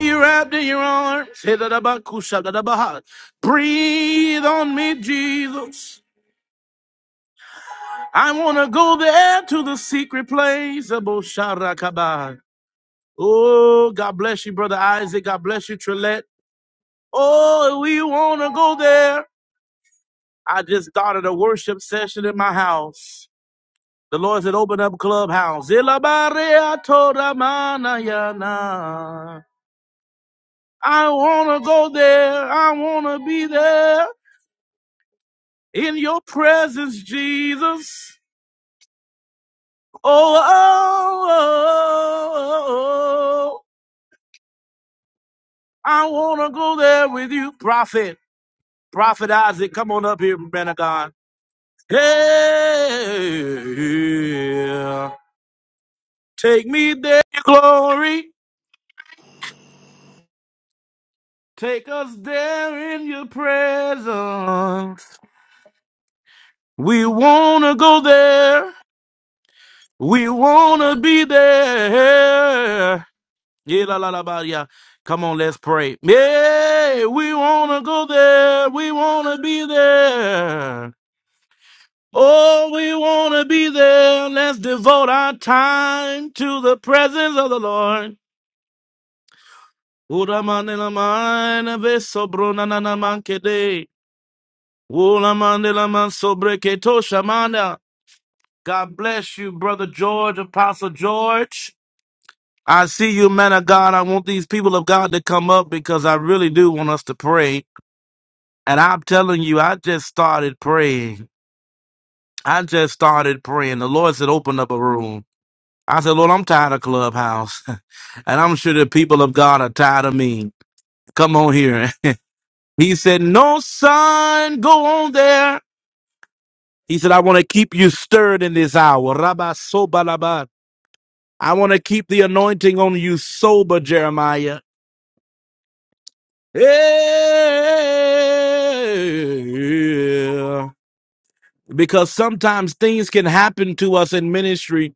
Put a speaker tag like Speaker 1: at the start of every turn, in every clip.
Speaker 1: you wrapped in your arms. Hey, da, da, ba, kusha, da, da, ba, ha. Breathe on me, Jesus. I want to go there to the secret place. Abo, sha, ra, ka, ba. Oh, God bless you, Brother Isaac. God bless you, Trillette. Oh, we want to go there. I just started a worship session in my house. The Lord said, open up Clubhouse. Ila, ba, re, a, to, da, ma, na, ya, na. I want to go there. I want to be there. in your presence, Jesus. Oh, oh, oh, oh. oh. oh, oh. I want to go there with you, prophet. Prophet Isaac, come on up here, man of God. Hey, take me there, glory. Take us there in your presence. We want to go there. We want to be there. Yeah, la, la, la, ba, yeah. Come on, let's pray. Yeah, we wanna go there. We wanna be there. Oh, we wanna be there. Let's devote our time to the presence of the Lord. Ura mane la mane ve na na na Ula mane man sobre ke shamana. God bless you, Brother George, Apostle George. I see you, man of God. I want these people of God to come up because I really do want us to pray. And I'm telling you, I just started praying. I just started praying. The Lord said, open up a room. I said, Lord, I'm tired of Clubhouse. and I'm sure the people of God are tired of me. Come on here. he said, no, son, go on there. He said, I want to keep you stirred in this hour. Rabba sobalaba. I want to keep the anointing on you sober, Jeremiah. Hey. because sometimes things can happen to us in ministry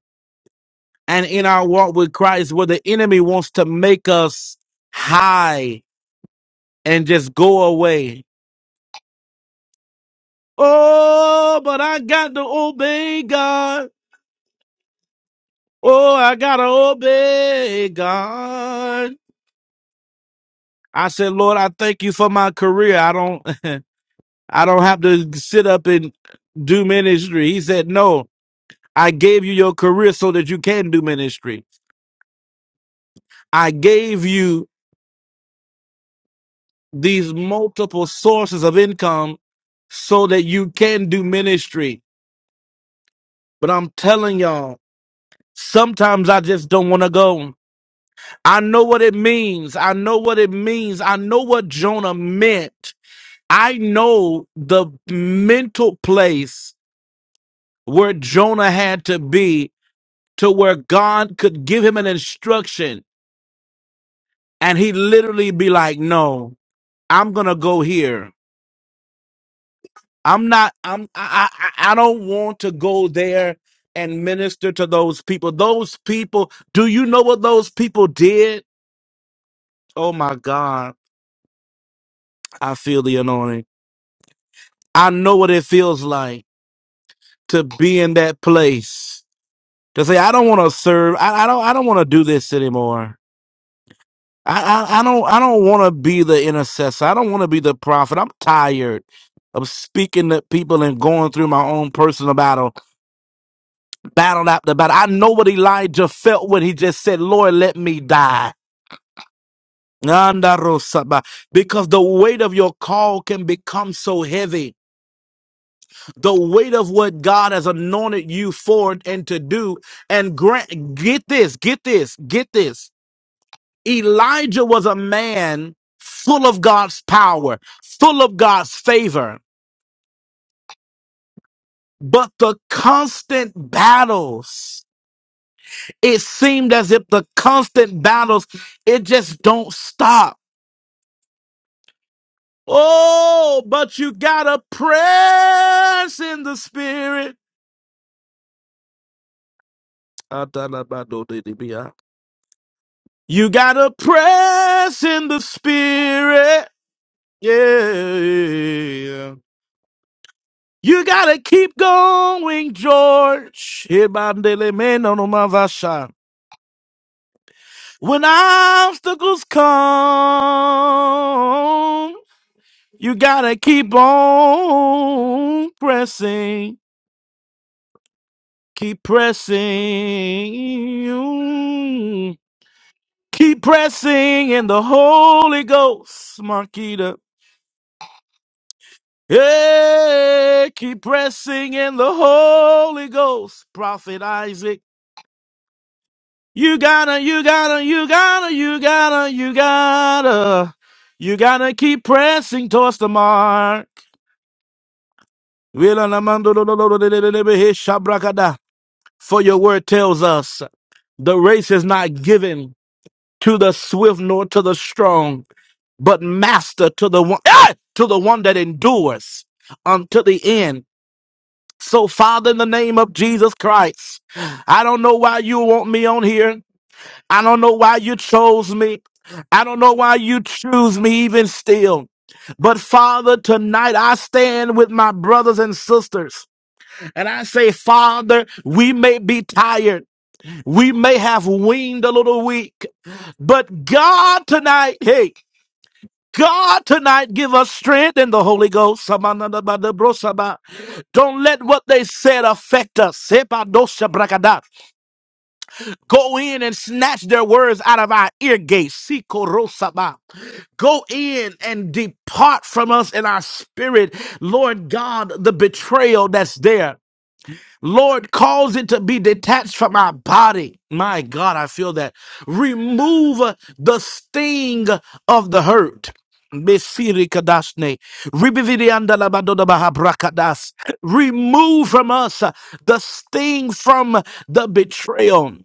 Speaker 1: and in our walk with Christ where the enemy wants to make us high and just go away. Oh, but I got to obey God. Oh, I got to obey God. I said, Lord, I thank you for my career. I don't, I don't have to sit up and do ministry. He said, no, I gave you your career so that you can do ministry. I gave you these multiple sources of income so that you can do ministry. But I'm telling y'all, sometimes I just don't want to go. I know what it means. I know what it means. I know what Jonah meant. I know the mental place where Jonah had to be to where God could give him an instruction and he literally be like, no, I'm going to go here. I'm not. I'm. I. I, I don't want to go there and minister to those people. Those people. Do you know what those people did? Oh my God! I feel the anointing. I know what it feels like to be in that place to say, "I don't want to serve. I, I don't. I don't want to do this anymore. I. I, I don't. I don't want to be the intercessor. I don't want to be the prophet. I'm tired." Of speaking to people and going through my own personal battle. battle after battle. I know what Elijah felt when he just said, Lord, let me die. Andarosaba. Because the weight of your call can become so heavy. The weight of what God has anointed you for and to do. And grant, get this, get this, get this. Elijah was a man full of God's power, full of God's favor, but the constant battles. it seemed as if the constant battles it just don't stop oh but you gotta press in the spirit Atalabadodidibiya. you gotta press in the spirit yeah you gotta keep going george Ibandelemenonomavasha. when obstacles come You gotta keep on pressing, keep pressing, keep pressing in the Holy Ghost, Marquita. Yeah, keep pressing in the Holy Ghost, Prophet Isaac. You gotta, you gotta, you gotta, you gotta, you gotta, you gotta keep pressing towards the mark. For your word tells us the race is not given to the swift nor to the strong, but master to the one eh, to the one that endures unto the end. So, Father, in the name of Jesus Christ, I don't know why you want me on here. I don't know why you chose me. I don't know why you choose me even still. But Father, tonight I stand with my brothers and sisters and I say, Father, we may be tired. We may have weaned a little weak, but God tonight, hey, God tonight give us strength in the Holy Ghost. Samanadabadabrosaba. Don't let what they said affect us. Sepadoshabrakada. Go in and snatch their words out of our ear gates. Sikorosaba. Go in and depart from us in our spirit, Lord God, the betrayal that's there. Lord, cause it to be detached from our body. My God, I feel that. Remove uh, the sting of the hurt. Mesiri kadashne. Ribividi andala badoda baha brakadas. Remove from us uh, the sting from the betrayal.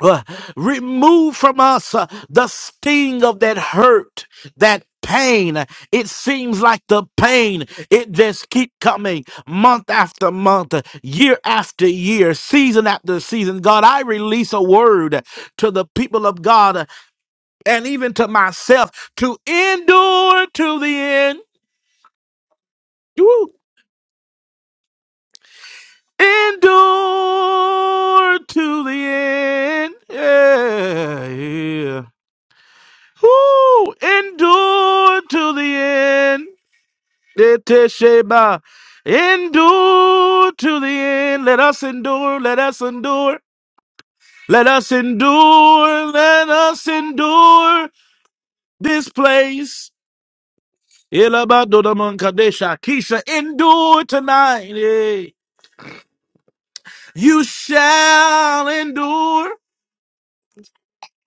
Speaker 1: Uh, remove from us uh, the sting of that hurt, that pain. It seems like the pain, it just keep coming month after month, uh, year after year, season after season. God, I release a word to the people of God uh, and even to myself to endure to the end. Woo. Endure to the end. Yeah, yeah. Who endure to the end. Etesheba. Endure to the end. Let us endure. Let us endure. Let us endure. Let us endure this place. Ilabadodaman Kadesha Kisha. Endure tonight. eh. You shall endure.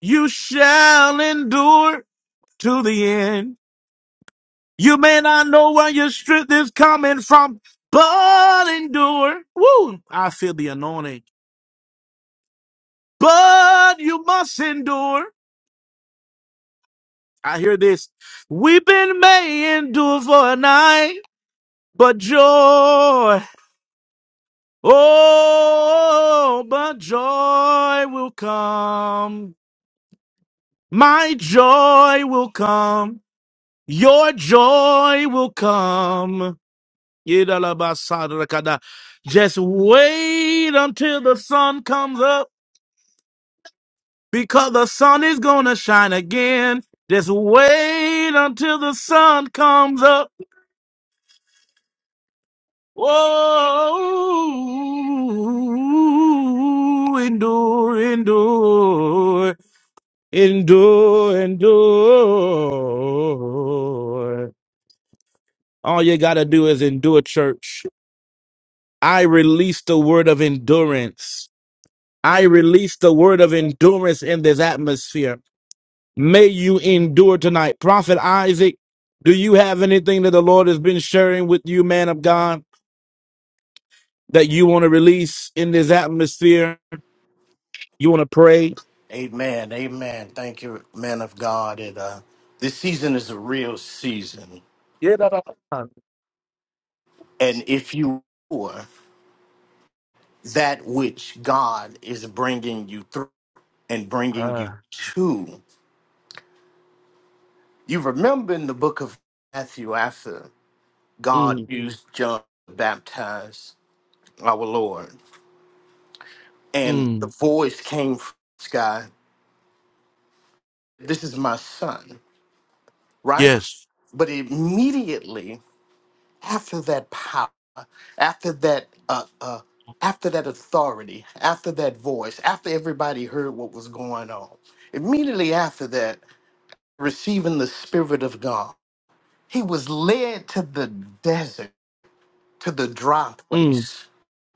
Speaker 1: You shall endure to the end. You may not know where your strength is coming from, but endure. Woo! I feel the anointing. But you must endure. I hear this. Weeping may endure for a night, but joy, oh, but joy will come. My joy will come. Your joy will come. Yidalabasadrakada. Just wait until the sun comes up because the sun is going to shine again. Just wait until the sun comes up. Whoa, endure, endure, endure, endure. All you got to do is endure, church. I release the word of endurance. I release the word of endurance in this atmosphere. May you endure tonight. Prophet Isaac, do you have anything that the Lord has been sharing with you, man of God, that you want to release in this atmosphere? You want to pray?
Speaker 2: Amen. Amen. Thank you, man of God. And uh, this season is a real season.
Speaker 1: Yeah. da, da, da.
Speaker 2: And if you are that which God is bringing you through and bringing you
Speaker 1: Ah.
Speaker 2: to, you remember in the book of Matthew, after God
Speaker 1: Mm,
Speaker 2: used John to baptize our Lord, and the
Speaker 1: mm,
Speaker 2: voice came from the sky, This is my son, right?
Speaker 1: yes.
Speaker 2: But immediately, after that power, after that uh, uh, after that authority, after that voice, after everybody heard what was going on, immediately after that, receiving the Spirit of God, he was led to the desert to the dry
Speaker 1: Mm,
Speaker 2: place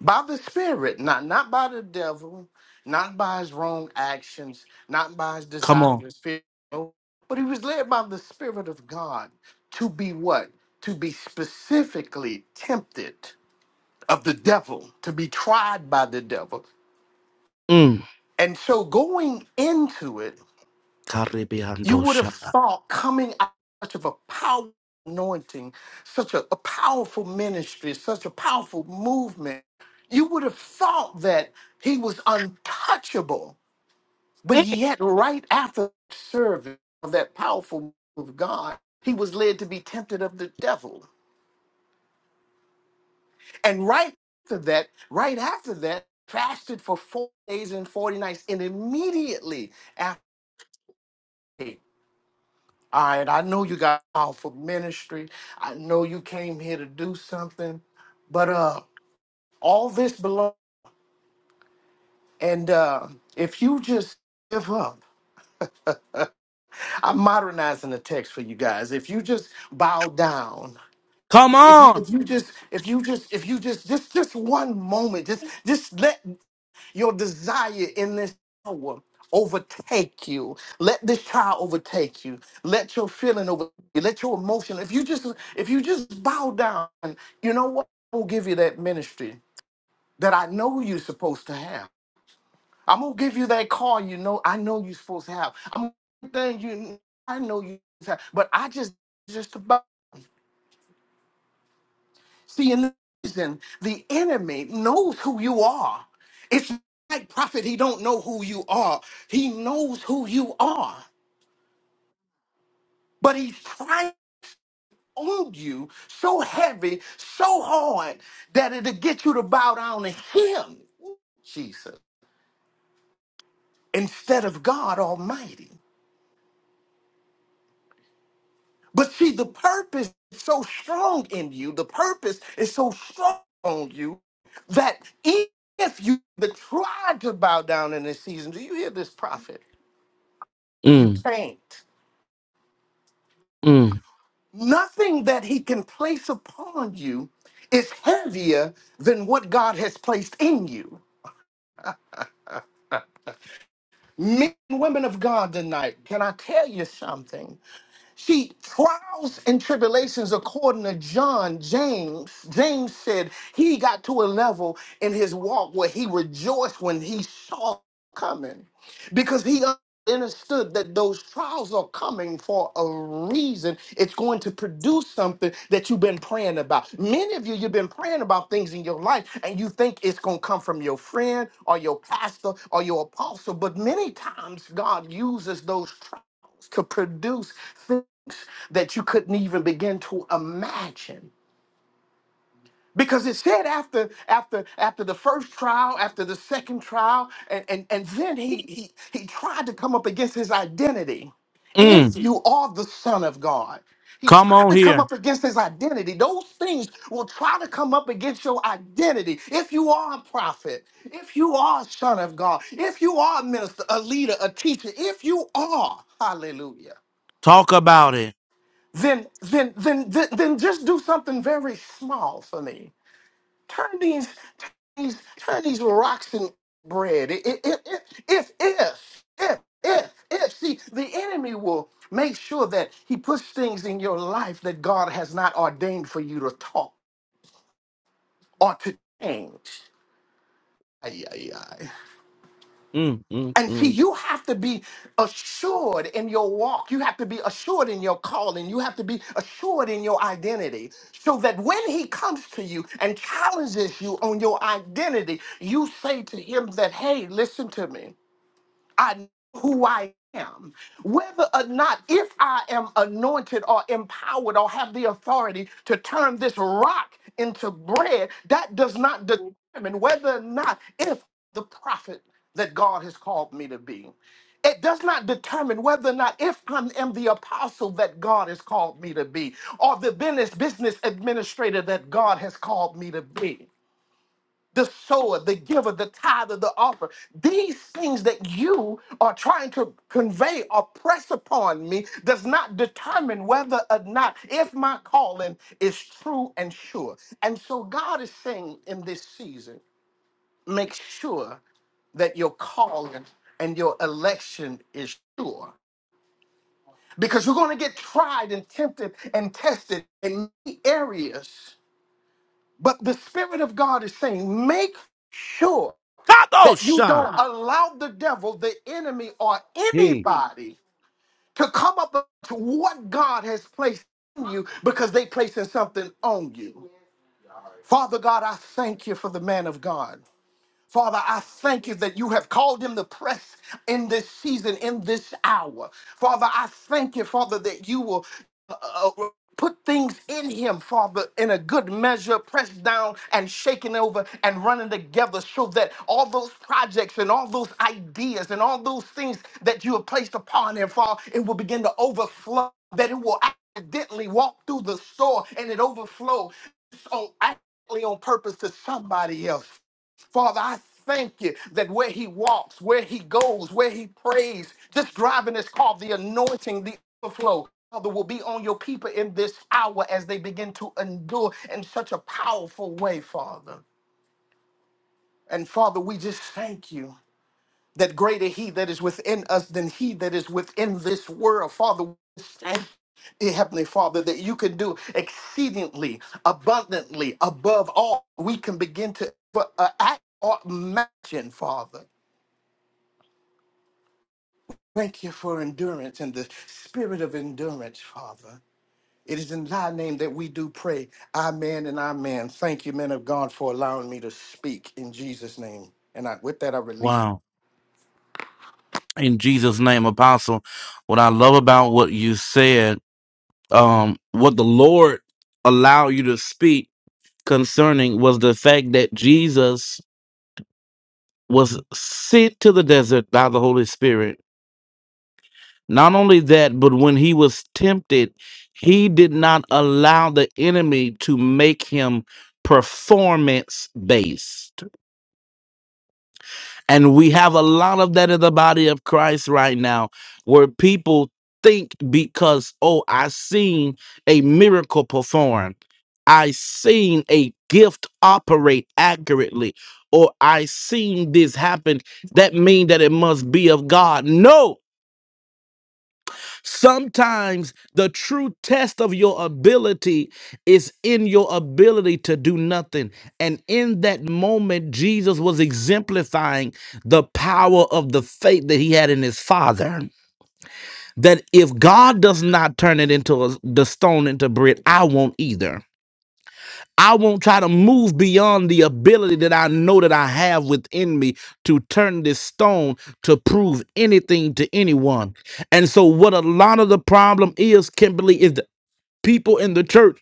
Speaker 2: by the spirit not not by the devil not by his wrong actions not by his
Speaker 1: come
Speaker 2: desires
Speaker 1: on.
Speaker 2: his fear no, but he was led by the spirit of god to be what to be specifically tempted of the devil to be tried by the devil
Speaker 1: Mm.
Speaker 2: and so going into it
Speaker 1: Caribbean
Speaker 2: You would have
Speaker 1: dosha.
Speaker 2: thought coming out such of a powerful anointing, such a, a powerful ministry, such a powerful movement, you would have thought that he was untouchable. But
Speaker 1: Mm,
Speaker 2: yet, right after the service of that powerful move of God, he was led to be tempted of the devil. And right after that, right after that, fasted for four days and 40 nights. And immediately after All right, I know you got off for ministry. I know you came here to do something, but uh, all this belongs. And uh, if you just give up, I'm modernizing the text for you guys. If you just bow down,
Speaker 1: come
Speaker 2: if you
Speaker 1: on.
Speaker 2: if you just if you just if you just just just one moment, just just let your desire in this hour overtake you. Let this child overtake you. Let your feeling over you. Let your emotion. If you just if you just bow down, you know what? I'm gonna give you that ministry that I know you're supposed to have. I'm gonna give you that car you know I know you're supposed to have. I'm gonna give you that thing you I know you have. But I just just about. See, in the season, the enemy knows who you are. It's not like prophet, he don't know who you are. He knows who you are, but he's trying on you so heavy, so hard that it'll get you to bow down to him, Jesus, instead of God Almighty. But see, the purpose is so strong in you. The purpose is so strong on you that if you tried to bow down in this season, do you hear this prophet? You
Speaker 1: Mm,
Speaker 2: can't.
Speaker 1: mm,
Speaker 2: Nothing that he can place upon you is heavier than what God has placed in you. Men and women of God tonight, can I tell you something? See, trials and tribulations, according to John, James, James said he got to a level in his walk where he rejoiced when he saw it coming because he understood that those trials are coming for a reason. It's going to produce something that you've been praying about. Many of you, you've been praying about things in your life and you think it's going to come from your friend or your pastor or your apostle. But many times, God uses those trials to produce things that you couldn't even begin to imagine. Because it said after after after the first trial, after the second trial, and, and, and then he he he tried to come up against his identity. If
Speaker 1: mm.
Speaker 2: you are the son of God, he
Speaker 1: Come
Speaker 2: tried
Speaker 1: on
Speaker 2: to come
Speaker 1: here.
Speaker 2: up against his identity. Those things will try to come up against your identity. If you are a prophet, if you are a son of God, if you are a minister, a leader, a teacher, if you are, hallelujah,
Speaker 1: Talk about it.
Speaker 2: then then then then, then just do something very small for me Turn these, turn these, turn these rocks in bread. I- I- I- I- If, if, if, if, if. See, the enemy will make sure that he puts things in your life that God has not ordained for you to talk or to change. Ay, ay, ay.
Speaker 1: Mm, mm,
Speaker 2: And see,
Speaker 1: mm.
Speaker 2: you have to be assured in your walk. You have to be assured in your calling. You have to be assured in your identity so that when he comes to you and challenges you on your identity, you say to him that, hey, listen to me. I know who I am. Whether or not, if I am anointed or empowered or have the authority to turn this rock into bread, that does not determine whether or not, if the prophet that God has called me to be. It does not determine whether or not if I am the apostle that God has called me to be or the business business administrator that God has called me to be the sower, the giver, the tither, the offer. These things that you are trying to convey or press upon me does not determine whether or not if my calling is true and sure. And so God is saying in this season, make sure that your calling and your election is sure. Because you're going to get tried and tempted and tested in many areas. But the Spirit of God is saying, make sure that you
Speaker 1: Kadosha.
Speaker 2: don't allow the devil, the enemy, or anybody to come up to what God has placed in you because they placing something on you. Father God, I thank you for the man of God. Father, I thank you that you have called him to press in this season, in this hour. Father, I thank you, Father, that you will uh, uh, put things in him, Father, in a good measure, pressed down and shaken over and running together so that all those projects and all those ideas and all those things that you have placed upon him, Father, it will begin to overflow, that it will accidentally walk through the store and it overflow. So accidentally on purpose to somebody else. Father, I thank you that where he walks, where he goes, where he prays, just driving his car, the anointing, the overflow. Father, will be on your people in this hour as they begin to endure in such a powerful way, Father. And Father, we just thank you that greater he that is within us than he that is within this world. Father, we thank you, Heavenly Father, that you can do exceedingly abundantly above all we can begin to uh, act or imagine, Father. Thank you for endurance and the spirit of endurance, Father. It is in thy name that we do pray. Amen and amen. Thank you, men of God, for allowing me to speak in Jesus' name. And I, with that, I release.
Speaker 1: Wow. In Jesus' name, Apostle. What I love about what you said, um, what the Lord allowed you to speak concerning was the fact that Jesus was sent to the desert by the Holy Spirit. Not only that, but when he was tempted, he did not allow the enemy to make him performance based. And we have a lot of that in the body of Christ right now, where people think because, oh, I seen a miracle performed, I seen a gift operate accurately, or I seen this happen, that mean that it must be of God. No, Sometimes the true test of your ability is in your ability to do nothing. And in that moment, Jesus was exemplifying the power of the faith that he had in his father. That if God does not turn it into a, the stone into bread, I won't either. I won't try to move beyond the ability that I know that I have within me to turn this stone to prove anything to anyone. And so, what a lot of the problem is, Kimberly, is that people in the church.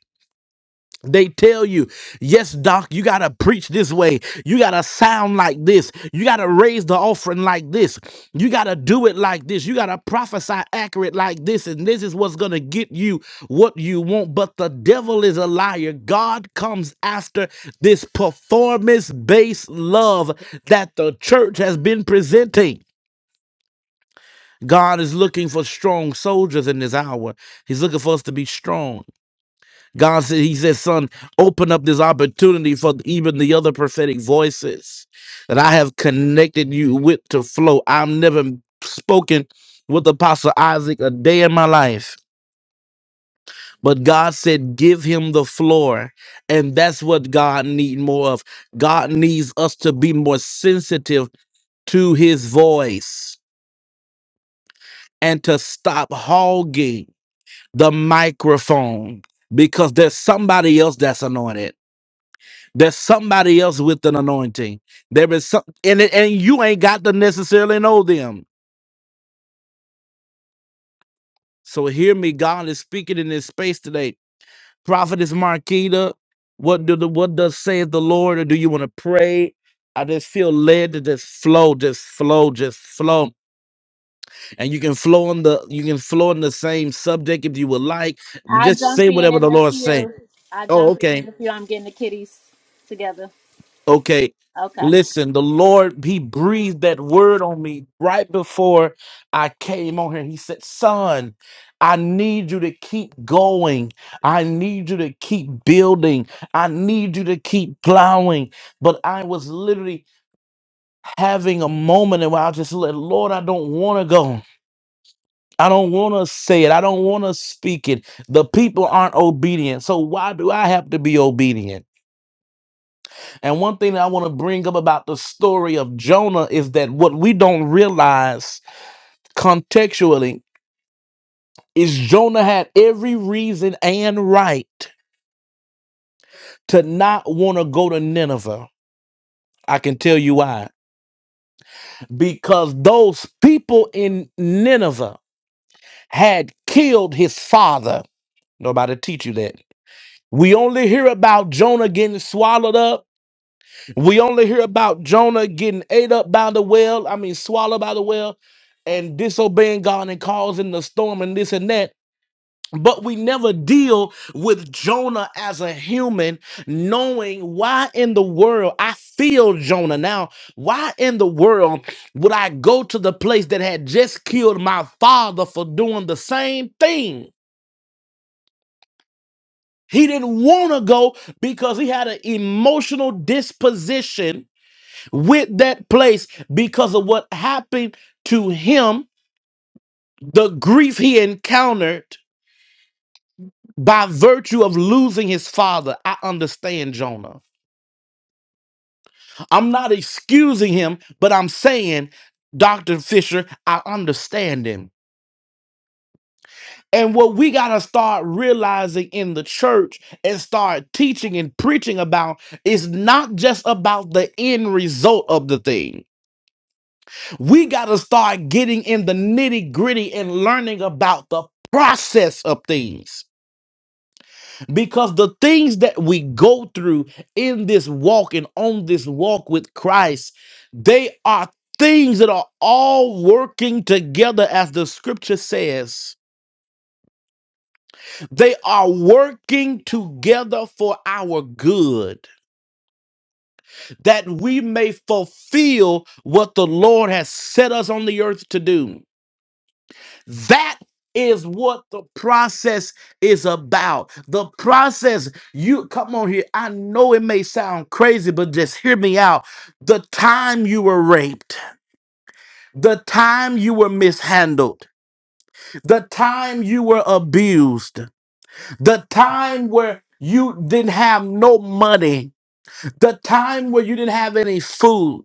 Speaker 1: They tell you, yes, doc, you got to preach this way. You got to sound like this. You got to raise the offering like this. You got to do it like this. You got to prophesy accurate like this. And this is what's going to get you what you want. But the devil is a liar. God comes after this performance based love that the church has been presenting. God is looking for strong soldiers in this hour. He's looking for us to be strong. God said, He said, Son, open up this opportunity for even the other prophetic voices that I have connected you with to flow. I've never spoken with Apostle Isaac a day in my life. But God said, give him the floor. And that's what God needs more of. God needs us to be more sensitive to his voice and to stop hogging the microphone because there's somebody else that's anointed There's somebody else with an anointing. There is some, and it- and you ain't got to necessarily know them. So hear me. God is speaking in this space today. Prophetess Marquita, what do the what does saith the Lord? Or do you want to pray? I just feel led to just flow, just flow, just flow. And you can flow on the you can flow on the same subject if you would like.
Speaker 3: I
Speaker 1: Just
Speaker 3: jump
Speaker 1: say
Speaker 3: in
Speaker 1: whatever
Speaker 3: in
Speaker 1: the
Speaker 3: a
Speaker 1: Lord say.
Speaker 3: few. I
Speaker 1: Oh,
Speaker 3: jump in
Speaker 1: okay.
Speaker 3: in a few. I'm getting the kitties together.
Speaker 1: Okay.
Speaker 3: Okay.
Speaker 1: Listen, the Lord, He breathed that word on me right before I came on here. He said, Son, I need you to keep going. I need you to keep building. I need you to keep plowing. But I was literally having a moment and where I was just let Lord, I don't want to go. I don't want to say it. I don't want to speak it. The people aren't obedient. So why do I have to be obedient? And one thing that I want to bring up about the story of Jonah is that what we don't realize contextually is Jonah had every reason and right to not want to go to Nineveh. I can tell you why. Because those people in Nineveh had killed his father. Nobody teach you that. We only hear about Jonah getting swallowed up We only hear about Jonah getting ate up by the whale, I mean, swallowed by the whale, and disobeying God and causing the storm and this and that. But we never deal with Jonah as a human, knowing why in the world I feel Jonah now. Why in the world would I go to the place that had just killed my father for doing the same thing? He didn't want to go because he had an emotional disposition with that place because of what happened to him, the grief he encountered by virtue of losing his father. I understand Jonah. I'm not excusing him, but I'm saying, Dr. Fisher, I understand him. And what we got to start realizing in the church and start teaching and preaching about is not just about the end result of the thing We got to start getting in the nitty gritty and learning about the process of things because the things that we go through in this walk and on this walk with Christ, they are things that are all working together, as the scripture says. They are working together for our good, that we may fulfill what the Lord has set us on the earth to do. That is what the process is about. The process, you come on here. I know it may sound crazy, but just hear me out. The time you were raped, the time you were mishandled, the time you were abused, the time where you didn't have no money, the time where you didn't have any food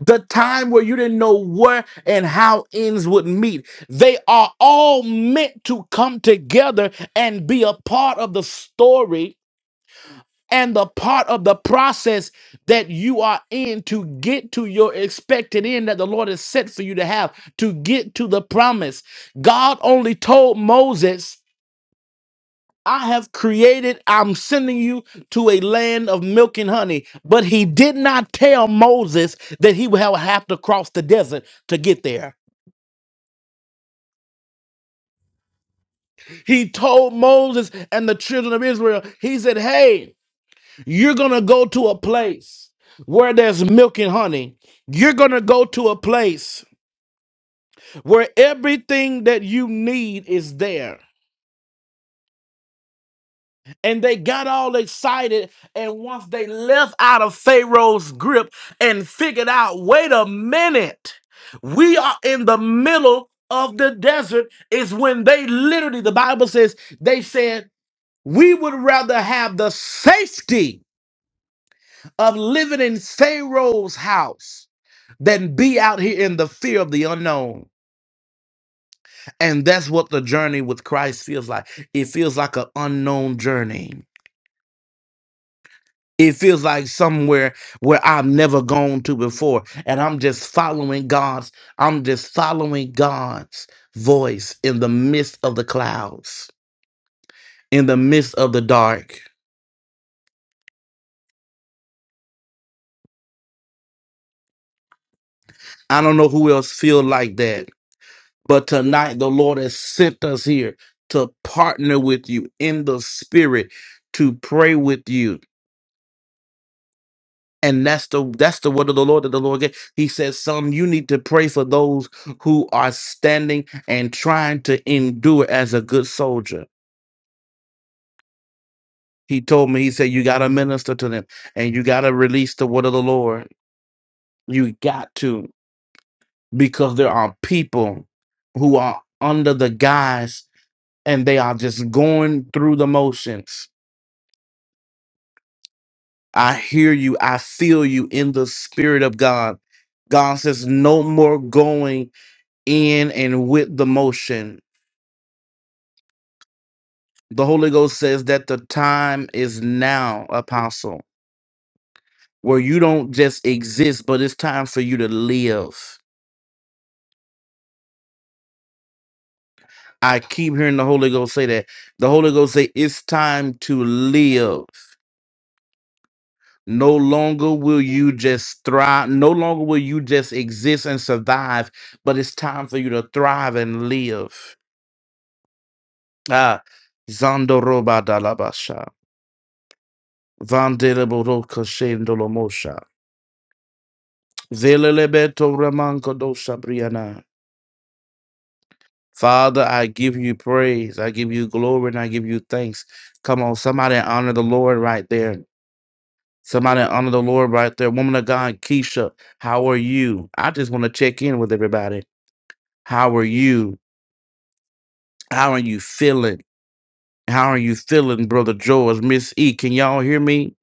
Speaker 1: the time where you didn't know where and how ends would meet. They are all meant to come together and be a part of the story and the part of the process that you are in to get to your expected end that the Lord has set for you to have, to get to the promise. God only told Moses. I have created, I'm sending you to a land of milk and honey. But he did not tell Moses that he would have have to cross the desert to get there. He told Moses and the children of Israel, he said, Hey, you're going to go to a place where there's milk and honey. You're going to go to a place where everything that you need is there. and they got all excited. And once they left out of Pharaoh's grip and figured out, wait a minute, we are in the middle of the desert, is when they literally, the Bible says, they said, we would rather have the safety of living in Pharaoh's house than be out here in the fear of the unknown. And that's what the journey with Christ feels like. It feels like an unknown journey It feels like somewhere where I've never gone to before. And I'm just following God's, I'm just following God's voice in the midst of the clouds, in the midst of the dark. I don't know who else feel like that. But tonight the Lord has sent us here to partner with you in the spirit, to pray with you And that's the that's the word of the Lord that the Lord gave. He says, "Son, you need to pray for those who are standing and trying to endure as a good soldier." He told me, he said, "You got to minister to them, and you got to release the word of the Lord. You got to, because there are people who are under the guise, and they are just going through the motions." I hear you. I feel you in the spirit of God. God says, "No more going." in and with the motion. The Holy Ghost says that the time is now, apostle, where you don't just exist, but it's time for you to live. I keep hearing the Holy Ghost say that. The Holy Ghost say it's time to live. No longer will you just thrive, no longer will you just exist and survive, but it's time for you to thrive and live. Ah, Zandoroba Dalabasha. Vandelebo Zelelebeto ramankodo sabriana. Father, I give you praise. I give you glory and I give you thanks. Come on, somebody honor the Lord right there. Somebody honor the Lord right there. Woman of God, Keisha, how are you? I just want to check in with everybody. How are you? How are you feeling? How are you feeling, Brother George? Miss E, can y'all hear me?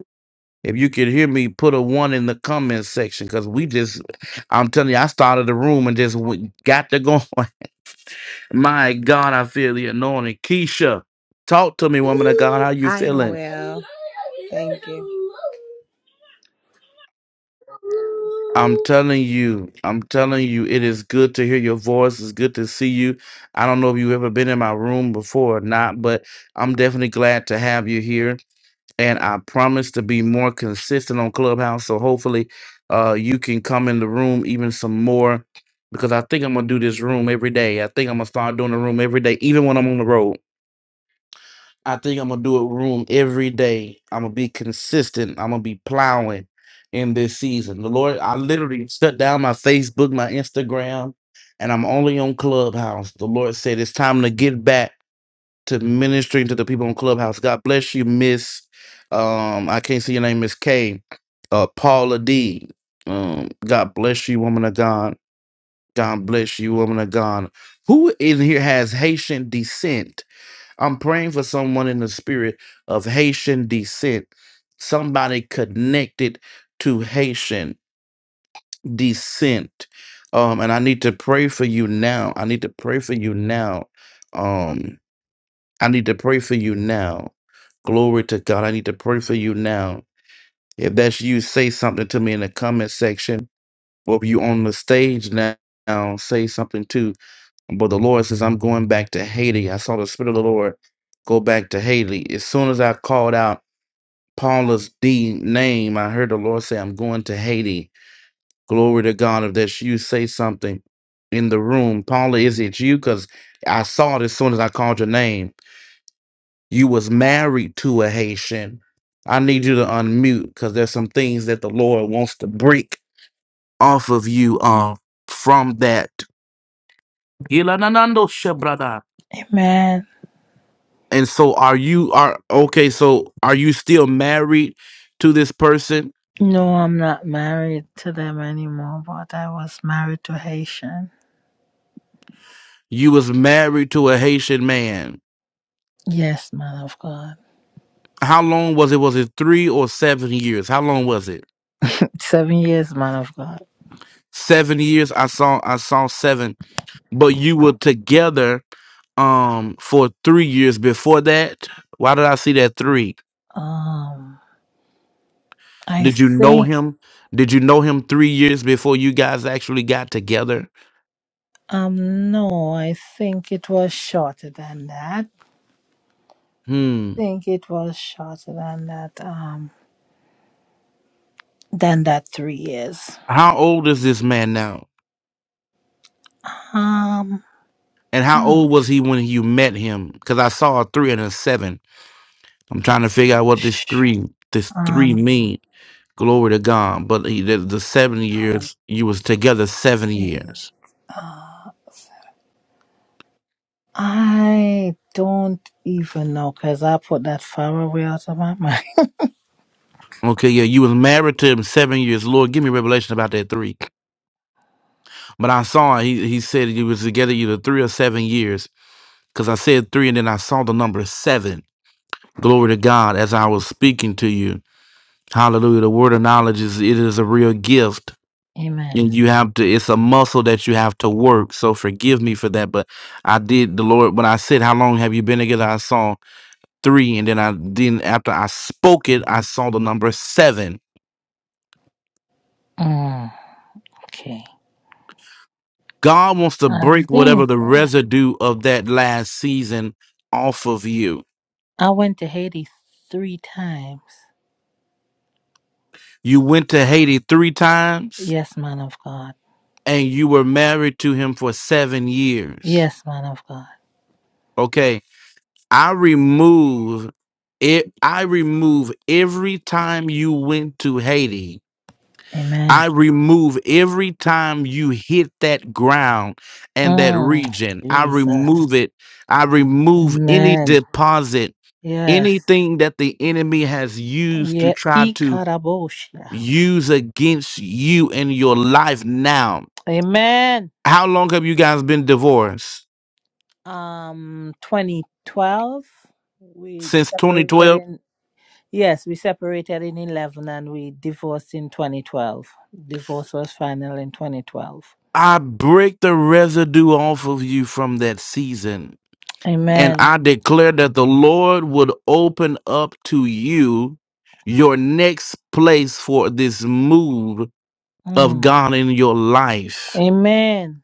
Speaker 1: If you can hear me, put a one in the comment section because we just, I'm telling you, I started the room and just went- got to go. My God, I feel the anointing. Keisha, talk to me, woman of God. How you
Speaker 4: I am
Speaker 1: feeling?
Speaker 4: well. Thank you.
Speaker 1: I'm telling you, I'm telling you, it is good to hear your voice. It's good to see you. I don't know if you've ever been in my room before or not, but I'm definitely glad to have you here. And I promise to be more consistent on Clubhouse. So hopefully uh, you can come in the room even some more because I think I'm going to do this room every day. I think I'm going to start doing the room every day, even when I'm on the road. I think I'm gonna do it room every day. I'm gonna be consistent. I'm gonna be plowing in this season. The Lord, I literally shut down my Facebook, my Instagram, and I'm only on Clubhouse. The Lord said it's time to get back to ministering to the people on Clubhouse. God bless you, Miss. Um, I can't see your name, Miss K. Uh, Paula D. Um, God bless you, woman of God. God bless you, woman of God. Who in here has Haitian descent? I'm praying for someone in the spirit of Haitian descent, somebody connected to Haitian descent. Um, and I need to pray for you now. I need to pray for you now. Um, I need to pray for you now. Glory to God. I need to pray for you now. If that's you, say something to me in the comment section. Or if you on the stage now, say something too. But the Lord says, I'm going back to Haiti. I saw the Spirit of the Lord go back to Haiti. As soon as I called out Paula's D name, I heard the Lord say, I'm going to Haiti. Glory to God. If that's you, say something in the room. Paula, is it you? Because I saw it as soon as I called your name. You was married to a Haitian. I need you to unmute because there's some things that the Lord wants to break off of you uh, from that.
Speaker 5: Amen.
Speaker 1: And so are you are okay, so are you still married to this person?
Speaker 5: No, I'm not married to them anymore, but I was married to Haitian.
Speaker 1: You was married to a Haitian man.
Speaker 5: Yes, man of God.
Speaker 1: How long was it? Was it three or seven years? How long was it?
Speaker 5: Seven years, man of God.
Speaker 1: Seven years. I saw I saw seven. But you were together um for three years before that. Why did I see that three?
Speaker 5: Um, I
Speaker 1: Did you know
Speaker 5: think,
Speaker 1: him? Did you know him three years before you guys actually got together?
Speaker 5: um, no, I think it was shorter than that.
Speaker 1: Hmm.
Speaker 5: I think it was shorter than that, um, than that three years.
Speaker 1: How old is this man now?
Speaker 5: Um,
Speaker 1: And how
Speaker 5: hmm,
Speaker 1: old was he when you met him? Because I saw a three and a seven. I'm trying to figure out what this
Speaker 5: sh-
Speaker 1: three this three
Speaker 5: um,
Speaker 1: mean. Glory to God. But he, the, the seven years you was together seven
Speaker 5: eh,
Speaker 1: years.
Speaker 5: uh, I don't even know because I put that far away out of my mind.
Speaker 1: Okay, yeah, you was married to him seven years. Lord, give me revelation about that three. But I saw he he said you was together either three or seven years. Because I said three and then I saw the number seven. Glory to God as I was speaking to you. Hallelujah. The word of knowledge is it is a real gift
Speaker 5: Amen.
Speaker 1: and you have to it's a muscle that you have to work so forgive me for that but i did the lord when i said how long have you been together i saw three and then i then after i spoke it i saw the number seven
Speaker 5: Mm, okay.
Speaker 1: god wants to
Speaker 5: I
Speaker 1: break whatever
Speaker 5: think
Speaker 1: the residue of that last season off of you
Speaker 5: I went to Haiti three times.
Speaker 1: you went to haiti three times
Speaker 5: Yes, man of God.
Speaker 1: and you were married to him for seven years
Speaker 5: Yes, man of God.
Speaker 1: okay i remove it i remove every time you went to haiti
Speaker 5: Amen.
Speaker 1: I remove every time you hit that ground and that
Speaker 5: Mm,
Speaker 1: region. I
Speaker 5: Jesus.
Speaker 1: remove it. I remove any
Speaker 5: Amen.
Speaker 1: deposit,
Speaker 5: Yes.
Speaker 1: anything that the enemy has used to
Speaker 5: Yeah.
Speaker 1: try to
Speaker 5: Ikarabosha.
Speaker 1: use against you in your life now.
Speaker 5: Amen.
Speaker 1: How long have you guys been divorced?
Speaker 5: Um, 2012, we
Speaker 1: Since
Speaker 5: separated
Speaker 1: 2012?
Speaker 5: in, yes, we separated in 11 and we divorced in 2012. Divorce was final in 2012.
Speaker 1: I break the residue off of you from that season And
Speaker 5: Amen.
Speaker 1: I declare that the Lord would open up to you your next place for this move of
Speaker 5: Mm.
Speaker 1: God in your life.
Speaker 5: Amen.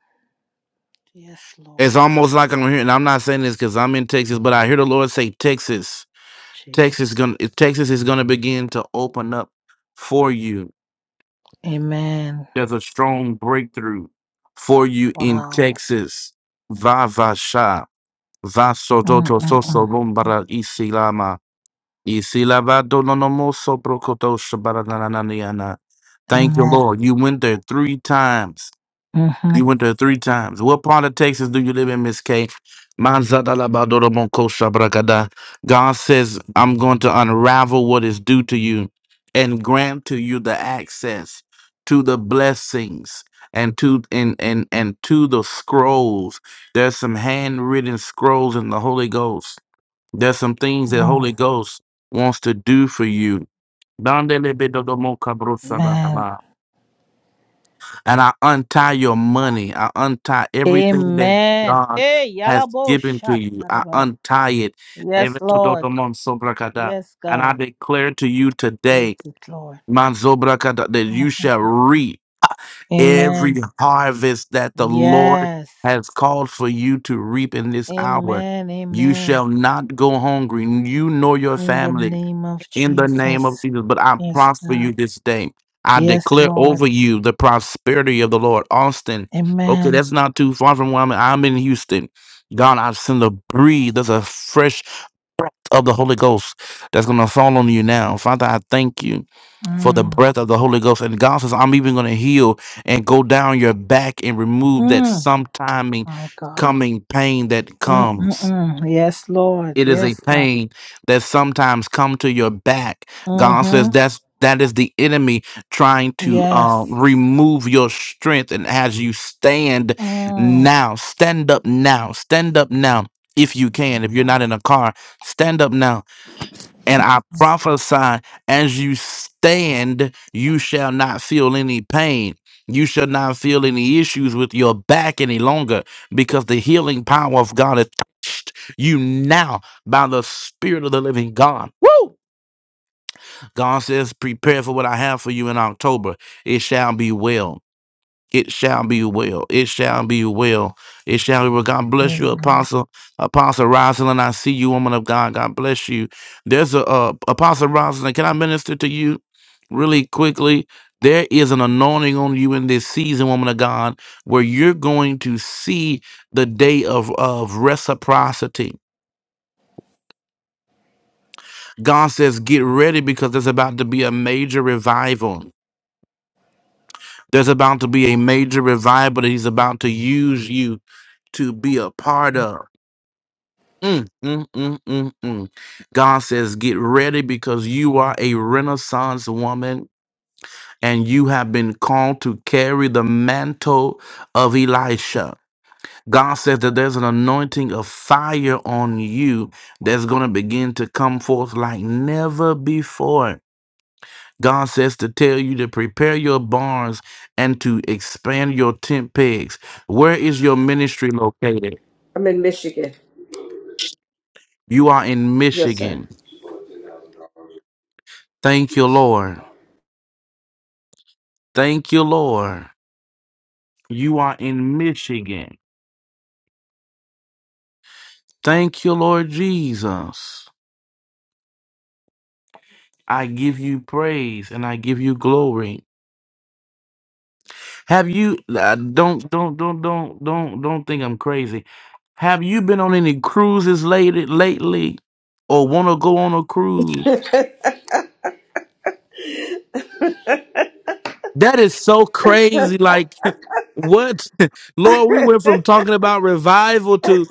Speaker 5: Yes, Lord.
Speaker 1: It's almost like I'm hearing, and I'm not saying this because I'm in Texas, but I hear the Lord say, Texas,
Speaker 5: Jesus.
Speaker 1: Texas, gonna, Texas is going to begin to open up for you.
Speaker 5: Amen.
Speaker 1: There's a strong breakthrough for you in
Speaker 5: Wow.
Speaker 1: Texas. Va va sha. Va so Soso to so so
Speaker 5: Mm-mm-mm.
Speaker 1: Isilabado no no mo sobrokoto shabaranananiana. Thank you,
Speaker 5: Amen.
Speaker 1: Lord. You went there three times.
Speaker 5: Mm-hmm.
Speaker 1: You went there three times. What part of Texas do you live in, Miss K? Manzadalabadorobonko shabrakada. God says, I'm going to unravel what is due to you and grant to you the access to the blessings and to and and and to the scrolls. There's some handwritten scrolls in the Holy Ghost there's some things that
Speaker 5: Mm.
Speaker 1: Holy Ghost wants to do for you.
Speaker 5: Amen.
Speaker 1: Dandelebedodomokabrosabalaba. And I untie your money. I untie everything that
Speaker 5: Amen.
Speaker 1: God
Speaker 5: Hey,
Speaker 1: has
Speaker 5: Yalabo
Speaker 1: given to you. I
Speaker 5: Shataraba.
Speaker 1: untie it.
Speaker 5: Yes, Lord.
Speaker 1: Evetododomonsobrakada.
Speaker 5: Yes,
Speaker 1: And I
Speaker 5: God.
Speaker 1: declare to you
Speaker 5: Break
Speaker 1: today,
Speaker 5: it, Lord.
Speaker 1: manzobrakada, that you
Speaker 5: Mm-mm.
Speaker 1: shall reap every
Speaker 5: Amen.
Speaker 1: harvest that the Lord
Speaker 5: Yes.
Speaker 1: has called for you to reap in this hour.
Speaker 5: Amen.
Speaker 1: You
Speaker 5: Amen.
Speaker 1: shall not go hungry, you nor your
Speaker 5: In the
Speaker 1: family.
Speaker 5: name of
Speaker 1: in the name of
Speaker 5: Jesus.
Speaker 1: Jesus. But I
Speaker 5: Yes,
Speaker 1: prosper
Speaker 5: God.
Speaker 1: you this day. I
Speaker 5: Yes,
Speaker 1: declare
Speaker 5: Lord.
Speaker 1: over you the prosperity of the Lord. Austin, okay,
Speaker 5: Amen.
Speaker 1: that's not too far from where I'm at. I'm in Houston. God, I send a breathe. There's a fresh of the Holy Ghost that's going to fall on you now. Father, I thank you for the
Speaker 5: Mm.
Speaker 1: breath of the Holy Ghost. And God says, I'm even going to heal and go down your back and remove that
Speaker 5: Mm.
Speaker 1: sometime
Speaker 5: My God.
Speaker 1: coming pain that comes
Speaker 5: Mm-mm-mm. Yes, Lord.
Speaker 1: it is a
Speaker 5: Yes, God.
Speaker 1: pain that sometimes come to your back god says
Speaker 5: Mm-hmm.
Speaker 1: that's that is the enemy trying to uh,
Speaker 5: Yes.
Speaker 1: remove your strength and as you stand
Speaker 5: Mm.
Speaker 1: now stand up now stand up now if you
Speaker 5: My
Speaker 1: can if you're not in a car stand up now and I prophesy as you stand, you shall not feel any pain. You shall not feel any issues with your back any longer because the healing power of God has touched you now by the Spirit of the living God. Woo! God says, Prepare for what I have for you in October. It shall be well. It shall be well. It shall be well. It shall be well. God bless you,
Speaker 5: God.
Speaker 1: Apostle. Apostle Rosalind, I see you, woman of God. God bless you. There's a uh, Apostle Rosalind. Can I minister to you really quickly? There is an anointing on you in this season, woman of God, where you're going to see the day of, of reciprocity. God says, get ready because there's about to be a major revival. There's about to be a major revival that He's about to use you to be a part of. Mm, mm, mm, mm, mm. God says, Get ready because you are a Renaissance woman and you have been called to carry the mantle of Elisha. God says that there's an anointing of fire on you that's going to begin to come forth like never before. God says to tell you to prepare your barns and to expand your tent pegs. Where is your ministry located?
Speaker 6: I'm in Michigan.
Speaker 1: You are in
Speaker 6: Yes, sir.
Speaker 1: Michigan. Thank you, Lord. Thank you, Lord. You are in Michigan. Thank you, Lord Jesus. I give you praise and I give you glory. Have you uh, don't don't don't don't don't don't think I'm crazy. Have you been on any cruises lately lately or want to go on a cruise? That is so crazy like what? Lord, we went from talking about revival to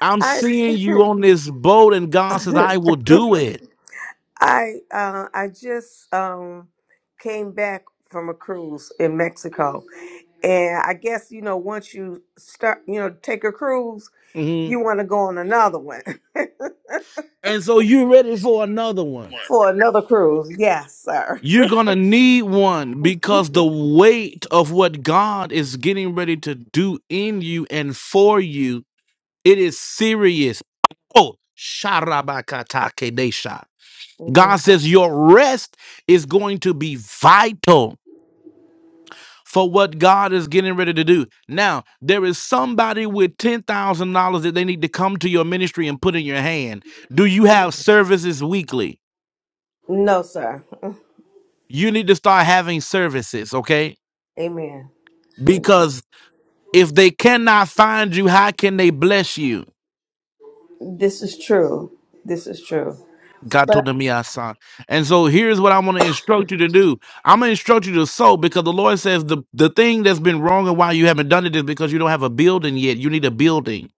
Speaker 1: I'm
Speaker 6: I
Speaker 1: seeing you on this boat and God says I will do it.
Speaker 6: I uh, I just um, came back from a cruise in Mexico, and I guess you know once you start, you know, take a cruise, you want to go on another one
Speaker 1: And so you're ready for another one.
Speaker 6: for another cruise. Yes, sir.
Speaker 1: You're going to need one because the weight of what God is getting ready to do in you and for you, it is serious. Oh, sharabakatakedesha.
Speaker 6: Amen.
Speaker 1: God says your rest is going to be vital for what God is getting ready to do. Now, there is somebody with $10,000 that they need to come to your ministry and put in your hand. Do you have services weekly?
Speaker 6: No, sir.
Speaker 1: you need to start having services, okay?
Speaker 6: Amen. Amen.
Speaker 1: Because if they cannot find you, how can they bless you?
Speaker 6: This is true. This is true.
Speaker 1: God
Speaker 6: But
Speaker 1: told me I saw. And so here's what I want to instruct you to do. I'm gonna instruct you to sow because the Lord says the, the thing that's been wrong and why you haven't done it is because you don't have a building yet. You need a building.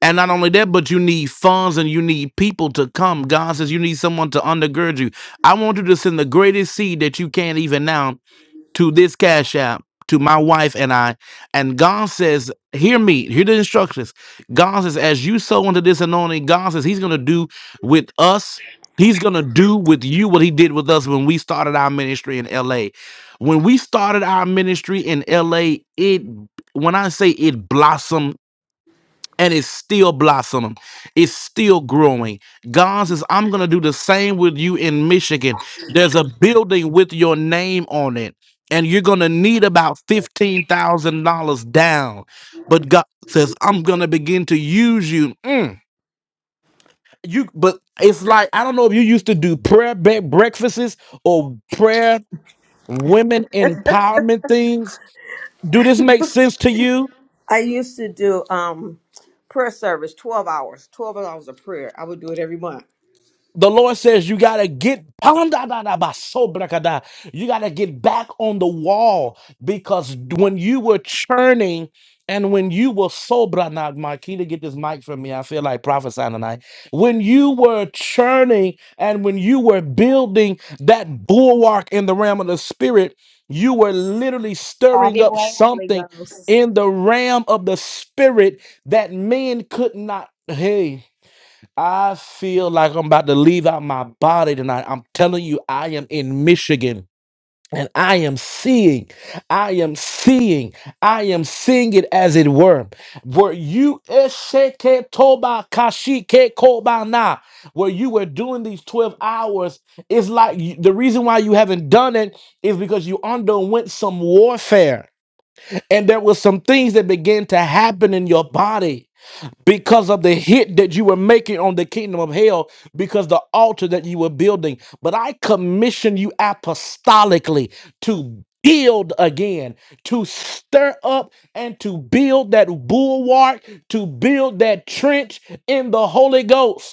Speaker 1: And not only that, but you need funds and you need people to come. God says you need someone to undergird you. I want you to send the greatest seed that you can even now to this cash app to my wife and I. And God says, Hear me, hear the instructions. God says, As you sow into this anointing, God says He's going to do with us. He's going to do with you what he did with us when we started our ministry in LA. When we started our ministry in LA, it when I say it blossomed and it's still blossoming. It's still growing. God says, I'm going to do the same with you in Michigan. There's a building with your name on it, and you're going to need about $15,000 down. But God says, I'm going to begin to use you. Mm, You, but it's like, I don't know if you used to do prayer bre- breakfasts or prayer women empowerment things. Do this make sense to you?
Speaker 6: I used to do um prayer service, twelve hours, twelve hours of prayer. I would do it every month
Speaker 1: The Lord says you gotta get pandadadabasobrakada. you gotta get back on the wall because when you were churning and when you were sobra now Marquita, get this mic from me. I feel like prophesying tonight. When you were churning and when you were building that bulwark in the realm of the spirit, you were literally
Speaker 3: Have
Speaker 1: stirring
Speaker 3: your
Speaker 1: up
Speaker 3: way, Holy
Speaker 1: something
Speaker 3: Ghost.
Speaker 1: in the realm of the spirit that men could not. Hey. I feel like I'm about to leave out my body tonight. I'm telling you, I am in Michigan and I am seeing, I am seeing, I am seeing it as it were. Where you esheke toba kashike kobana, where you were doing these 12 hours, it's like you- the reason why you haven't done it is because you underwent some warfare and there were some things that began to happen in your body because of the hit that you were making on the kingdom of hell, because the altar that you were building. But I commission you apostolically to build again, to stir up and to build that bulwark, to build that trench in the Holy Ghost.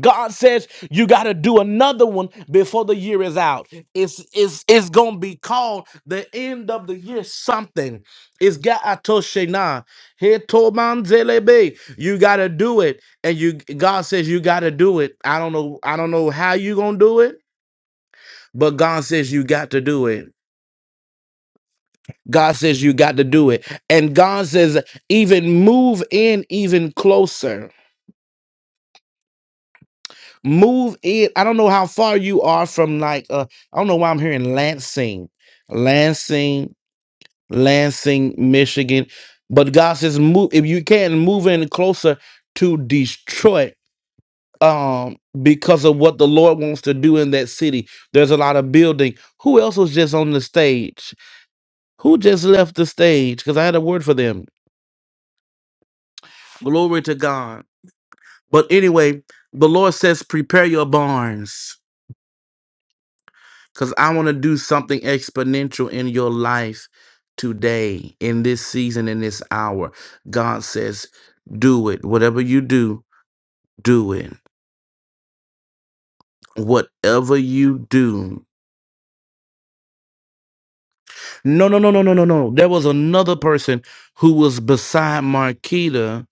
Speaker 1: God says you got to do another one before the year is out. It's it's it's gonna be called the end of the year something. It's Gaatoshena. Hetomanzelebe. You gotta do it. And you God says you gotta do it. I don't know, I don't know how you gonna do it, but God says you got to do it. God says you got to do it. And God says, even move in even closer move it. I don't know how far you are from like uh I don't know why I'm hearing Lansing, Lansing, Lansing, Michigan. But God says move if you can move in closer to Detroit um because of what the Lord wants to do in that city. There's a lot of building. Who else was just on the stage? Who just left the stage? Because I had a word for them. Glory to God. But anyway, the Lord says prepare your barns Because I want to do something exponential in your life today, in this season, in this hour. God says, do it. Whatever you do, do it. Whatever you do. No, no, no, no, no, no, no. There was another person who was beside Marquita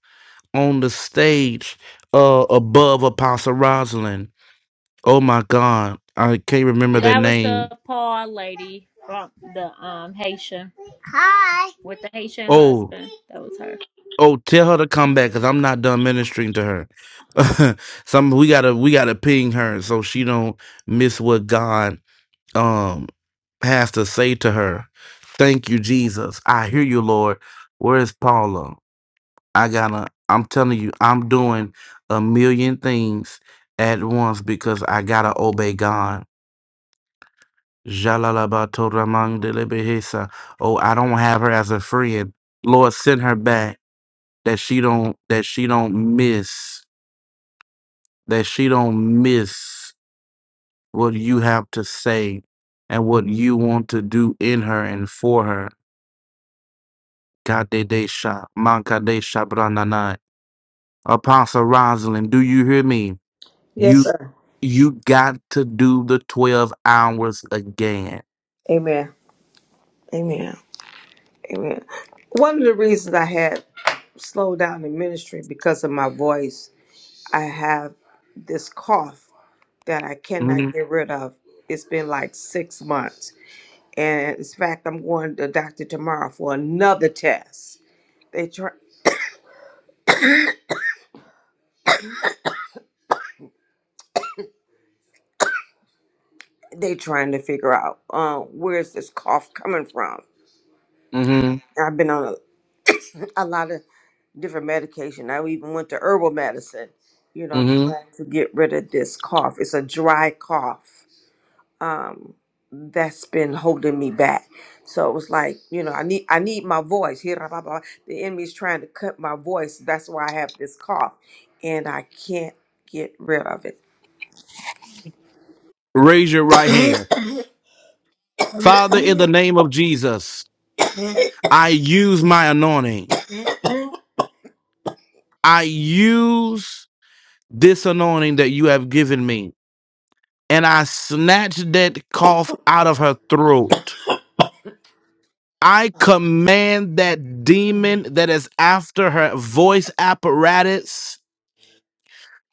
Speaker 1: on the stage uh, above Apostle Rosalind. Oh my God. I can't remember their
Speaker 3: That was the
Speaker 1: name.
Speaker 3: Paul lady from the um Haitian with the Haitian
Speaker 1: Oh,
Speaker 3: husband. That was her.
Speaker 1: Oh, tell her to come back because I'm not done ministering to her. Some we gotta we gotta ping her so she don't miss what God um has to say to her. Thank you, Jesus. I hear you, Lord. Where is Paula? I gotta. I'm telling you, I'm doing a million things at once because I gotta obey God. Jalalabato ramang delebehesa. Oh, I don't have her as a friend. Lord, send her back that she don't that she don't miss that she don't miss what you have to say and what you want to do in her and for her. Kadesha, Mankadesha Brananai. Apostle Rosalind, do you hear me?
Speaker 6: Yes,
Speaker 1: You
Speaker 6: sir.
Speaker 1: you got to do the 12 hours again.
Speaker 6: Amen. Amen. Amen. One of the reasons I had slowed down in ministry because of my voice, I have this cough that I
Speaker 1: hmm
Speaker 6: cannot get rid of. It's been like six months. And in fact, I'm going to the doctor tomorrow for another test. They try they trying to figure out uh, where's this cough coming from.
Speaker 1: hmm
Speaker 6: I've been on a, a lot of different medication. I even went to herbal medicine, you know,
Speaker 1: hmm
Speaker 6: trying to get rid of this cough. It's a dry cough. Um, that's been holding me back. So it was like, you know, I need I need my voice. Here, blah, blah, blah. the enemy's trying to cut my voice. That's why I have this cough, and I can't get rid of it.
Speaker 1: Raise your right hand. Father, in the name of Jesus, I use my anointing. I use this anointing that you have given me. And I snatch that cough out of her throat. I command that demon that is after her voice apparatus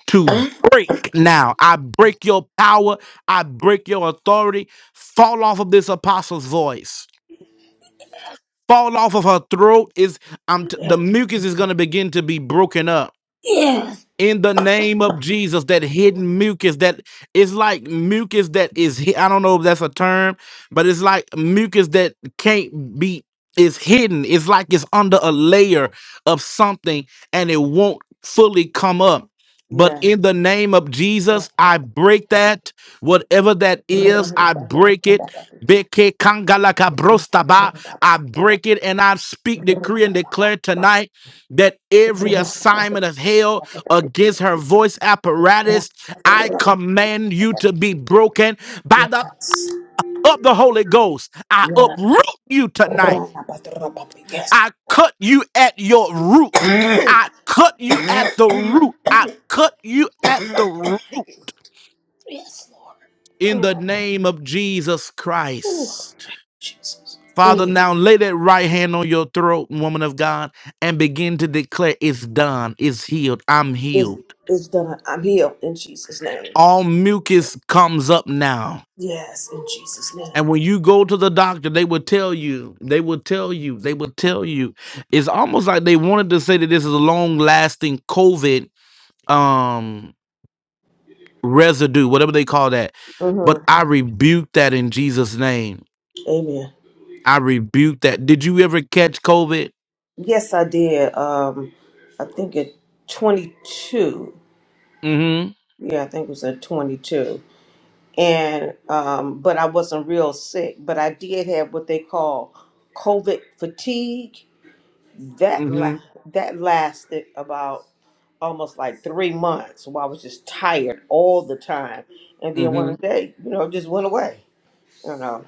Speaker 1: to break now. I break your power. I break your authority. Fall off of this apostle's voice. Fall off of her throat is I'm t- the mucus is going to begin to be broken up
Speaker 6: Yeah.
Speaker 1: in the name of Jesus, that hidden mucus that is like mucus that is hi- I don't know if that's a term, but it's like mucus that can't be is hidden. It's like it's under a layer of something and it won't fully come up. But
Speaker 6: Yeah.
Speaker 1: in the name of Jesus, I break that, whatever that is, I break it. Beke kangalaka brostaba. I break it and I speak, decree, and declare tonight that every assignment of hell against her voice
Speaker 6: Yes.
Speaker 1: apparatus. I command you to be broken by the
Speaker 6: Yes.
Speaker 1: of the Holy Ghost. I
Speaker 6: Lord.
Speaker 1: uproot you tonight. I cut you at your root. I cut you at the root. I cut you at the root
Speaker 6: Yes,
Speaker 1: in the
Speaker 6: Lord.
Speaker 1: name of Jesus
Speaker 6: Ooh,
Speaker 1: Christ.
Speaker 6: Jesus.
Speaker 1: Father,
Speaker 6: Mm.
Speaker 1: now lay that right hand on your throat, woman of God, and begin to declare it's done, it's healed, I'm
Speaker 6: This
Speaker 1: healed.
Speaker 6: is done. I'm healed in Jesus' name.
Speaker 1: All mucus comes up now
Speaker 6: Yes, in Jesus'
Speaker 1: And
Speaker 6: name.
Speaker 1: when you go to the doctor, they will tell you, they will tell you, they will tell you. It's almost like they wanted to say that this is a long lasting COVID um residue, whatever they call that. But
Speaker 6: Mm-hmm.
Speaker 1: I rebuke that in Jesus' name.
Speaker 6: Amen.
Speaker 1: I rebuke that. Did you ever catch COVID?
Speaker 6: Yes, I did. Um, I think at 22.
Speaker 1: Mm-hmm.
Speaker 6: Yeah, I think it was at 22. And um, but I wasn't real sick. But I did have what they call COVID fatigue that la-
Speaker 1: Mm-hmm.
Speaker 6: that lasted about almost like three months So I was just tired all the time. And then
Speaker 1: Mm-hmm.
Speaker 6: one day, you know, it just went away. You know.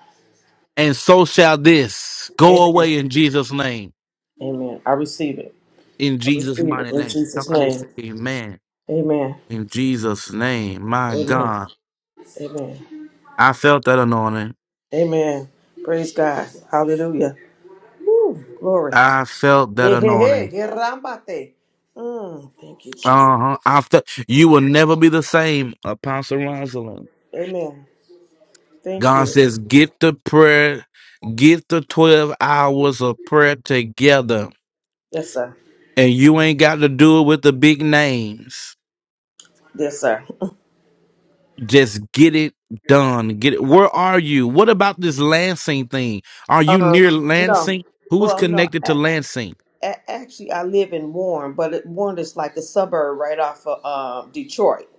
Speaker 1: And so shall this go
Speaker 6: Amen.
Speaker 1: away in Jesus' name.
Speaker 6: Amen. I receive it.
Speaker 1: In
Speaker 6: I
Speaker 1: Jesus'
Speaker 6: receive it
Speaker 1: mighty
Speaker 6: in
Speaker 1: name.
Speaker 6: Jesus'
Speaker 1: Somebody say
Speaker 6: name.
Speaker 1: amen.
Speaker 6: Amen.
Speaker 1: In Jesus' name. My
Speaker 6: Amen.
Speaker 1: God.
Speaker 6: Amen.
Speaker 1: I felt that anointing.
Speaker 6: Amen. Praise God. Hallelujah. Woo, glory.
Speaker 1: I felt that
Speaker 6: Hey, hey, hey.
Speaker 1: anointing.
Speaker 6: Hey, Rambate. Mm, thank you, Jesus.
Speaker 1: Uh huh. After you will never be the same, Apostle Rosalind.
Speaker 6: Amen. Thank
Speaker 1: God
Speaker 6: you.
Speaker 1: says, get the prayer, get the 12 hours of prayer together.
Speaker 6: Yes, sir.
Speaker 1: And you ain't got to do it with the big names.
Speaker 6: Yes, sir.
Speaker 1: Just get it done. Get it. Where are you? What about this Lansing thing? Are you
Speaker 6: Um,
Speaker 1: near
Speaker 6: no.
Speaker 1: Lansing? Who's
Speaker 6: Well,
Speaker 1: connected
Speaker 6: no.
Speaker 1: to Lansing?
Speaker 6: A- actually, I live in Warren, but it, Warren is like a suburb right off of um, Detroit.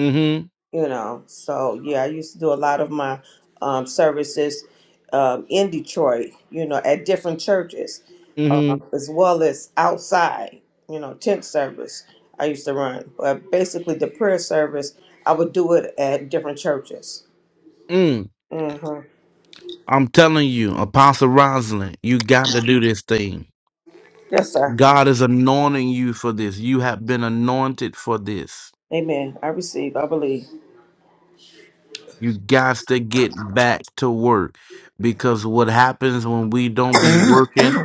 Speaker 1: Mm
Speaker 6: You know, so yeah, I used to do a lot of my um, services um, in Detroit. You know, at different churches,
Speaker 1: hmm.
Speaker 6: uh,
Speaker 1: Mm
Speaker 6: as well as outside. You know, tent service I used to run, but basically the prayer service I would do it at different churches.
Speaker 1: hmm. Mm.
Speaker 6: hmm
Speaker 1: I'm telling you, Apostle Rosalind, you got to do this thing.
Speaker 6: Yes, sir.
Speaker 1: God is anointing you for this. You have been anointed for this.
Speaker 6: Amen. I receive. I believe.
Speaker 1: You got to get back to work because what happens when we don't be
Speaker 6: hmm
Speaker 1: working,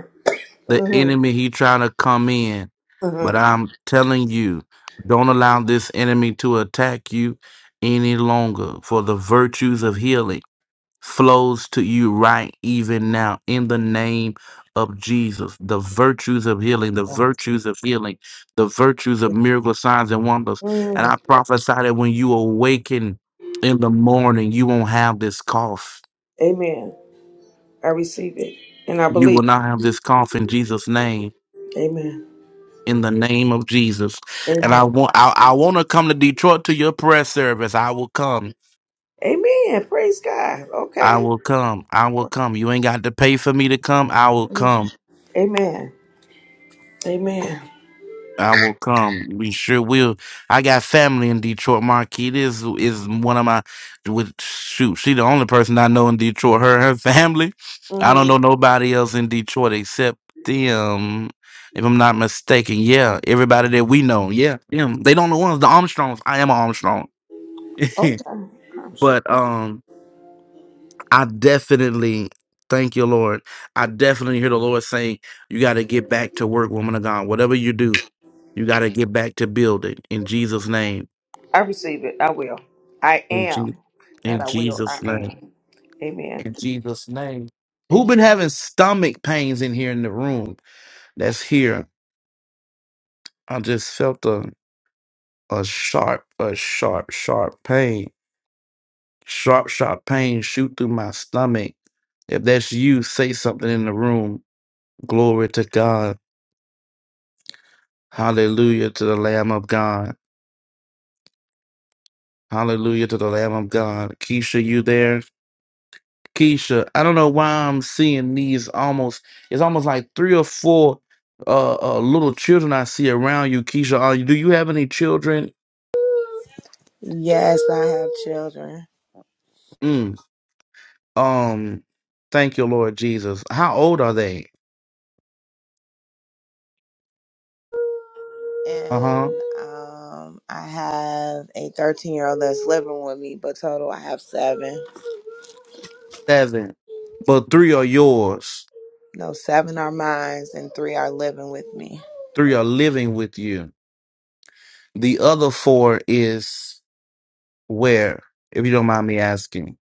Speaker 1: the enemy he trying to come in.
Speaker 6: hmm
Speaker 1: But I'm telling you, don't allow this enemy to attack you any longer for the virtues of healing. flows to you right even now in the name of Jesus. The virtues of healing, the
Speaker 6: Yeah.
Speaker 1: virtues of healing, the virtues of miracle signs and wonders. And
Speaker 6: Mm.
Speaker 1: I prophesy that when you awaken in the morning, you won't have this cough.
Speaker 6: Amen. I receive it and I
Speaker 1: You
Speaker 6: believe.
Speaker 1: will not have this cough in Jesus' name.
Speaker 6: Amen.
Speaker 1: In the name of Jesus, and I
Speaker 6: Amen.
Speaker 1: want I, I want to come to Detroit to your prayer service. I will come.
Speaker 6: Amen. Praise God.
Speaker 1: I
Speaker 6: Okay.
Speaker 1: will come. I will come. You ain't got to pay for me to come. I will
Speaker 6: Mm.
Speaker 1: come.
Speaker 6: Amen. Amen.
Speaker 1: I will come. We sure will. I got family in Detroit. Marquis is is one of my with shoot. She the only person I know in Detroit. Her her family. I
Speaker 6: hmm
Speaker 1: don't know nobody else in Detroit except them. If I'm not mistaken, yeah, everybody that we know, yeah, them. They don't know ones the Armstrongs. I am an Armstrong,
Speaker 6: Okay. I'm sure.
Speaker 1: but um, I definitely thank you, Lord. I definitely hear the Lord saying, "You got to get back to work, woman of God. Whatever you do." You got to get back to building in Jesus' name.
Speaker 6: I receive it. I will. I
Speaker 1: In, Je-
Speaker 6: am. Not
Speaker 1: in
Speaker 6: I will. I
Speaker 1: Jesus' name.
Speaker 6: am. Amen.
Speaker 1: In Jesus' name. Who
Speaker 6: Amen.
Speaker 1: been having stomach pains in here in the room? That's here. I just felt a a sharp, a sharp, sharp pain. Sharp, sharp pain shoot through my stomach. If that's you, say something in the room. Glory to God. Hallelujah to the Lamb of God. Hallelujah to the Lamb of God. Keisha, you there? Keisha, I don't know why I'm seeing these almost. It's almost like three or four uh, uh little children I see around you, Keisha. Are you, do you have any children?
Speaker 4: Yes, I have children.
Speaker 1: Mm, um, thank you, Lord Jesus. How old are they? Uh huh.
Speaker 4: And um, I have a 13 year old that's living with me, but total, I have seven.
Speaker 1: Seven. But three are yours.
Speaker 4: No, seven are mine, and three are living with me.
Speaker 1: Three are living with you. The other four is where, if you don't mind me asking.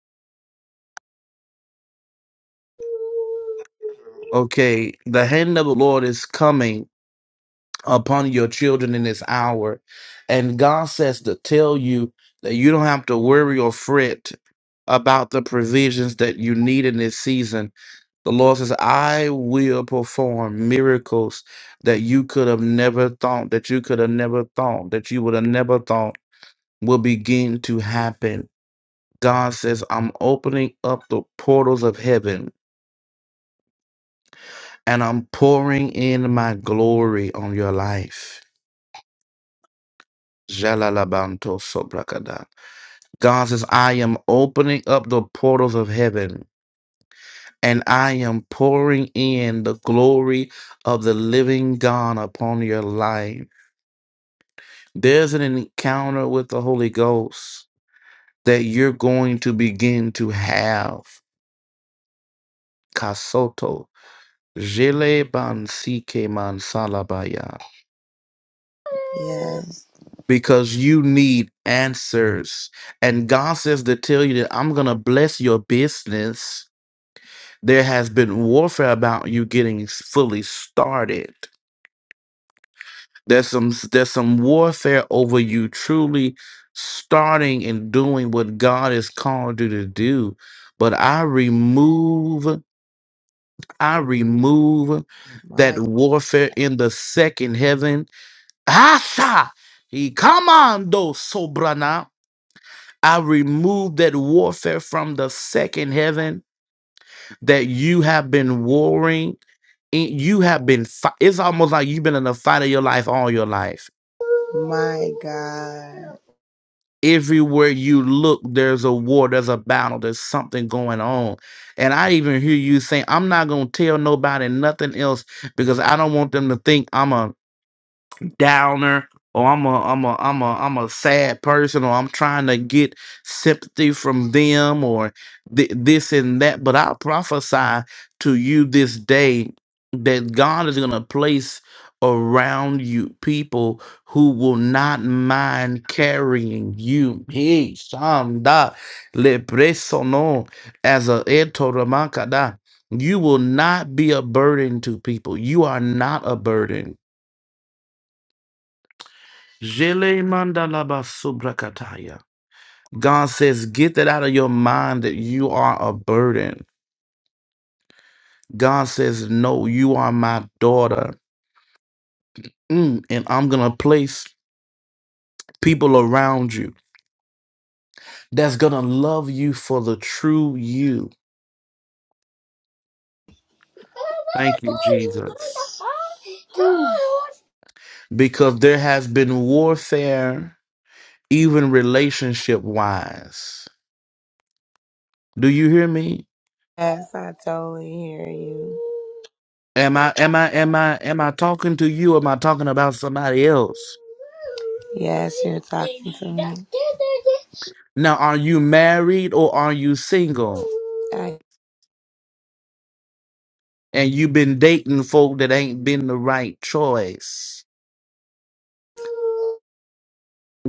Speaker 1: Okay, the hand of the Lord is coming upon your children in this hour. And God says to tell you that you don't have to worry or fret about the provisions that you need in this season. The Lord says, I will perform miracles that you could have never thought, that you could have never thought, that you would have never thought will begin to happen. God says, I'm opening up the portals of heaven and I'm pouring in my glory on your life. Jalalabanto sobrakada. God says, I am opening up the portals of heaven and I am pouring in the glory of the living God upon your life. There's an encounter with the Holy Ghost that you're going to begin to have. Kasoto. Jele ban sike man
Speaker 4: Yes.
Speaker 1: Because you need answers. And God says to tell you that I'm going to bless your business There has been warfare about you getting s- fully started. There's some s- there's some warfare over you truly starting and doing what God has called you to do. But I remove I remove that
Speaker 4: My,
Speaker 1: warfare in the second heaven. Asha, he commando sobrana. I remove that warfare from the second heaven that you have been warring and you have been fi- it's almost like you've been in a fight of your life all your life
Speaker 4: my God.
Speaker 1: everywhere you look there's a war there's a battle there's something going on and i even hear you saying i'm not going to tell nobody nothing else because i don't want them to think i'm a downer or I'm a I'm a I'm a I'm a sad person or I'm trying to get sympathy from them or th- this and that. But I prophesy to you this day that God is gonna place around you people who will not mind carrying you. Hey, Shamda Lepresono as a Etoramakada. You will not be a burden to people. You are not a burden Jele mandalaba subrakataya. God says, get that out of your mind that you are a burden. God says, no, you are my daughter. Mm, and I'm going to place people around you that's going to love you for the true you. Thank you, Jesus. Because there has been warfare, even relationship wise. Do you hear me?
Speaker 4: Yes, I totally hear you.
Speaker 1: Am I am I am I am I talking to you? Or am I talking about somebody else?
Speaker 4: Yes, you're talking to me.
Speaker 1: Now, are you married or are you single?
Speaker 4: I
Speaker 1: And you've been dating folk that ain't been the right choice.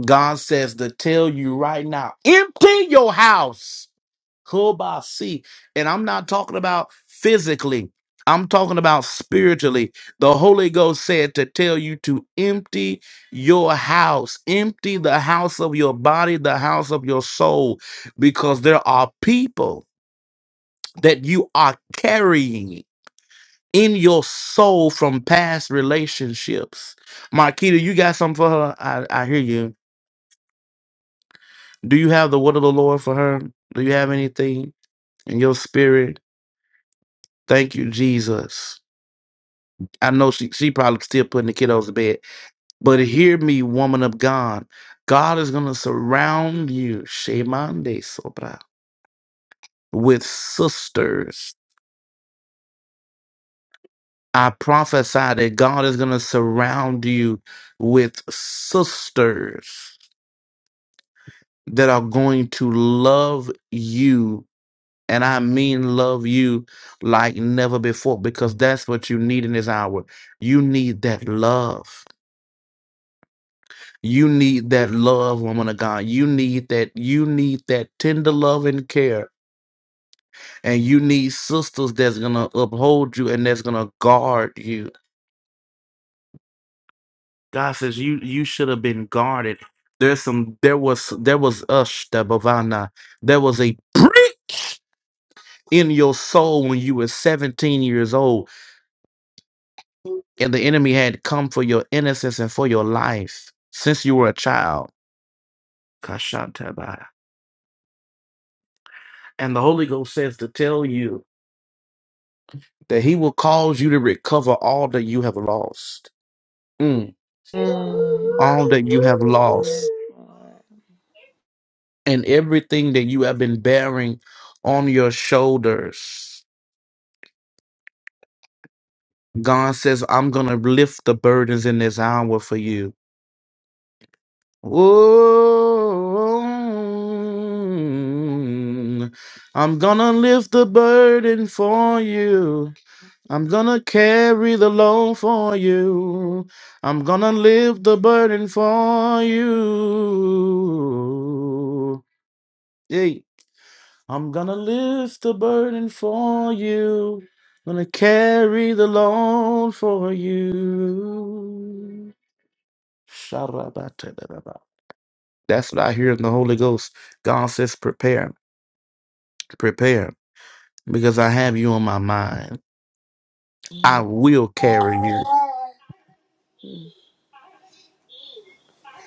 Speaker 1: God says to tell you right now, empty your house. Kobasi. And I'm not talking about physically. I'm talking about spiritually. The Holy Ghost said to tell you to empty your house, empty the house of your body, the house of your soul, because there are people that you are carrying. in your soul from past relationships. Marquita, you got something for her? I, I hear you. Do you have the word of the Lord for her? Do you have anything in your spirit? Thank you, Jesus. I know she, she probably still putting the kiddos to bed, but hear me, woman of God. God is going to surround you, Shemande Sobra, with sisters. I prophesy that God is going to surround you with sisters that are going to love you. And I mean, love you like never before, because that's what you need in this hour. You need that love. You need that love, woman of God. You need that. You need that tender love and care. And you need sisters that's gonna uphold you and that's gonna guard you. God says you you should have been guarded. There's some. There was there was us, There was a breach. in your soul when you were 17 years old and the enemy had come for your innocence and for your life since you were a child. Kashantabah. And the Holy Ghost says to tell you that he will cause you to recover all that you have lost. Mm.
Speaker 4: am. Yes,
Speaker 1: All that you have lost and everything that you have been bearing on your shoulders. God says, I'm going to lift the burdens in this hour for you. Oh, I'm gonna lift the burden for you. I'm gonna carry the load for you. I'm gonna lift the burden for you. Hey, I'm gonna lift the burden for you. gonna carry the load for you. Sharabata. That's what I hear in the Holy Ghost. God says, prepare, prepare, because I have you on my mind. I will carry you.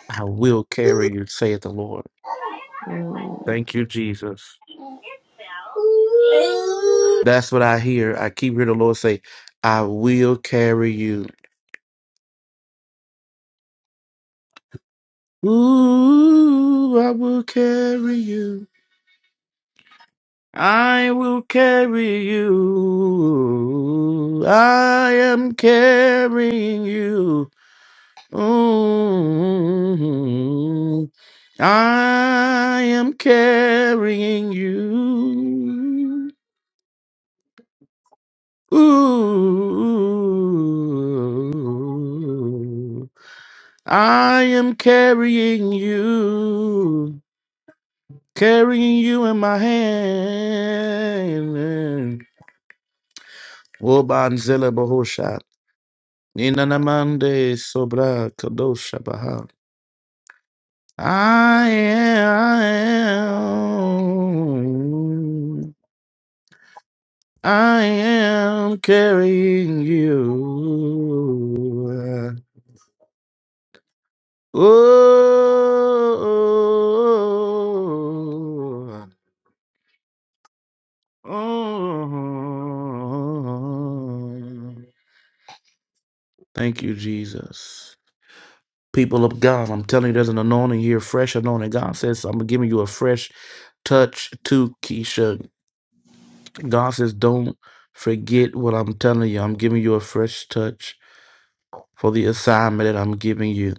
Speaker 1: I will carry you, saith the Lord.
Speaker 4: Lord.
Speaker 1: Thank you, Jesus.
Speaker 4: Mm.
Speaker 1: That's what I hear. I keep hearing the Lord say, I will carry you. Ooh, I will carry you. I will carry you. I am carrying you. Mm, I am carrying you. Ooh, I am carrying you, carrying you in my hand. Wobanzela bahosha. inanamande sobra kadosha Baha. I am, I am carrying you. Oh, oh. Thank you, Jesus. People of God, I'm telling you, there's an anointing here, fresh anointing. God says, I'm giving you a fresh touch to Keisha God says, don't forget what I'm telling you. I'm giving you a fresh touch for the assignment that I'm giving you.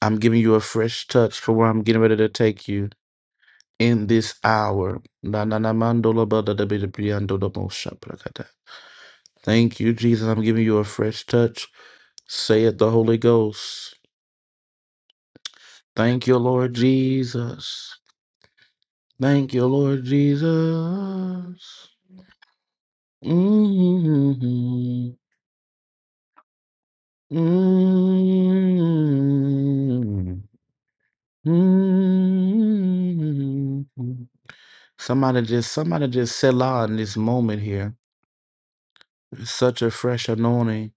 Speaker 1: I'm giving you a fresh touch for where I'm getting ready to take you in this hour. Na- na- na- mando lo da da bi da bi ando Thank you, Jesus. I'm giving you a fresh touch. Say it, the Holy Ghost. Thank you, Lord Jesus. Thank you, Lord Jesus. hmm Mm, mm. Somebody just somebody just Selah in this moment here. such a fresh anointing.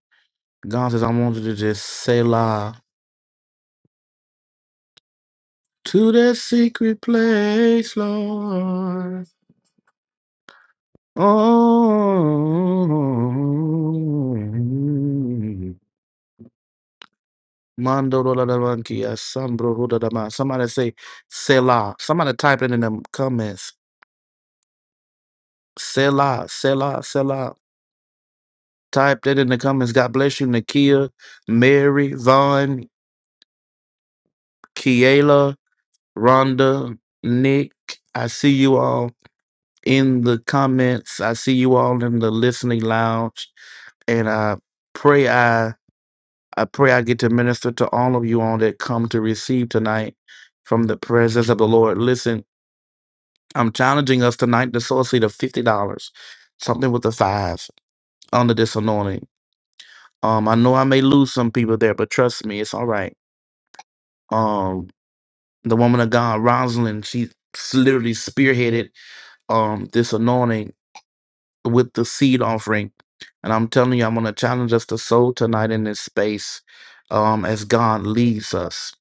Speaker 1: God says, I want you to just Selah to that secret place, Lord. Oh, Mando la la la, la kia, Sambro huda da ma. Somebody say Selah. Somebody type it in the comments. Selah, Selah, Selah. Type that in the comments. God bless you, Nakia, Mary, Vaughn, Kiela, Rhonda, Nick. I see you all in the comments. I see you all in the listening lounge. And I pray I I pray I get to minister to all of you all that come to receive tonight from the presence of the Lord. Listen, I'm challenging us tonight to sow a seed of fifty dollars. Something with a five under this anointing. Um, I know I may lose some people there, but trust me, it's all right. Um, the woman of God, Rosalind, she s- literally spearheaded um this anointing with the seed offering, and I'm telling you, I'm gonna challenge us to sow tonight in this space, um, as God leads us.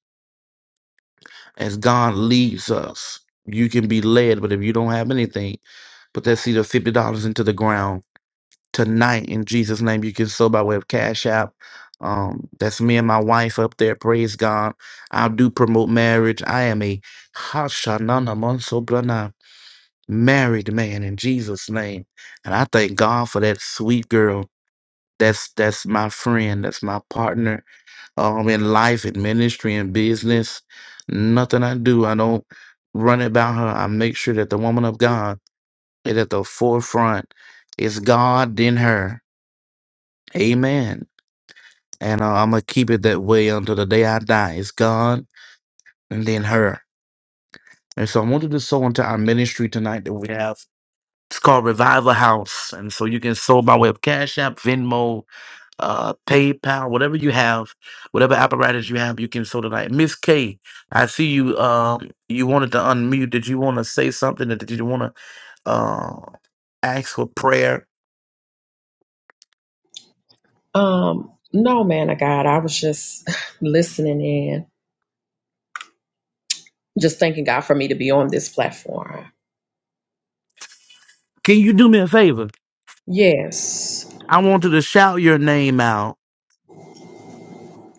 Speaker 1: As God leads us, you can be led, but if you don't have anything, put that seed of fifty dollars into the ground tonight in Jesus' name. You can sow by way of Cash App. Um, that's me and my wife up there. Praise God. I do promote marriage. I am a Hashanana Mansobrana married man in Jesus' name. And I thank God for that sweet girl. That's that's my friend. That's my partner um, in life, in ministry, in business. Nothing I do, I don't run it by her. I make sure that the woman of God is at the forefront. It's God, then her. Amen. And uh, I'm going to keep it that way until the day I die. It's God and then her. And so I wanted to sow into our ministry tonight that we have. It's called Revival House. And so you can sow by way of Cash App, Venmo, uh, PayPal, whatever you have, whatever apparatus you have, you can sow tonight. Miss K, I see you. Um, you wanted to unmute. Did you want to say something? Or did you want to uh, ask for prayer?
Speaker 7: Um, no, man of God, I was just listening in, just thanking God for me to be on this platform.
Speaker 1: Can you do me a favor?
Speaker 7: Yes.
Speaker 1: I want you to shout your name out.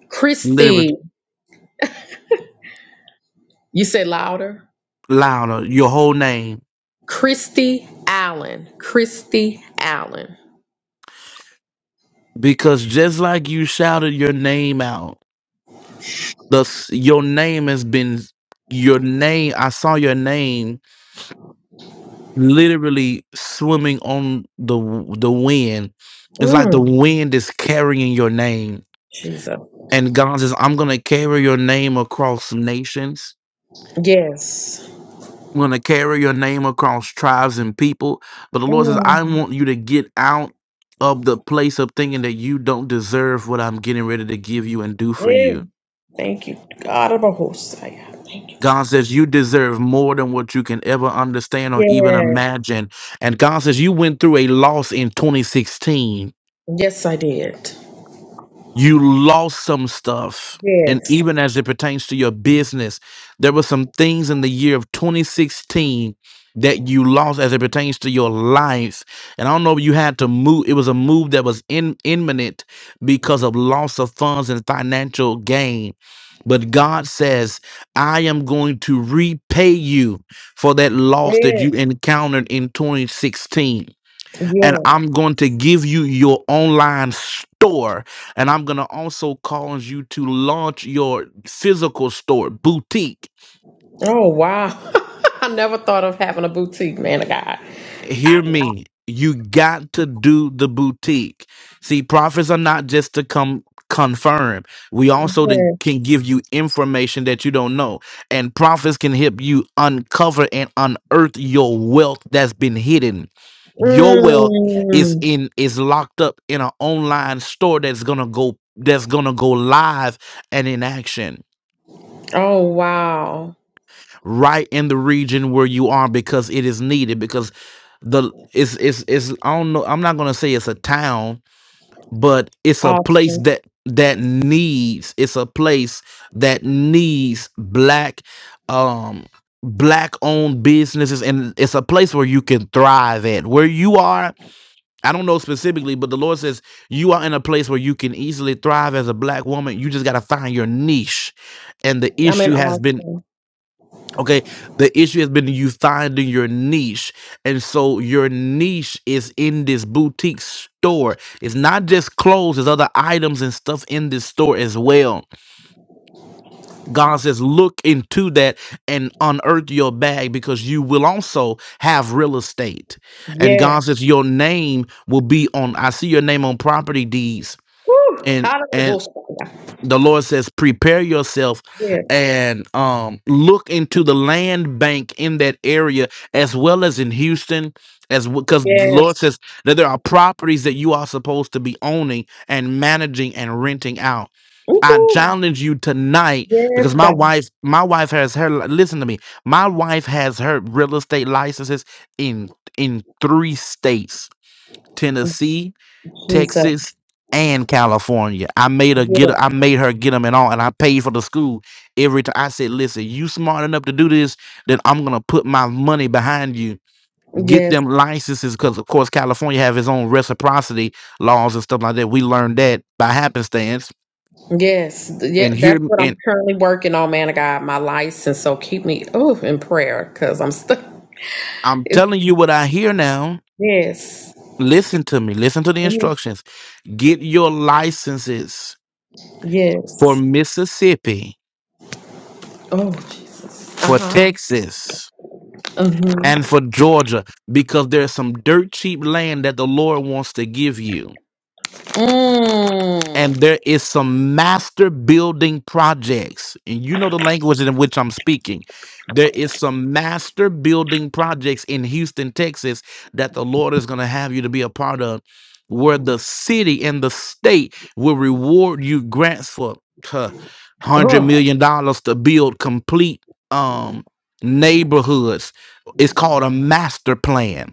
Speaker 7: Christy, you said louder?
Speaker 1: louder your whole name
Speaker 7: Christy Allen. Christy Allen.
Speaker 1: because just like you shouted your name out the s- your name has been your name i saw your name literally swimming on the w- the wind it's like the
Speaker 7: Mm,
Speaker 1: wind is carrying your name
Speaker 7: Jesus.
Speaker 1: and god says i'm going to carry your name across nations
Speaker 7: Yes.
Speaker 1: I'm going to carry your name across tribes and people. But the Lord says, I
Speaker 7: Mm,
Speaker 1: want you to get out of the place of thinking that you don't deserve what I'm getting ready to give you and do for
Speaker 7: yeah.
Speaker 1: you.
Speaker 7: Thank you, God of a host. I Thank you, Jesus.
Speaker 1: God says you deserve more than what you can ever understand or even
Speaker 7: Yes.
Speaker 1: imagine. And God says you went through a loss in 2016
Speaker 7: Yes, I did.
Speaker 1: you lost some stuff. And
Speaker 7: Yes.
Speaker 1: even as it pertains to your business, there were some things in the year of 2016 that you lost as it pertains to your life. And I don't know if you had to move, it was a move that was in, imminent because of loss of funds and financial gain. But God says, I am going to repay you for that loss that you
Speaker 7: Yes.
Speaker 1: encountered in 2016 and
Speaker 7: Yes.
Speaker 1: I'm going to give you your online store. And I'm going to also cause you to launch your physical store, boutique.
Speaker 7: Oh, wow. I never thought of having a boutique, man of God.
Speaker 1: hear
Speaker 7: Yes.
Speaker 1: me. You got to do the boutique. See, prophets are not just to come confirm. We also then can give you information that you don't know. And prophets can help you uncover and unearth your wealth that's been hidden.
Speaker 7: know.
Speaker 1: Your wealth is
Speaker 7: Mm.
Speaker 1: in is locked up in an online store that's gonna go that's gonna go live and in action
Speaker 7: Oh wow.
Speaker 1: right in the region where you are because it is needed because the it's it's it's I don't know I'm not gonna say it's a town but it's a place
Speaker 7: Austin.
Speaker 1: that that needs it's a place that needs black um black owned businesses and it's a place where you can thrive at where you are I don't know specifically but the Lord says you are in a place where you can easily thrive as a black woman you just got to find your niche and the
Speaker 7: I'm in
Speaker 1: issue has been
Speaker 7: Austin.
Speaker 1: Okay, the issue has been you finding your niche. And so your niche is in this boutique store. It's not just clothes, there's other items and stuff in this store as well. God says, look into that and unearth your bag because you will also have real estate. And
Speaker 7: Yes.
Speaker 1: God says, your name will be on, I see your name on property deeds.
Speaker 7: Woo.
Speaker 1: and and
Speaker 7: Hallelujah.
Speaker 1: the lord says prepare yourself
Speaker 7: Yes.
Speaker 1: and um look into the land bank in that area as well as in houston as because the
Speaker 7: Yes.
Speaker 1: lord says that there are properties that you are supposed to be owning and managing and renting out i
Speaker 7: Woo.
Speaker 1: challenge you tonight
Speaker 7: Yes,
Speaker 1: because my
Speaker 7: God
Speaker 1: wife my wife has her listen to me my wife has her real estate licenses in in three states tennessee
Speaker 7: Jesus.
Speaker 1: Texas, and California. I made her get.
Speaker 7: Yes.
Speaker 1: I made her get them and all, and I paid for the school every time. I said, "Listen, you smart enough to do this, then I'm gonna put my money behind you. Get
Speaker 7: Yes.
Speaker 1: them licenses, because of course California have its own reciprocity laws and stuff like that. We learned that by happenstance.
Speaker 7: Yes. Yeah,
Speaker 1: And here,
Speaker 7: that's what I'm
Speaker 1: and
Speaker 7: currently working on, man of God, my license. So keep me oh in prayer because I'm stuck.
Speaker 1: I'm
Speaker 7: It's,
Speaker 1: telling you what I hear now.
Speaker 7: yes.
Speaker 1: Listen to me. Listen to the
Speaker 7: Mhm.
Speaker 1: instructions. Get your licenses for
Speaker 7: Yes.
Speaker 1: Mississippi,
Speaker 7: Oh Jesus.
Speaker 1: for
Speaker 7: Uh-huh.
Speaker 1: Texas."
Speaker 7: Mm-hmm.
Speaker 1: and for Georgia because there's some dirt cheap land that the Lord wants to give you.
Speaker 7: Mm.
Speaker 1: And there is some master building projects. And you know the language in which I'm speaking. There is some master building projects in Houston, Texas that the Lord is going to have you to be a part of where the city and the state will reward you grants for huh, 100
Speaker 7: Oh.
Speaker 1: million dollars to build complete um neighborhoods. It's called a master plan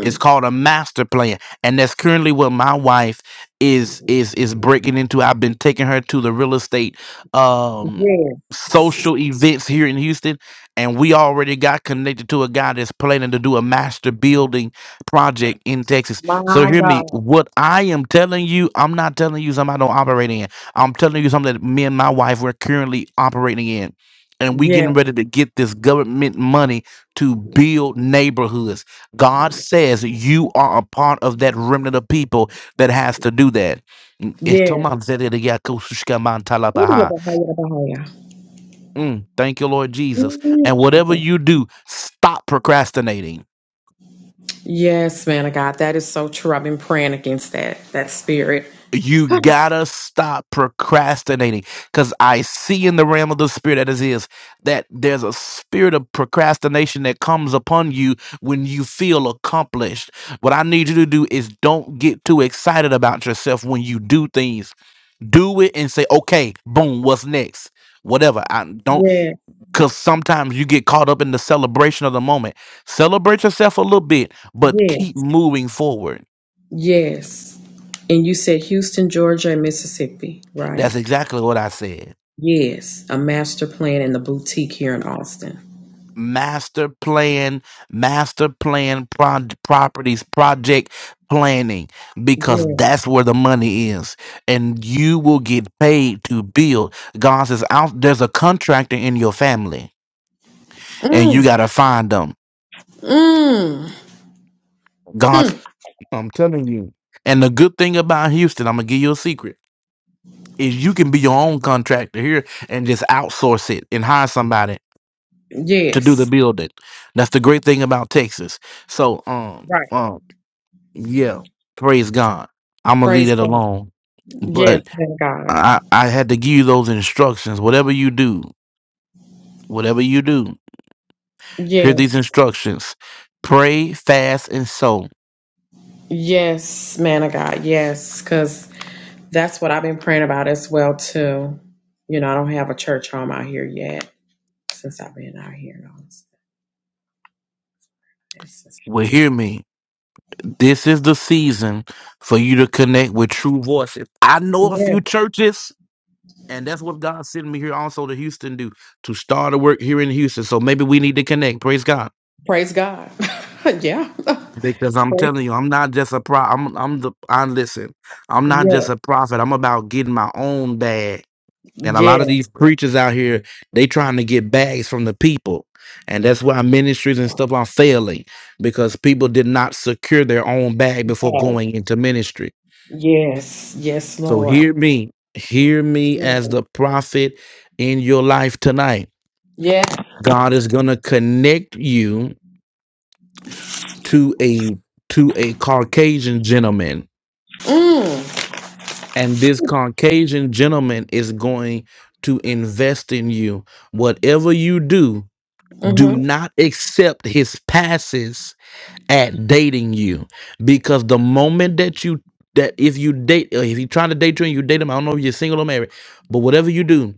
Speaker 1: It's called a master plan, and that's currently what my wife is is is breaking into. I've been taking her to the real estate um
Speaker 7: Yes.
Speaker 1: social events here in Houston, and we already got connected to a guy that's planning to do a master building project in Texas. So
Speaker 7: My
Speaker 1: hear me,
Speaker 7: God.
Speaker 1: what I am telling you, I'm not telling you something I don't operate in. I'm telling you something that me and my wife we're currently operating in. And we
Speaker 7: Yes.
Speaker 1: getting ready to get this government money to build neighborhoods. God says you are a part of that remnant of people that has to do that. Mm, it's
Speaker 7: Yes.
Speaker 1: Toman Zede de Yako Sushka Man
Speaker 7: Ooh, the
Speaker 1: Talabaha.
Speaker 7: Bahaya, the Bahaya.
Speaker 1: Mm, Thank you, Lord Jesus.
Speaker 7: Ooh,
Speaker 1: And whatever you
Speaker 7: Jesus.
Speaker 1: do, stop procrastinating.
Speaker 7: Yes, man of God. That is so true. I've been praying against that, that spirit.
Speaker 1: you gotta stop procrastinating because i see in the realm of the spirit that is is that there's a spirit of procrastination that comes upon you when you feel accomplished what i need you to do is don't get too excited about yourself when you do things do it and say okay boom what's next whatever i don't
Speaker 7: yes.
Speaker 1: because sometimes you get caught up in the celebration of the moment celebrate yourself a little bit but
Speaker 7: Yes.
Speaker 1: keep moving forward
Speaker 7: Yes. And you said Houston, Georgia, and Mississippi, right?
Speaker 1: that's exactly what i said
Speaker 7: Yes. A master plan in the boutique here in Austin.
Speaker 1: master plan, master plan pro- properties, project planning, because
Speaker 7: Yes.
Speaker 1: that's where the money is. And you will get paid to build. God says, "I'll- there's a contractor in your family, and you got
Speaker 7: Mm.
Speaker 1: to find them.
Speaker 7: Mm.
Speaker 1: God's,
Speaker 7: Mm.
Speaker 1: I'm telling you. And the good thing about Houston, I'm going to give you a secret, is you can be your own contractor here and just outsource it and hire somebody to do the
Speaker 7: Yes.
Speaker 1: building. That's the great thing about Texas. So, um,
Speaker 7: Right.
Speaker 1: um, Yeah, praise God. I'm gonna leave
Speaker 7: Praise
Speaker 1: that
Speaker 7: God.
Speaker 1: alone.
Speaker 7: Yes,
Speaker 1: But
Speaker 7: Thank God.
Speaker 1: I, I had to give you those instructions. Whatever you do, whatever you do,
Speaker 7: Yes.
Speaker 1: hear these instructions. Pray, fast, and sow.
Speaker 7: Yes, man of God, yes, because that's what I've been praying about as well too. You know, I don't have a church home out here yet since I've been out here. Yes, all
Speaker 1: Well, hear me. This is the season for you to connect with true voices. I know a
Speaker 7: Yeah,
Speaker 1: few churches, and that's what God sent me here also to Houston do to start a work here in Houston. So maybe we need to connect. Praise God.
Speaker 7: praise God. yeah,
Speaker 1: Because I'm
Speaker 7: Praise-
Speaker 1: telling you, I'm not just a pro. I'm I'm the I listen. I'm not just
Speaker 7: yeah,
Speaker 1: a prophet. I'm about getting my own bag. And a
Speaker 7: yeah,
Speaker 1: lot of these preachers out here, they trying to get bags from the people, and that's why ministries and stuff are failing because people did not secure their own bag before going into ministry.
Speaker 7: yes, yes,
Speaker 1: So
Speaker 7: Lord.
Speaker 1: hear me, hear me
Speaker 7: Yeah,
Speaker 1: as the prophet in your life tonight.
Speaker 7: yeah.
Speaker 1: God is gonna connect you to a to a Caucasian gentleman
Speaker 7: Mm,
Speaker 1: and this Caucasian gentleman is going to invest in you. Whatever you do, do
Speaker 7: mm-hmm,
Speaker 1: not accept his passes at dating you because the moment that you that if you date uh, if he's trying to date you and you date him, I don't know if you're single or married, but whatever you do,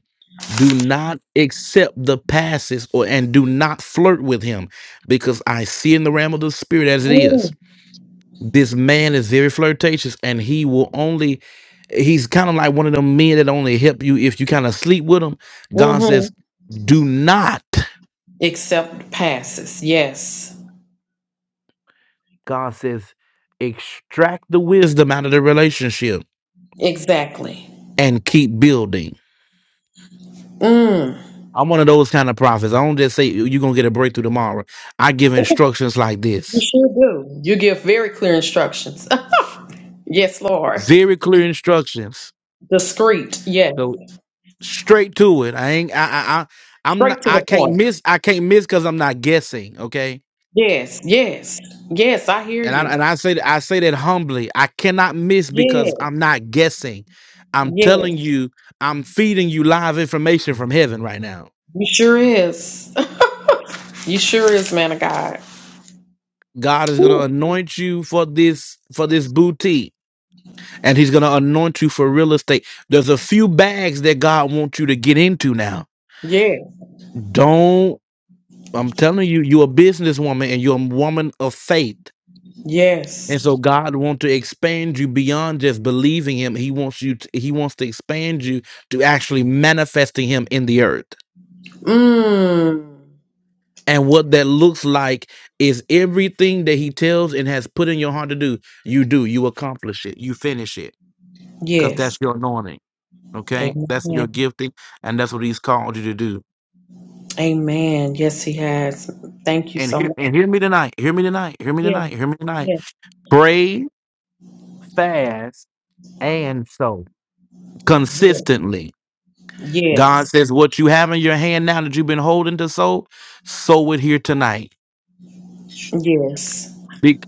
Speaker 1: do not accept the passes or and do not flirt with him because I see in the realm of the spirit as it is
Speaker 7: mm,
Speaker 1: this man is very flirtatious and he will only he's kind of like one of them men that only help you if you kind of sleep with him god says
Speaker 7: mm-hmm.
Speaker 1: do not
Speaker 7: Except passes. Yes,
Speaker 1: god says extract the wisdom out of the relationship
Speaker 7: exactly.
Speaker 1: and keep building
Speaker 7: Mm.
Speaker 1: i'm one of those kind of prophets i don't just say you're gonna get a breakthrough tomorrow i give instructions like
Speaker 7: You
Speaker 1: this
Speaker 7: sure do. You give very clear instructions. Yes, Lord.
Speaker 1: very clear instructions
Speaker 7: Discreet. Yes.
Speaker 1: so straight to it i ain't i i, I i'm not
Speaker 7: Straight to
Speaker 1: i
Speaker 7: the
Speaker 1: can't
Speaker 7: point.
Speaker 1: miss i can't miss because i'm not guessing okay
Speaker 7: Yes. Yes. Yes. I hear
Speaker 1: And I
Speaker 7: you.
Speaker 1: and I say that I say that humbly. I cannot miss
Speaker 7: Yes.
Speaker 1: because I'm not guessing. I'm
Speaker 7: Yes.
Speaker 1: telling you, I'm feeding you live information from heaven right now.
Speaker 7: You sure is. you sure is, man of God.
Speaker 1: God is gonna
Speaker 7: Ooh.
Speaker 1: anoint you for this for this boutique, and He's gonna anoint you for real estate. There's a few bags that God wants you to get into now.
Speaker 7: Yes.
Speaker 1: Don't I'm telling you, you're a businesswoman and you're a woman of faith
Speaker 7: Yes.
Speaker 1: And so God wants to expand you beyond just believing him. He wants you to, he wants to expand you to actually manifesting him in the earth.
Speaker 7: Mmm.
Speaker 1: And what that looks like is everything that he tells and has put in your heart to do, you do, you accomplish it, you finish it cuz
Speaker 7: Yes.
Speaker 1: that's your anointing, okay? That's your
Speaker 7: Amen.
Speaker 1: gifting and that's what he's called you to do.
Speaker 7: Amen. Yes, he has. Thank you
Speaker 1: And
Speaker 7: so
Speaker 1: hear
Speaker 7: much.
Speaker 1: and hear me tonight. Hear me tonight. Hear me
Speaker 7: Yes.
Speaker 1: tonight. Hear me tonight.
Speaker 7: Yes.
Speaker 1: Pray, fast, and so
Speaker 7: Yes.
Speaker 1: consistently. God
Speaker 7: Yes.
Speaker 1: says, What you have in your hand now that you've been holding to sow, sow it here tonight.
Speaker 7: Yes.
Speaker 1: Be-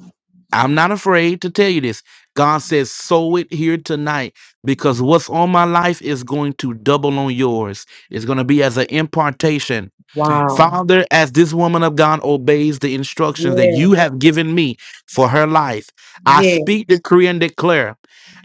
Speaker 1: I'm not afraid to tell you this. God says, sow it here tonight because what's on my life is going to double on yours. It's going to be as an impartation.
Speaker 7: Wow.
Speaker 1: Father, as this woman of God obeys the instructions that
Speaker 7: Yes.
Speaker 1: you have given me for her life, I
Speaker 7: Yes.
Speaker 1: speak, decree, and declare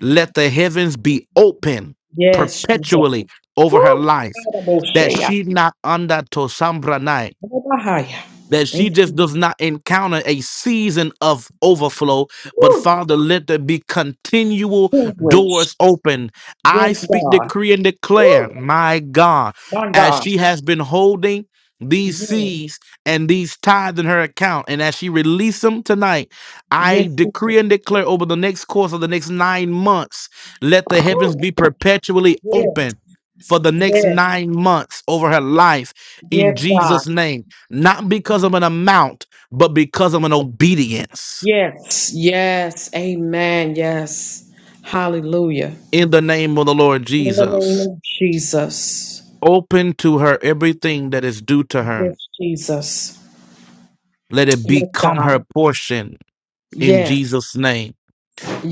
Speaker 1: let the heavens be open
Speaker 7: Yes. Shanta.
Speaker 1: perpetually over her life,
Speaker 7: Woo.
Speaker 1: that she not under to
Speaker 7: Bahaya.
Speaker 1: that she
Speaker 7: Thank you.
Speaker 1: just does not encounter a season of overflow, but
Speaker 7: Woo.
Speaker 1: Father, let there be continual
Speaker 7: Privilege.
Speaker 1: doors open. I
Speaker 7: Yes,
Speaker 1: speak,
Speaker 7: God.
Speaker 1: decree, and declare,
Speaker 7: Woo.
Speaker 1: my God,
Speaker 7: My
Speaker 1: as
Speaker 7: God.
Speaker 1: she has been holding these
Speaker 7: Yes.
Speaker 1: seeds and these tithes in her account, and as she releases them tonight,
Speaker 7: Yes.
Speaker 1: I decree and declare over the next course of the next nine months, let the heavens
Speaker 7: Woo.
Speaker 1: be perpetually
Speaker 7: Yes.
Speaker 1: open. For the next
Speaker 7: Yes.
Speaker 1: nine months over her life in
Speaker 7: Yes, God.
Speaker 1: Jesus' name not because of an amount, but because of an obedience
Speaker 7: Yes. Yes. Amen. Yes. Hallelujah.
Speaker 1: in the name of the Lord
Speaker 7: In the name
Speaker 1: Jesus.
Speaker 7: of Jesus.
Speaker 1: Open to her everything that is due to
Speaker 7: Yes,
Speaker 1: her.
Speaker 7: Jesus.
Speaker 1: Let it
Speaker 7: Yes,
Speaker 1: become her
Speaker 7: God.
Speaker 1: portion in
Speaker 7: Yes.
Speaker 1: Jesus' name.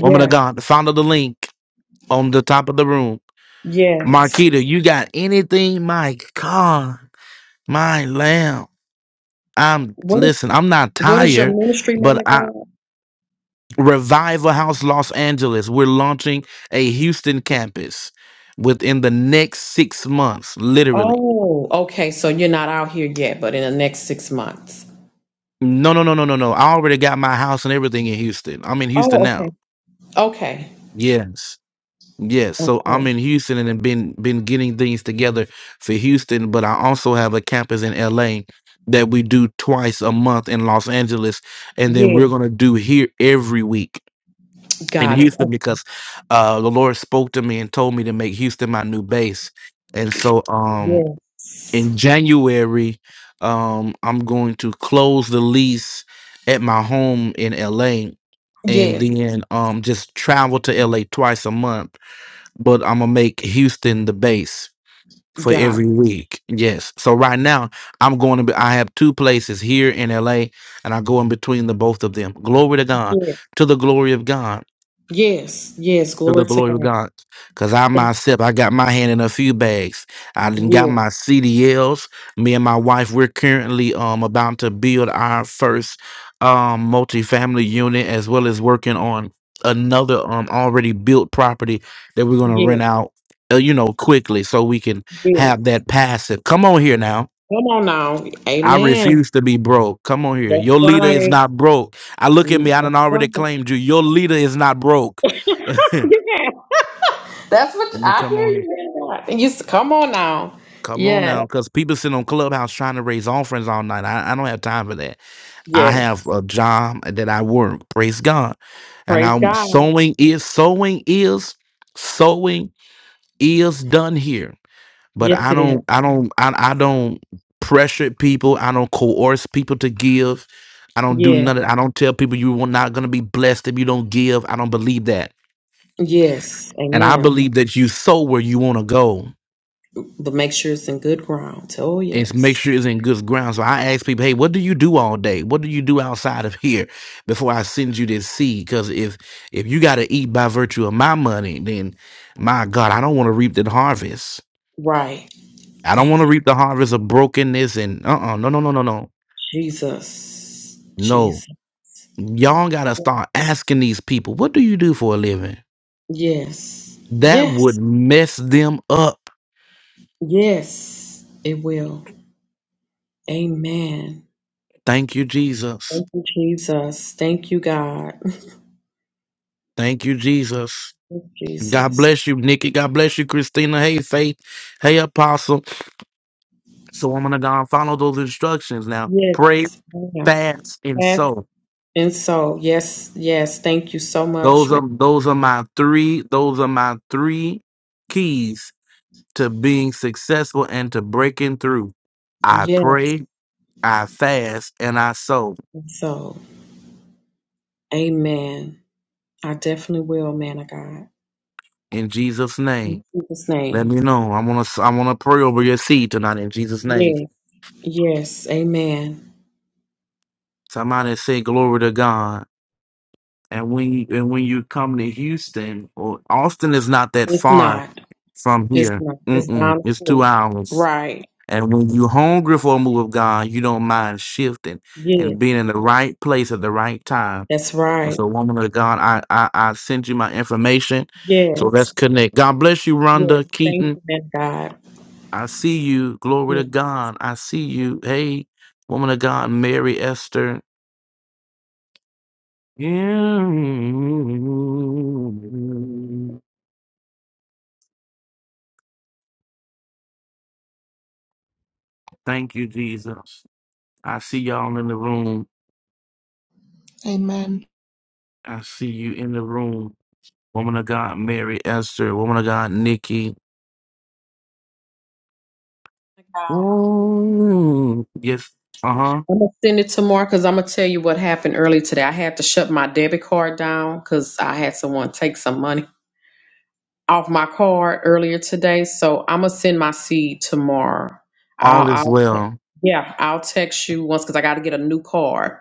Speaker 1: Woman of God, founder the link on the top of the room.
Speaker 7: Yes.
Speaker 1: Marquita, you got anything? My God, my lamb. I'm
Speaker 7: What is,
Speaker 1: listen, I'm not
Speaker 7: what is your
Speaker 1: tired,
Speaker 7: ministry, man
Speaker 1: but
Speaker 7: of
Speaker 1: I.
Speaker 7: God?
Speaker 1: Revival House Los Angeles. We're launching a Houston campus within the next six months, literally.
Speaker 7: Oh, okay. So you're not out here yet, but in the next six months.
Speaker 1: No, no, no, no, no, no. I already got my house and everything in Houston. I'm in Houston
Speaker 7: Oh,
Speaker 1: now.
Speaker 7: okay. Okay.
Speaker 1: Yes. Yes. So
Speaker 7: Okay.
Speaker 1: I'm in Houston and have been been getting things together for Houston, but I also have a campus in LA that we do twice a month in Los Angeles. And then we're
Speaker 7: Yes.
Speaker 1: gonna do here every week. in
Speaker 7: Got it.
Speaker 1: Houston
Speaker 7: Oh,
Speaker 1: because uh, the Lord spoke to me and told me to make Houston my new base. And so um,
Speaker 7: yes.
Speaker 1: in January, um, I'm going to close the lease at my home in LA and
Speaker 7: Yes.
Speaker 1: then um, just travel to LA twice a month. But I'm going to make Houston the base for
Speaker 7: Got
Speaker 1: every week. Yes. So right now, I'm going to be, I have two places here in LA and I go in between the both of them. Glory to
Speaker 7: it.
Speaker 1: God,
Speaker 7: Yes.
Speaker 1: to the glory of God
Speaker 7: Yes. Yes.
Speaker 1: to the
Speaker 7: Glory to
Speaker 1: glory of
Speaker 7: God.
Speaker 1: God. Cause I
Speaker 7: Thank-
Speaker 1: myself, I got my hand in a few bags. I done got
Speaker 7: Yes.
Speaker 1: my CDLs. Me and my wife, we're currently um about to build our first um multifamily unit as well as working on another um already built property that we're gonna
Speaker 7: Yes.
Speaker 1: rent out uh, you know quickly so we can
Speaker 7: Yes.
Speaker 1: have that passive. Come on here now.
Speaker 7: Come on now.
Speaker 1: I
Speaker 7: Amen.
Speaker 1: refuse to be broke. Come on here.
Speaker 7: That's
Speaker 1: Your leader is
Speaker 7: right.
Speaker 1: not broke. I look at me,
Speaker 7: Mm,
Speaker 1: I done
Speaker 7: That's
Speaker 1: already
Speaker 7: right.
Speaker 1: claimed you. Your leader is not broke.
Speaker 7: yeah. That's what
Speaker 1: you
Speaker 7: I hear
Speaker 1: come on here.
Speaker 7: you. man of God. And you s- come on now.
Speaker 1: Come on
Speaker 7: Yes.
Speaker 1: now, because people sit on Clubhouse trying to raise offerings all night. I, I don't have time for that. I
Speaker 7: Yes.
Speaker 1: have a job that I work. Praise God. And
Speaker 7: Praise
Speaker 1: I'm
Speaker 7: God.
Speaker 1: sowing is sowing is sowing is done here. But
Speaker 7: Yes,
Speaker 1: I
Speaker 7: it is.
Speaker 1: don't I don't I, I don't pressure people. I don't coerce people to give. I don't do
Speaker 7: Yeah.
Speaker 1: none of I don't tell people you are not gonna be blessed if you don't give. I don't believe that.
Speaker 7: Yes.
Speaker 1: And I
Speaker 7: Amen.
Speaker 1: believe that you sow where you want to go.
Speaker 7: But make sure it's in good ground. Oh,
Speaker 1: and make
Speaker 7: yes.
Speaker 1: sure it's in good ground. So I ask people, hey, what do you do all day? What do you do outside of here before I send you this seed? Because if if you got to eat by virtue of my money, then my God, I don't want to reap the harvest.
Speaker 7: Right.
Speaker 1: I don't
Speaker 7: Amen.
Speaker 1: want to reap the harvest of brokenness and uh uh no no no no no
Speaker 7: Jesus.
Speaker 1: no.
Speaker 7: Jesus.
Speaker 1: Y'all gotta start asking these people, what do you do for a living?
Speaker 7: Yes.
Speaker 1: That would
Speaker 7: Yes.
Speaker 1: mess them up.
Speaker 7: Yes. It will. Amen.
Speaker 1: Thank you, Jesus.
Speaker 7: Thank you, Jesus. Thank you, God.
Speaker 1: Thank you, Jesus.
Speaker 7: Thank you,
Speaker 1: God
Speaker 7: Jesus.
Speaker 1: bless you, Nikki. God bless you, Christina. Hey, Faith. Hey, Apostle. So I'm gonna go and follow those instructions now. Pray,
Speaker 7: Yes. ma'am.
Speaker 1: fast, and
Speaker 7: Yes.
Speaker 1: sow.
Speaker 7: And so, yes, yes. Thank you so much,
Speaker 1: Those are
Speaker 7: man.
Speaker 1: those are my three. Those are my three keys to being successful and to breaking through. I
Speaker 7: Yes.
Speaker 1: pray, I fast, and I sow
Speaker 7: And so, amen. I definitely will, man of God.
Speaker 1: in Jesus' name.
Speaker 7: In Jesus'
Speaker 1: Let me
Speaker 7: name.
Speaker 1: know. I wanna I wanna pray over your seed tonight in Jesus' name.
Speaker 7: Yes. Yes. Amen.
Speaker 1: Somebody say glory to God. And when you and when you come to Houston, or Austin is not that
Speaker 7: It's
Speaker 1: far
Speaker 7: not.
Speaker 1: from
Speaker 7: It's
Speaker 1: here.
Speaker 7: not. It's
Speaker 1: Mm-mm,
Speaker 7: down the
Speaker 1: it's two
Speaker 7: street.
Speaker 1: hours.
Speaker 7: Right.
Speaker 1: And when you hungry for a move of God, you don't mind shifting and
Speaker 7: Yes,
Speaker 1: being in the right place at the right time.
Speaker 7: that's
Speaker 1: And
Speaker 7: right.
Speaker 1: so, woman of God, I I, I sent you my information. So
Speaker 7: Yes,
Speaker 1: let's connect. God bless you,
Speaker 7: yes.
Speaker 1: Rhonda
Speaker 7: Thank
Speaker 1: Keaton.
Speaker 7: you, man, of God.
Speaker 1: I see you. Glory to
Speaker 7: Yes,
Speaker 1: God. I see you. Hey, woman of God, Mary Esther. Yeah. Thank you, Jesus. I see y'all in the room.
Speaker 8: Amen.
Speaker 1: I see you in the room. Woman of God, Mary Esther. Woman of God, Nikki.
Speaker 7: man of God.
Speaker 1: Ooh. Yes. Uh huh.
Speaker 7: I'm gonna send it tomorrow because I'm gonna tell you what happened early today. I had to shut my debit card down because I had someone take some money off my card earlier today. So I'm gonna send my seed tomorrow.
Speaker 1: All
Speaker 7: I'll,
Speaker 1: is
Speaker 7: I'll
Speaker 1: well.
Speaker 7: yeah, I'll text you once because I got to get a new card.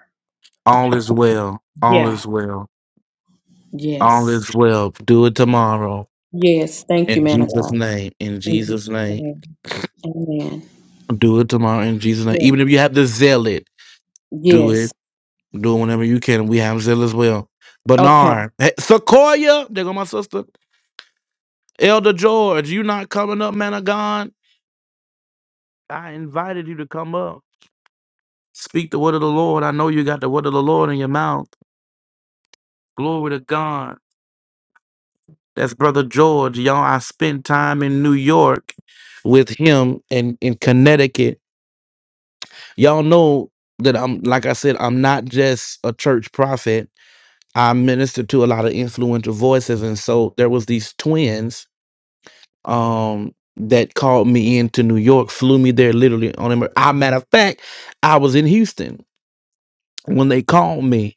Speaker 1: All is well. All
Speaker 7: Yeah.
Speaker 1: is well. All
Speaker 7: Yes.
Speaker 1: is well. Do it tomorrow.
Speaker 7: Yes. Thank you,
Speaker 1: In
Speaker 7: man of
Speaker 1: Jesus'
Speaker 7: God.
Speaker 1: name. In
Speaker 7: Thank you.
Speaker 1: Jesus' name.
Speaker 7: Amen. Amen.
Speaker 1: Do it tomorrow. In Jesus' name.
Speaker 7: Yes.
Speaker 1: Even if you have to zeal it, do it.
Speaker 7: Yes.
Speaker 1: Do it whenever you can. We have zeal as well.
Speaker 7: Okay.
Speaker 1: Bernard. Hey, Sequoia. There go my sister. Elder George, you not coming up, man of God? I invited you to come up. Speak the word of the Lord. I know you got the word of the Lord in your mouth. Glory to God. That's Brother George. Y'all, I spent time in New York with him and in Connecticut. Y'all know that I'm, like I said, I'm not just a church prophet. I minister to a lot of influential voices. And so there was these twins um that called me into New York, flew me there literally on emer- I matter of fact, I was in Houston when they called me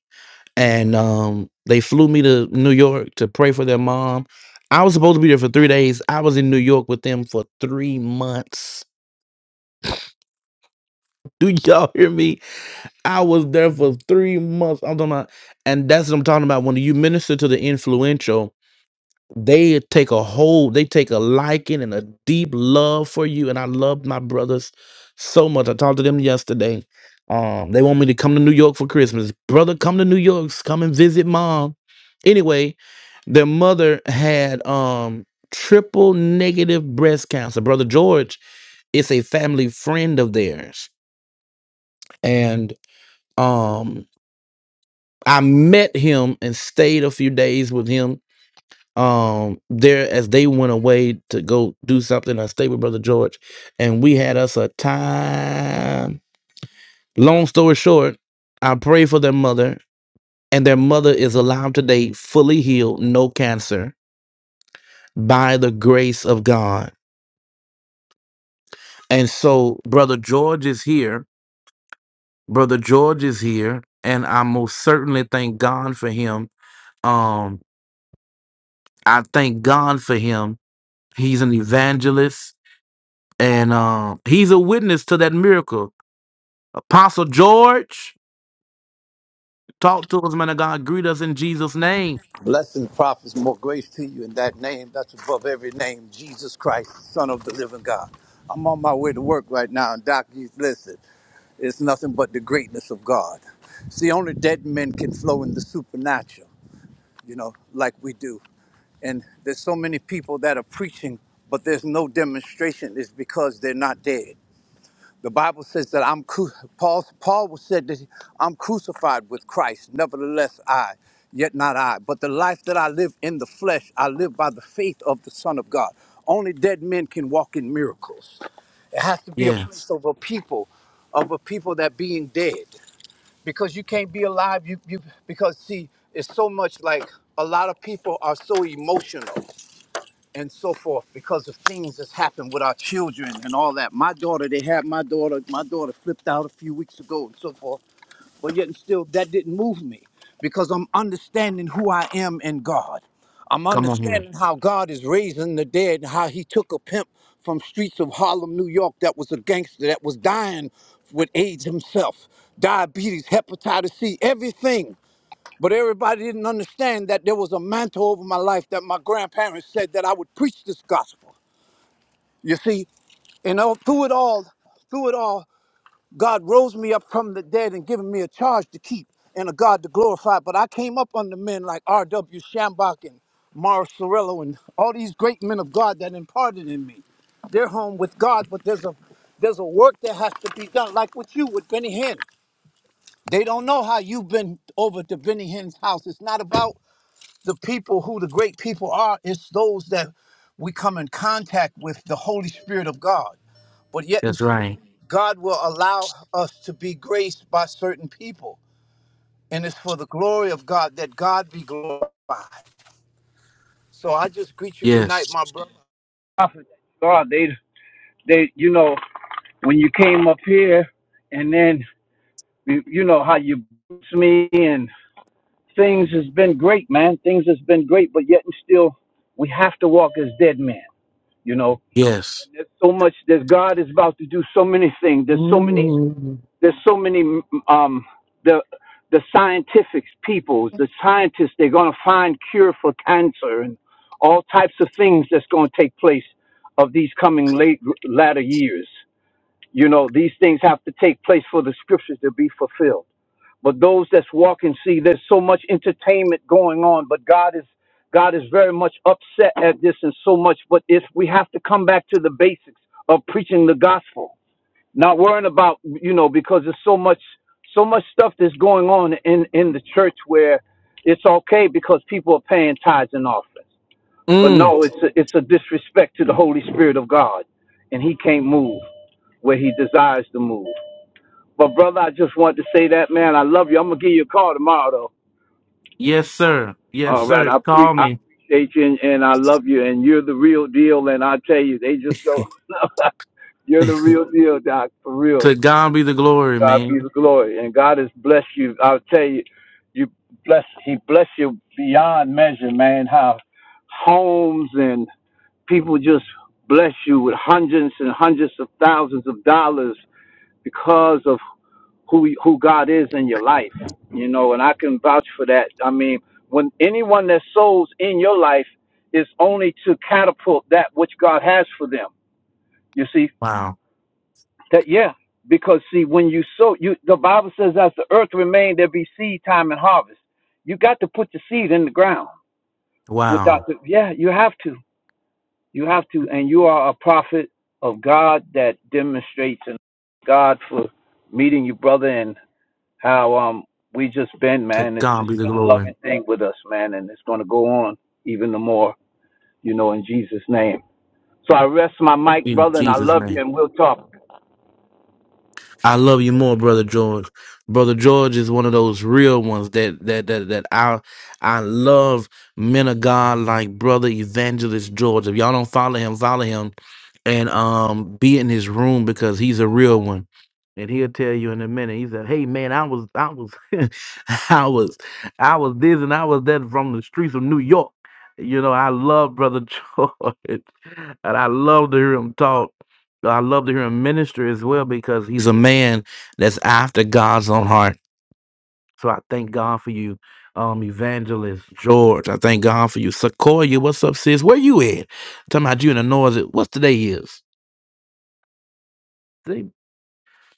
Speaker 1: and um they flew me to New York to pray for their mom. I was supposed to be there for three days. I was in New York with them for three months. Do y'all hear me? I was there for three months. I'm talking about, and that's what I'm talking about. When you minister to the influential, they take a hold, they take a liking and a deep love for you. And I love my brothers so much. I talked to them yesterday. Um, they want me to come to New York for Christmas. Brother, come to New York, s- come and visit mom. Anyway, their mother had um triple negative breast cancer. Brother George is a family friend of theirs. And um I met him and stayed a few days with him um there as they went away to go do something I stayed with brother george and we had us a time long story short i pray for their mother and their mother is alive today fully healed no cancer by the grace of god and so brother george is here brother george is here and i most certainly thank god for him um i thank god for him he's an evangelist and um he's a witness to that miracle Apostle George, talk to us, man of God. Greet us in Jesus' name. Yes. Come on here. That's right. Yes.
Speaker 9: God, they they you know when you came up here, and then you, you know how you blessed me and things has been great, man. Things has been great, but yet and still we have to walk as dead men. You know,
Speaker 1: Yes.
Speaker 9: there's so much. There's God is about to do so many things. There's so many.
Speaker 1: Mm.
Speaker 9: There's so many. Um, the the scientific peoples, the scientists, they're gonna find cure for cancer and all types of things that's gonna take place of these coming late latter years. You know, these things have to take place for the scriptures to be fulfilled. But those that's walking, see, there's so much entertainment going on, but God is God is very much upset at this and so much. But if we have to come back to the basics of preaching the gospel, not worrying about you know, because there's so much so much stuff that's going on in in the church where it's okay because people are paying tithes and offerings. But
Speaker 1: Mm.
Speaker 9: no, it's a, it's a disrespect to the Holy Spirit of God, and He can't move where He desires to move. But brother, I just wanted to say that, man. I love you. I'm gonna give you a call tomorrow, though.
Speaker 1: Yes, sir. Yes,
Speaker 9: All right,
Speaker 1: sir.
Speaker 9: I pre
Speaker 1: Call
Speaker 9: I
Speaker 1: me.
Speaker 9: appreciate you, and, and I love you, and you're the real deal. And I tell you, they just don't. you're the
Speaker 1: to
Speaker 9: real deal, Doc. For real.
Speaker 1: God be the glory,
Speaker 9: God be
Speaker 1: man.
Speaker 9: the glory, and God has blessed you. I'll tell you, you bless. He blessed you beyond measure, man. How homes and people just bless you with hundreds and hundreds of thousands of dollars because of who who God is in your life, you know, and I can vouch for that. I mean, when anyone that sows in your life is only to catapult that which God has for them. You see
Speaker 1: Wow.
Speaker 9: that, yeah, because see, when you sow, you the Bible says, as the earth remained, there be seed time and harvest. You got to put the seed in the ground.
Speaker 1: Wow.
Speaker 9: Without the, yeah, you have to, you have to, and you are a prophet of God that demonstrates and God for meeting you, brother, and. how um we just been,
Speaker 1: To
Speaker 9: man. It's
Speaker 1: God
Speaker 9: just
Speaker 1: be the
Speaker 9: been a
Speaker 1: glory.
Speaker 9: loving thing with us, man, and it's gonna go on even the more, you know, in Jesus' name. So I rest my mic,
Speaker 1: In
Speaker 9: brother, and I
Speaker 1: Jesus'
Speaker 9: love
Speaker 1: name.
Speaker 9: you, and we'll talk.
Speaker 1: I love you more, brother George. Brother George is one of those real ones that that that that I I love men of God like brother evangelist George. If y'all don't follow him, follow him and um be in his room because he's a real one. And he'll tell you in a minute. He said, "Hey man, I was I was I was I was this and I was that from the streets of New York." You know, I love brother George, and I love to hear him talk. I love to hear him minister as well because he's a man that's after God's own heart. So I thank God for you, um, evangelist George. I thank God for you, Sequoia. What's up, sis? Where you at? I'm talking about you in the noisy. What's today is? Today,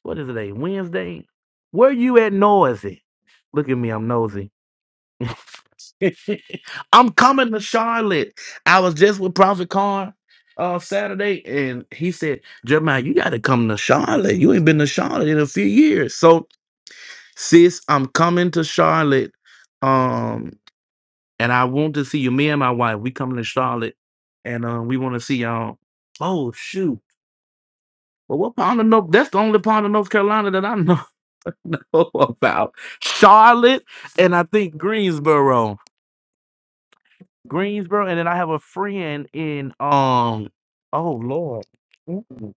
Speaker 1: what is today? Wednesday. Where you at, noisy? Look at me, I'm nosy. I'm coming to Charlotte. I was just with Prophet Carr uh Saturday and he said, Jeremiah, you gotta come to Charlotte. You ain't been to Charlotte in a few years. So sis, I'm coming to Charlotte. Um and I want to see you. Me and my wife, we coming to Charlotte and uh, we want to see y'all. Oh shoot. Well what part of North that's the only part of North Carolina that I know, know about. Charlotte and I think Greensboro. Greensboro, and then I have a friend in um. Oh Lord, Mm.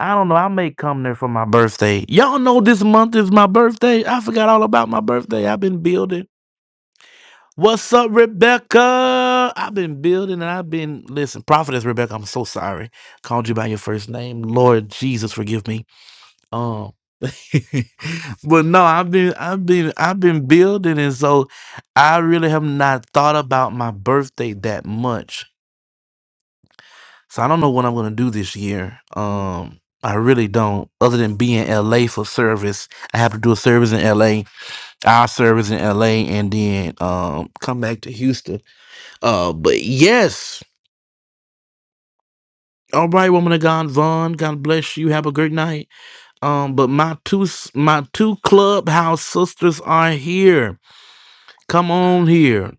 Speaker 1: I don't know. I may come there for my birthday. Y'all know this month is my birthday. I forgot all about my birthday. I've been building. What's up, Rebecca? I've been building and I've been listen, prophetess Rebecca. I'm so sorry. Called you by your first name. Lord Jesus, forgive me. Um, but no, I've been, I've been, I've been building, and so I really have not thought about my birthday that much So I don't know what I'm gonna do this year. Um, I really don't. Other than be in LA for service, I have to do a service in LA, our service in LA, and then um come back to Houston. Uh, but yes. All right, woman of God, Vaughn. God bless you. Have a great night. Um, but my two s- my two clubhouse sisters are here. Come on here.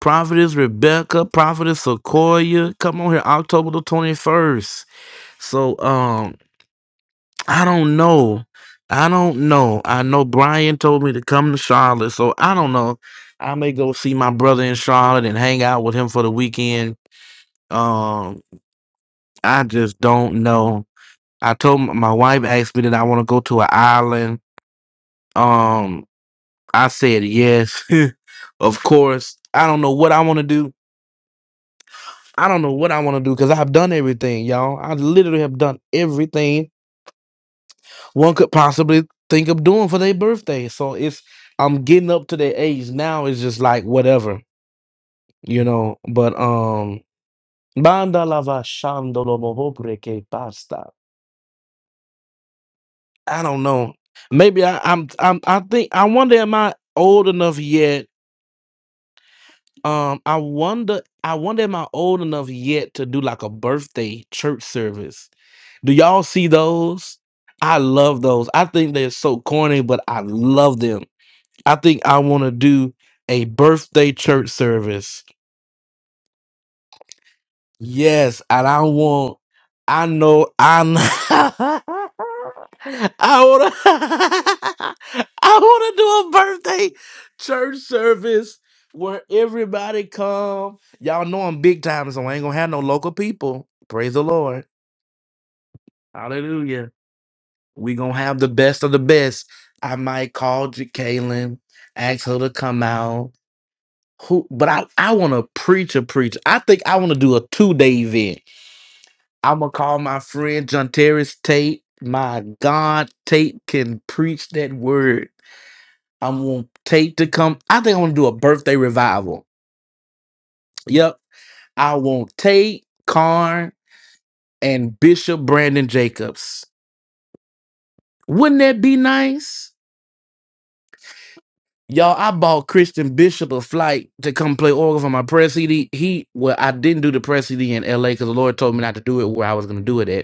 Speaker 1: Prophetess Rebecca, Prophetess Sequoia. Come on here, October the twenty first. So um I don't know. I don't know. I know Brian told me to come to Charlotte, so I don't know. I may go see my brother in Charlotte and hang out with him for the weekend. Um, I just don't know. I told m- my wife asked me that I want to go to an island. Um, I said yes, of course. I don't know what I want to do. I don't know what I want to do because I've done everything, y'all. I literally have done everything one could possibly think of doing for their birthday. So it's I'm getting up to their age now. It's just like whatever, you know. But um, banda la va lo moho breke basta. I don't know. Maybe I, I'm I'm I think I wonder am I old enough yet? Um, I wonder I wonder am I old enough yet to do like a birthday church service? Do y'all see those? I love those. I think they're so corny, but I love them I think I want to do a birthday church service. Yes, and I want. I know. I. kn- I want to. I want to do a birthday church service where everybody come. Y'all know I'm big time, so I ain't gonna have no local people. Praise the Lord. Hallelujah. We gonna have the best of the best. I might call J- Kaylin, ask her to come out. who but I, I wanna preach a preach. I think I wanna do a two day event. I'm gonna call my friend John Terrence Tate. My God, Tate can preach that word. I want Tate to come. I think I wanna do a birthday revival. Yep. I want Tate, Karn, and Bishop Brandon Jacobs. Wouldn't that be nice? Y'all, I bought Christian Bishop a flight to come play organ for my press CD. He well, I didn't do the press CD in LA because the Lord told me not to do it where I was gonna do it at.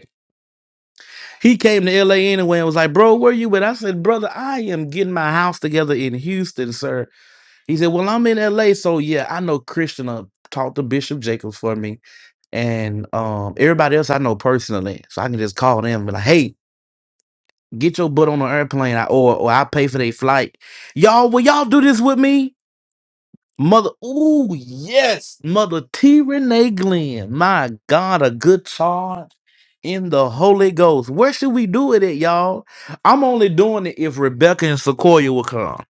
Speaker 1: He came to LA anyway and was like, Bro, where you at? I said, Brother, I am getting my house together in Houston, sir. He said, Well, I'm in LA. So yeah, I know Christian uh, talked to Bishop Jacobs for me. And um, everybody else I know personally. So I can just call them and be like, hey, get your butt on the airplane I- or or I pay for their flight. Y'all, will y'all do this with me? Mother, ooh, yes, Mother T. Renee Glenn. My God, a good charge in the Holy Ghost. Where should we do it at, y'all? I'm only doing it if Rebecca and Sequoia will come.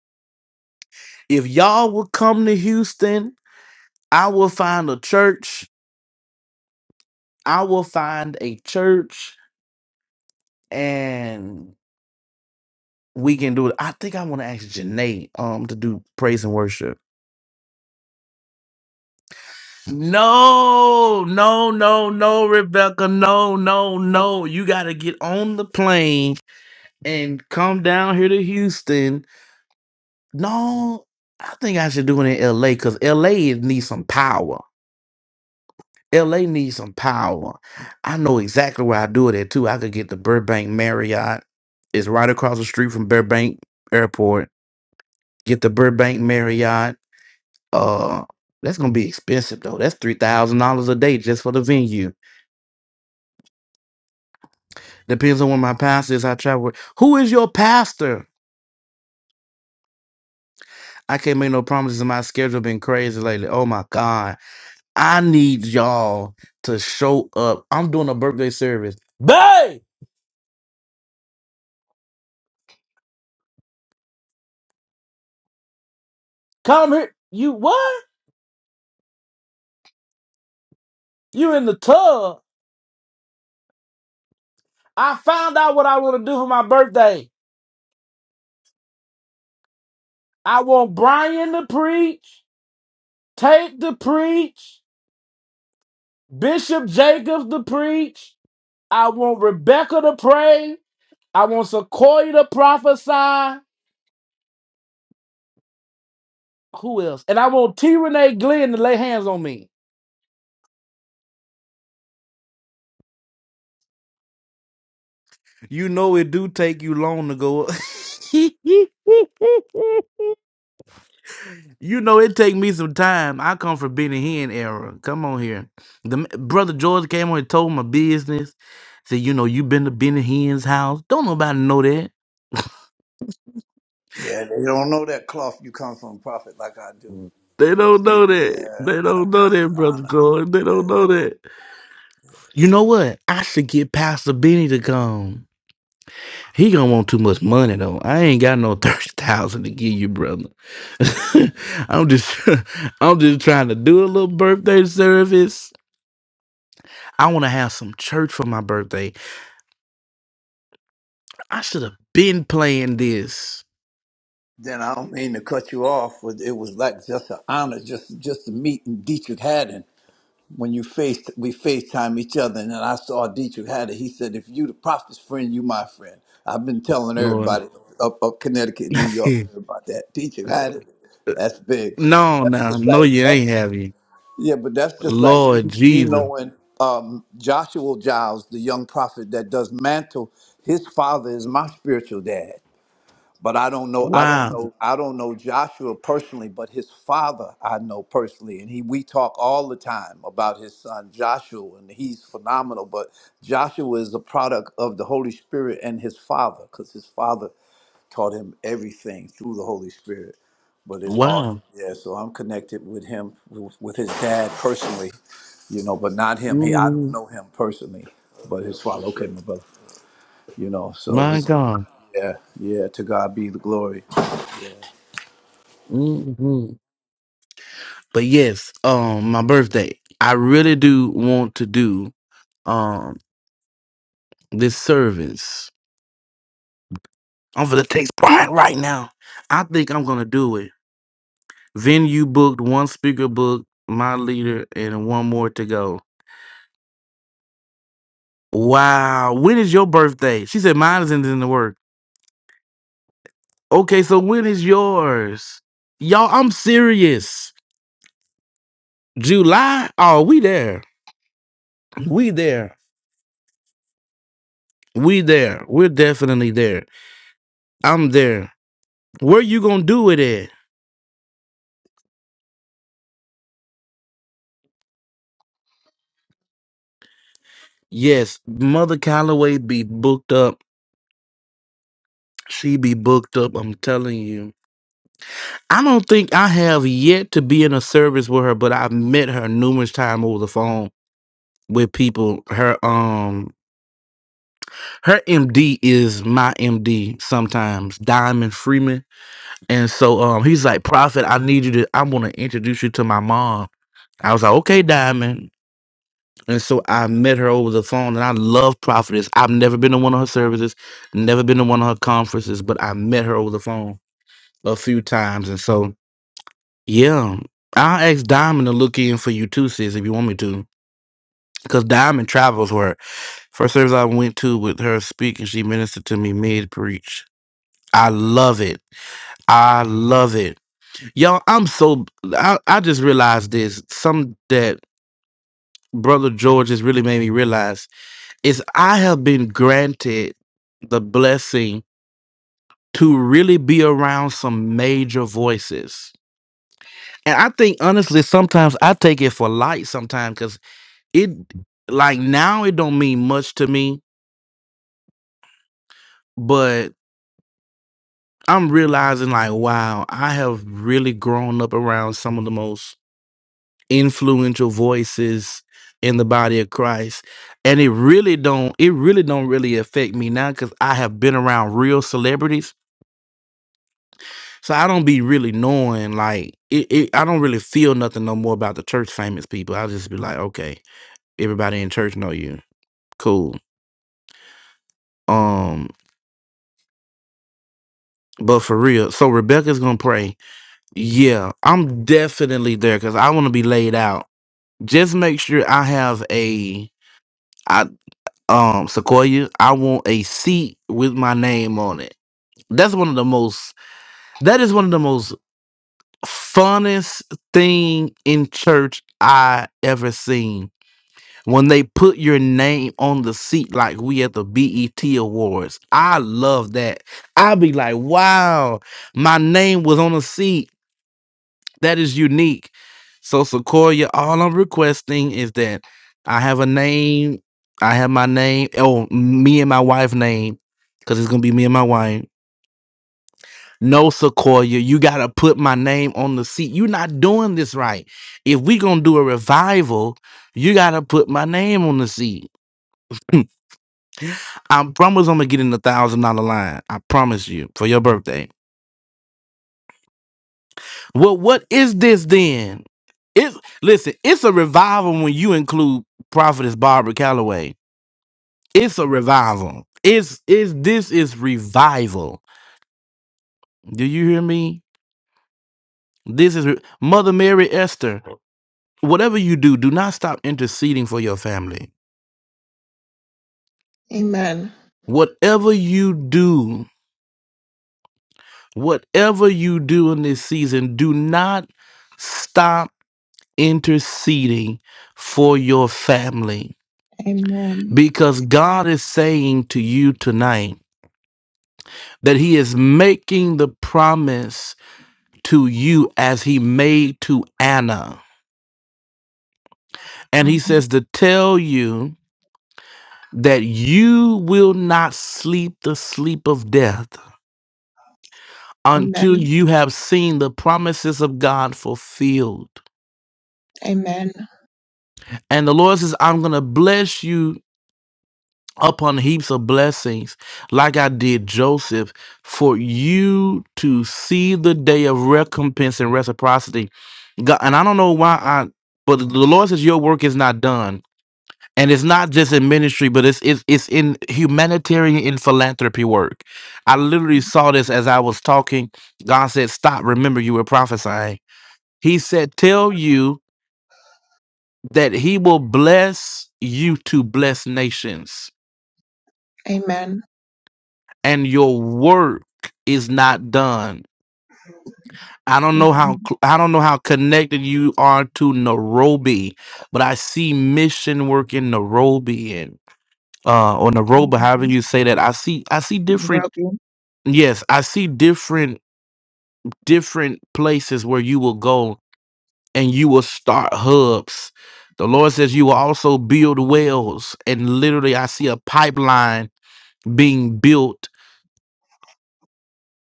Speaker 1: If y'all will come to Houston, I will find a church. I will find a church and we can do it. I think I want to ask Janae um to do praise and worship. No, no, no, no, Rebecca. No, no, no. You got to get on the plane and come down here to Houston. No, I think I should do it in LA because LA is- needs some power. LA needs some power. I know exactly where I do it at too. I could get the Burbank Marriott. It's right across the street from Burbank Airport. Get the Burbank Marriott. Uh, that's gonna be expensive though. That's three thousand dollars a day just for the venue Depends on where my pastor is. I travel. with- Who is your pastor? I can't make no promises. My schedule been crazy lately. Oh my God. I need y'all to show up. I'm doing a birthday service. Babe, come here. You what? You in the tub. I found out what I want to do for my birthday. I want Brian to preach, Tate to preach, Bishop Jacobs to preach. I want Rebecca to pray. I want Sequoia to prophesy. Who else? And I want T. Renee Glenn to lay hands on me. You know it do take you long to go up. you know it take me some time. I come from Benny Hinn era. Come on here. The m- brother George came on and told my business. Said, you know, you been to Benny Hinn's house. Don't nobody know that. They don't know that. They don't know that, brother George. They don't know that. You know what? I should get Pastor Benny to come. He gonna want too much money though. I ain't got no thirty thousand to give you, brother. I'm just, I'm just trying to do a little birthday service. I want to have some church for my birthday. I should have been playing this, Lord. no, no, no, you ain't have you, Lord Jesus. Wow, wow, hmm my God. hmm But yes, um, my birthday. I really do want to do. um, This service. I'm gonna text Brian right now. I think I'm gonna do it. Venue booked, one speaker booked, my leader, and one more to go. Wow. When is your birthday? She said mine isn't in the work. Okay, so when is yours? Y'all, I'm serious. July? Oh, we there. We there. We there. We're definitely there. I'm there. Where you gonna do it at? Yes, Mother Calloway be booked up. She be booked up. I'm telling you. I don't think I have yet to be in a service with her, but I've met her numerous times over the phone with people. Her um her MD is my MD sometimes, Diamond Freeman. And so um he's like, Prophet, I need you to I want to introduce you to my mom. I was like, Okay, Diamond. And so I met her over the phone and I love Prophetess. I've never been to one of her services, never been to one of her conferences, but I met her over the phone a few times. And so Yeah. I'll ask Diamond to look in for you too, sis, if you want me to. Because Diamond travels where first service I went to with her speaking, she ministered to me mid preach. I love it. I love it. Y'all, I'm so I, I just realized this. Some that Brother George has really made me realize is I have been granted the blessing to really be around some major voices. And I think honestly, sometimes I take it for light sometimes because. it like now it don't mean much to me, but I'm realizing like wow, I have really grown up around some of the most influential voices in the body of Christ. And it really don't it really don't really affect me now cuz I have been around real celebrities. So I don't be really knowing like it, it I don't really feel nothing no more about the church famous people. I'll just be like, okay, everybody in church know you. Cool. Um but for real, so Rebecca's gonna pray Yeah, I'm definitely there because I want to be laid out. Just make sure I have a I um Sequoia. I want a seat with my name on it. That's one of the most. That is one of the most funnest thing in church I ever seen. When they put your name on the seat, like we at the BET Awards. I love that. I be like, wow, my name was on a seat. that is unique. So Sequoia, all I'm requesting is that I have a name. I have my name. Oh, me and my wife name, because it's gonna be me and my wife. No, Sequoia, you gotta put my name on the seat. You're not doing this right. If we gonna do a revival, you gotta put my name on the seat. I promise I'm gonna get in the thousand dollar line. I promise you for your birthday. Well, what is this then? It's listen, it's a revival when you include Prophetess Barbara Calloway. It's a revival. It's is this is revival. Do you hear me? This is re- Mother Mary Esther. Whatever you do, do not stop interceding for your family.
Speaker 8: Amen.
Speaker 1: Whatever you do, whatever you do in this season, do not stop interceding for your family
Speaker 8: Amen.
Speaker 1: Because God is saying to you tonight that He is making the promise to you as He made to Anna. And He says to tell you that you will not sleep the sleep of death
Speaker 8: Amen.
Speaker 1: until
Speaker 8: Amen.
Speaker 1: you have seen the promises of God fulfilled.
Speaker 8: Amen.
Speaker 1: And the Lord says, I'm going to bless you upon heaps of blessings, like I did Joseph, for you to see the day of recompense and reciprocity. God, and I don't know why I, but the Lord says your work is not done, and it's not just in ministry, but it's it's it's in humanitarian and philanthropy work. I literally saw this as I was talking. God said, "Stop! Remember, you were prophesying." He said, "Tell you that He will bless you to bless nations."
Speaker 8: Amen.
Speaker 1: and your work is not done. I don't know how cl- I don't know how connected you are to Nairobi, but I see mission work in Nairobi and uh or
Speaker 8: Amen.
Speaker 1: Naroba, however you say that. I see I see different
Speaker 8: Nairobi.
Speaker 1: yes, I see different different places where you will go and you will start hubs. The Lord says you will also build wells and literally I see a pipeline being built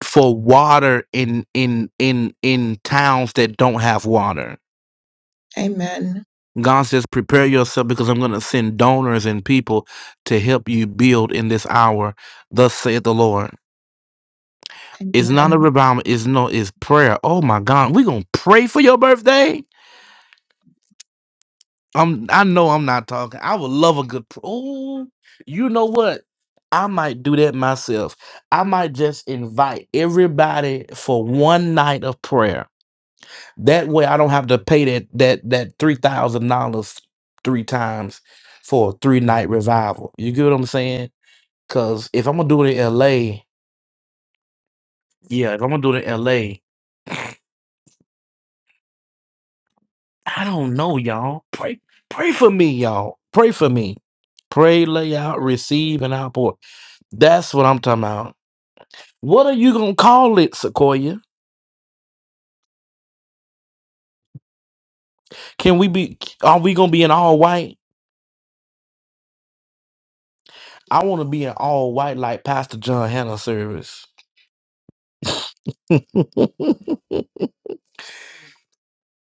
Speaker 1: for water in in in in towns that don't have water.
Speaker 8: Amen.
Speaker 1: God says, prepare yourself because I'm going to send donors and people to help you build in this hour. Thus saith the Lord. It's
Speaker 8: Amen.
Speaker 1: not a revival. It's no. It's prayer. Oh my God, we gonna pray for your birthday. I'm. I know I'm not talking. I would love a good. Oh, you know what? I might do that myself. I might just invite everybody for one night of prayer That way I don't have to pay that that that three thousand dollars three times for a three night revival. You get what I'm saying? Cause if I'm gonna do it in LA, yeah, if I'm gonna do it in LA, I don't know, y'all. Pray pray for me, y'all. Pray for me. Pray, lay out, receive, and outpour. That's what I'm talking about. What are you gonna call it, Sequoia? Can we be are we gonna be in all white? I wanna be in all white like Pastor John Hannah service.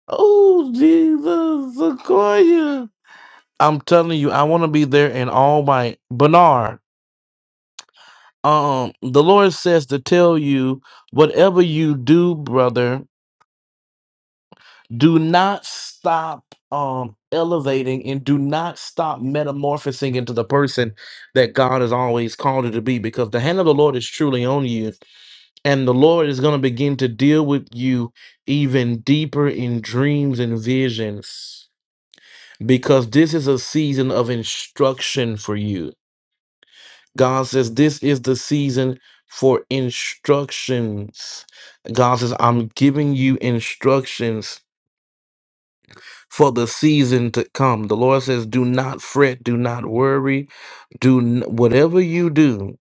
Speaker 1: Oh, Jesus, Sequoia. I'm telling you, I want to be there in all my Bernard. Um, the Lord says to tell you, whatever you do, brother, do not stop um elevating and do not stop metamorphosing into the person that God has always called you to be, because the hand of the Lord is truly on you, and the Lord is going to begin to deal with you even deeper in dreams and visions. because this is a season of instruction for you. God says, This is the season for instructions. God says, I'm giving you instructions for the season to come. The Lord says, Do not fret, do not worry, do n- whatever you do,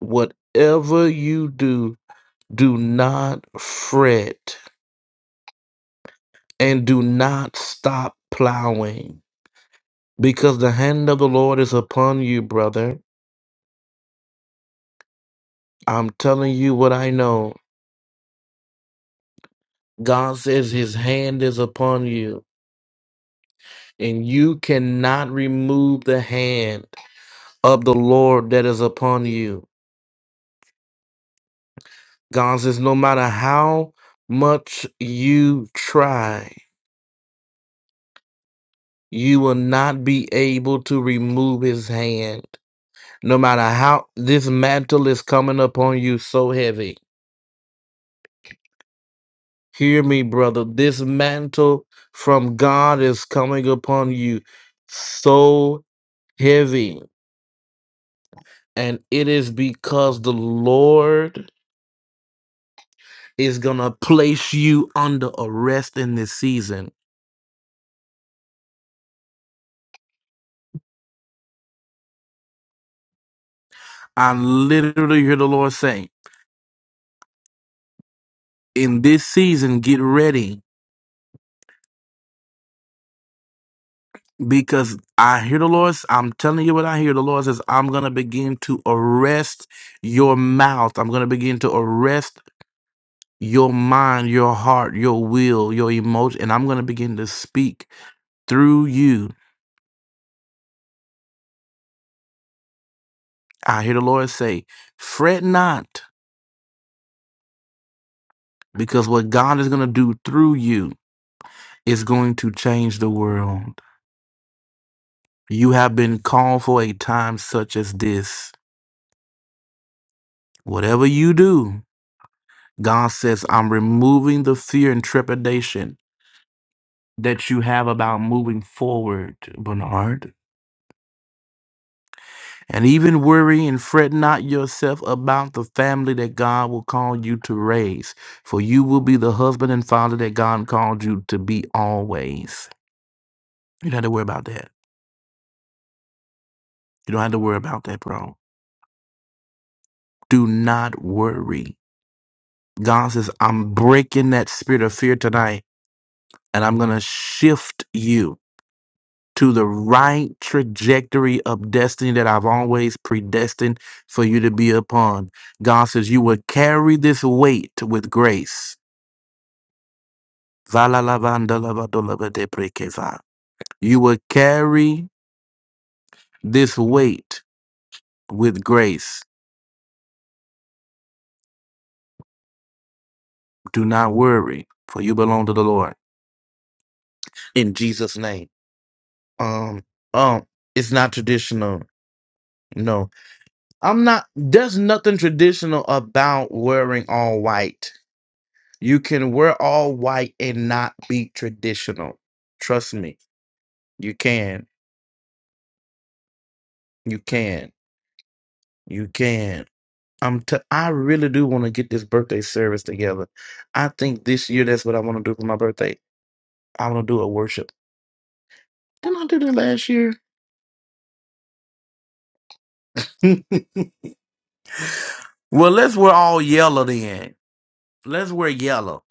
Speaker 1: whatever you do, do not fret and do not stop plowing because the hand of the Lord is upon you, brother I'm telling you what I know. God says his hand is upon you, and you cannot remove the hand of the Lord that is upon you. God says, no matter how much you try, you will not be able to remove his hand. No matter how this mantle is coming upon you so heavy. Hear me, brother. This mantle from God is coming upon you so heavy And it is because the Lord is going to place you under arrest in this season. I literally hear the Lord saying, in this season, get ready because I hear the Lord. I'm telling you what I hear. The Lord says, I'm going to begin to arrest your mouth. I'm going to begin to arrest your mind, your heart, your will, your emotion. And I'm going to begin to speak through you. I hear the Lord say, fret not because what God is going to do through you is going to change the world. You have been called for a time such as this. Whatever you do, God says, I'm removing the fear and trepidation that you have about moving forward, Bernard. And even worry and fret not yourself about the family that God will call you to raise, for you will be the husband and father that God called you to be always. You don't have to worry about that. You don't have to worry about that, bro. do not worry. God says, I'm breaking that spirit of fear tonight and I'm going to shift you to the right trajectory of destiny that I've always predestined for you to be upon. God says, You will carry this weight with grace. Valalavandalavadolavateprekeva. You will carry this weight with grace. Do not worry, for you belong to the Lord. In Jesus' name. Um, um, it's not traditional No, I'm not. There's nothing traditional about wearing all white. You can wear all white and not be traditional. Trust me, you can. You can. You can. I'm. T- I really do want to get this birthday service together. I think this year that's what I want to do for my birthday. I want to do a worship. Didn't I do that last year? well, let's wear all yellow then. Let's wear yellow.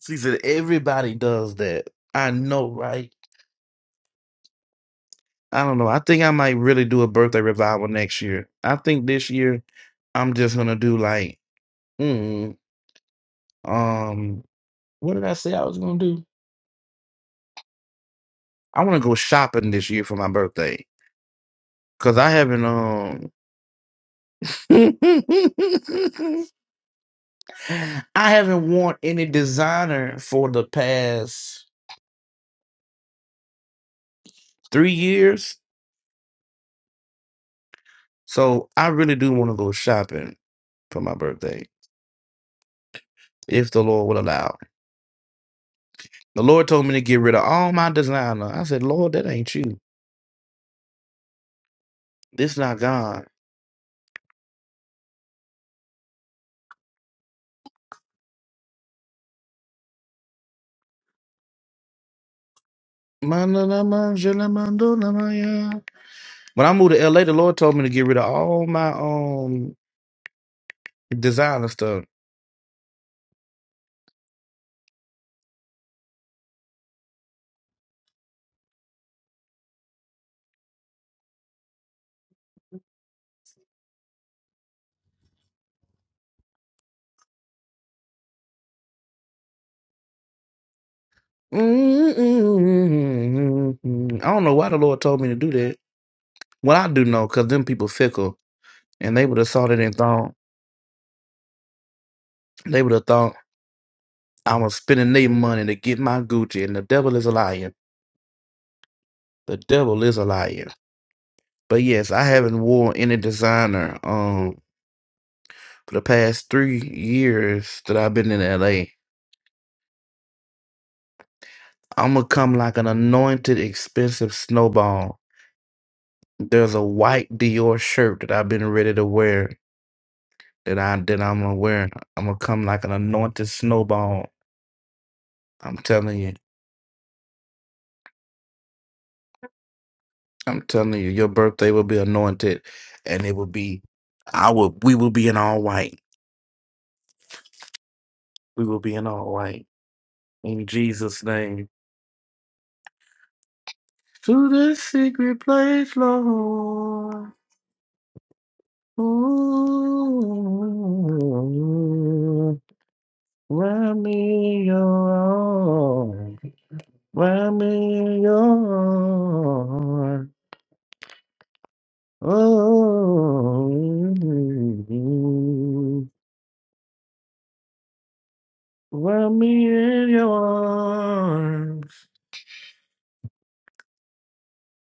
Speaker 1: See, said everybody does that. I know, right? I don't know. I think I might really do a birthday revival next year. I think this year I'm just gonna do like, mm, um, what did I say I was gonna do? I want to go shopping this year for my birthday because I haven't um, I haven't worn any designer for the past three years. So I really do want to go shopping for my birthday if the Lord will allow. The Lord told me to get rid of all my designer. I said, Lord, that ain't you. This not God. Manalamanjalamandolamaya. When I moved to LA, the Lord told me to get rid of all my um designer stuff. Mm-mm-mm-mm-mm. I don't know why the Lord told me to do that. Well, I do know, cause them people fickle, and they would have saw that and thought they would have thought I was spending their money to get my Gucci, and the devil is a liar. The devil is a liar. But yes, I haven't worn any designer um for the past three years that I've been in LA. I'm gonna come like an anointed, expensive snowball. There's a white Dior shirt that I've been ready to wear that I that I'm gonna wear. I'm gonna come like an anointed snowball. I'm telling you. I'm telling you, your birthday will be anointed, and it will be. I will. We will be in all white. We will be in all white in Jesus' name. To the secret place, Lord. Ooh. Run me your own. Run me your own. Run me in your arms.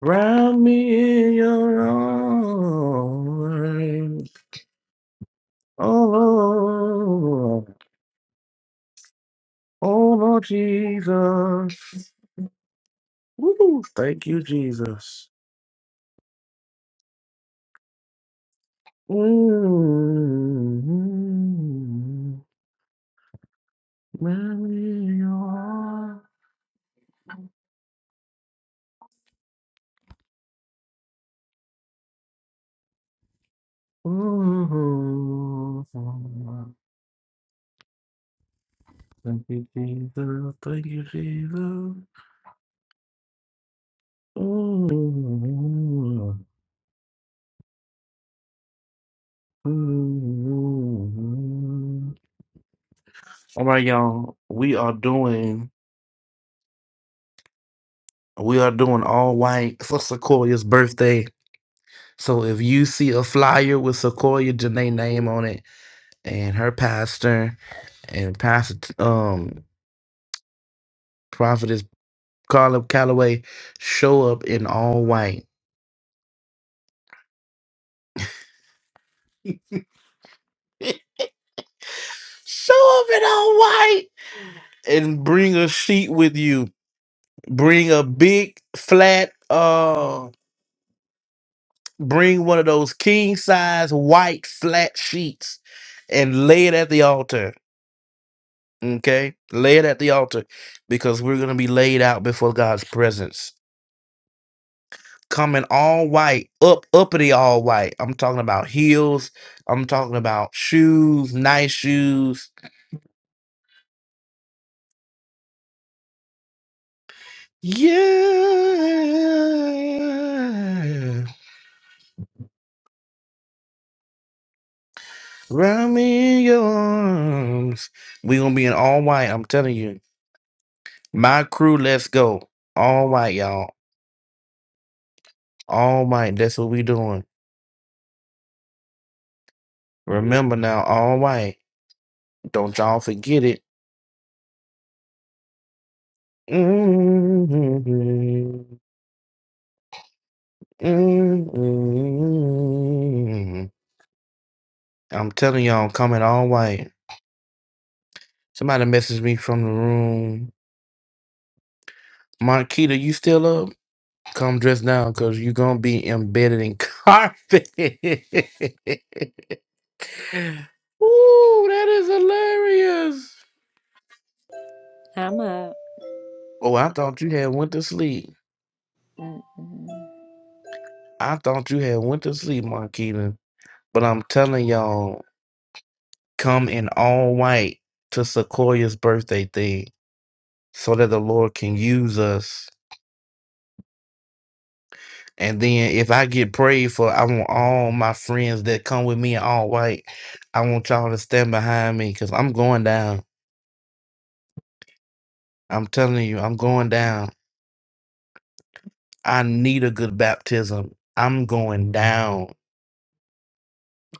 Speaker 1: Run me in your arms. Oh Lord. Oh Lord Jesus. Woo. Thank you, Jesus. mm Mary, you are- Ooh. Thank you, Jesus. Thank you, Jesus. Ooh. Ooh. All right, y'all. We are doing we are doing all white for Sequoia's birthday. So if you see a flyer with Sequoia Janae name on it and her pastor and pastor um prophetess Carla Calloway show up in all white. show up in all white and bring a sheet with you. Bring a big flat uh bring one of those king size white flat sheets and lay it at the altar. Okay? Lay it at the altar because we're gonna be laid out before God's presence. Coming all white, up uppity all white. I'm talking about heels. I'm talking about shoes, nice shoes Yeah. Wrap me in your arms. we going to be in all white. I'm telling you. My crew, let's go. All white, y'all. All white. That's what we doing. Remember now, all white. Don't y'all forget it. Mm-hmm. Mm-hmm. I'm telling y'all, I'm coming all white. Somebody messaged me from the room. Marquita, you still up? Come dress down because you're going to be embedded in carpet. Ooh, that is hilarious.
Speaker 3: I'm a.
Speaker 1: Oh, I thought you had went to sleep.
Speaker 3: Mm-mm.
Speaker 1: I thought you had went to sleep, Marquita. But I'm telling y'all, come in all white to Sequoia's birthday thing so that the Lord can use us. And then if I get prayed for, I want all my friends that come with me in all white. I want y'all to stand behind me because I'm going down. I'm telling you, I'm going down. I need a good baptism. I'm going down.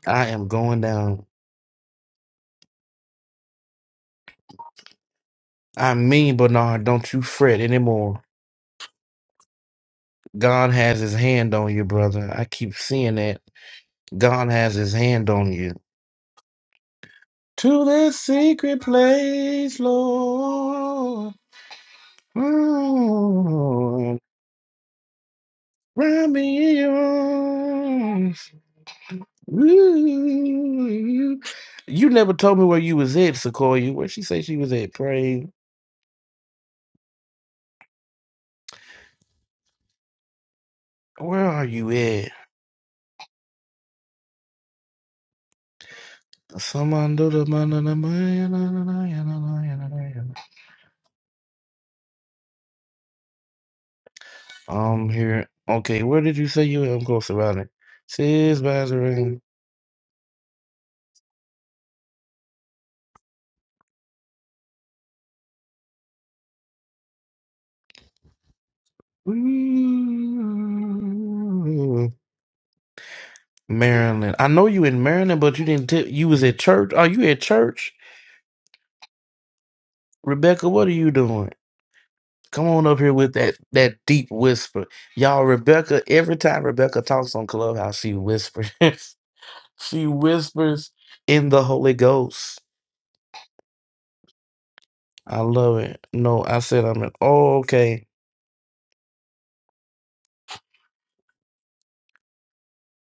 Speaker 1: I am going down. I mean, Bernard, don't you fret anymore. God has his hand on you, brother. I keep seeing that. God has his hand on you. To this secret place, Lord. Lord, wrap me in your arms. Ooh. You never told me where you was at, Sequoia. Where she say she was at? Praise. Where are you at? Someone do the man and the man and the man and the man and I'm here. Okay, where did you say you i am close about it? Says Bazarin. Maryland. I know you in Maryland, but you didn't tell you was at church. Are you at church? Rebecca, what are you doing? Come on up here with that that deep whisper. Y'all, Rebecca, every time Rebecca talks on Clubhouse, she whispers. she whispers in the Holy Ghost. I love it. No, I said I'm in. Oh, okay.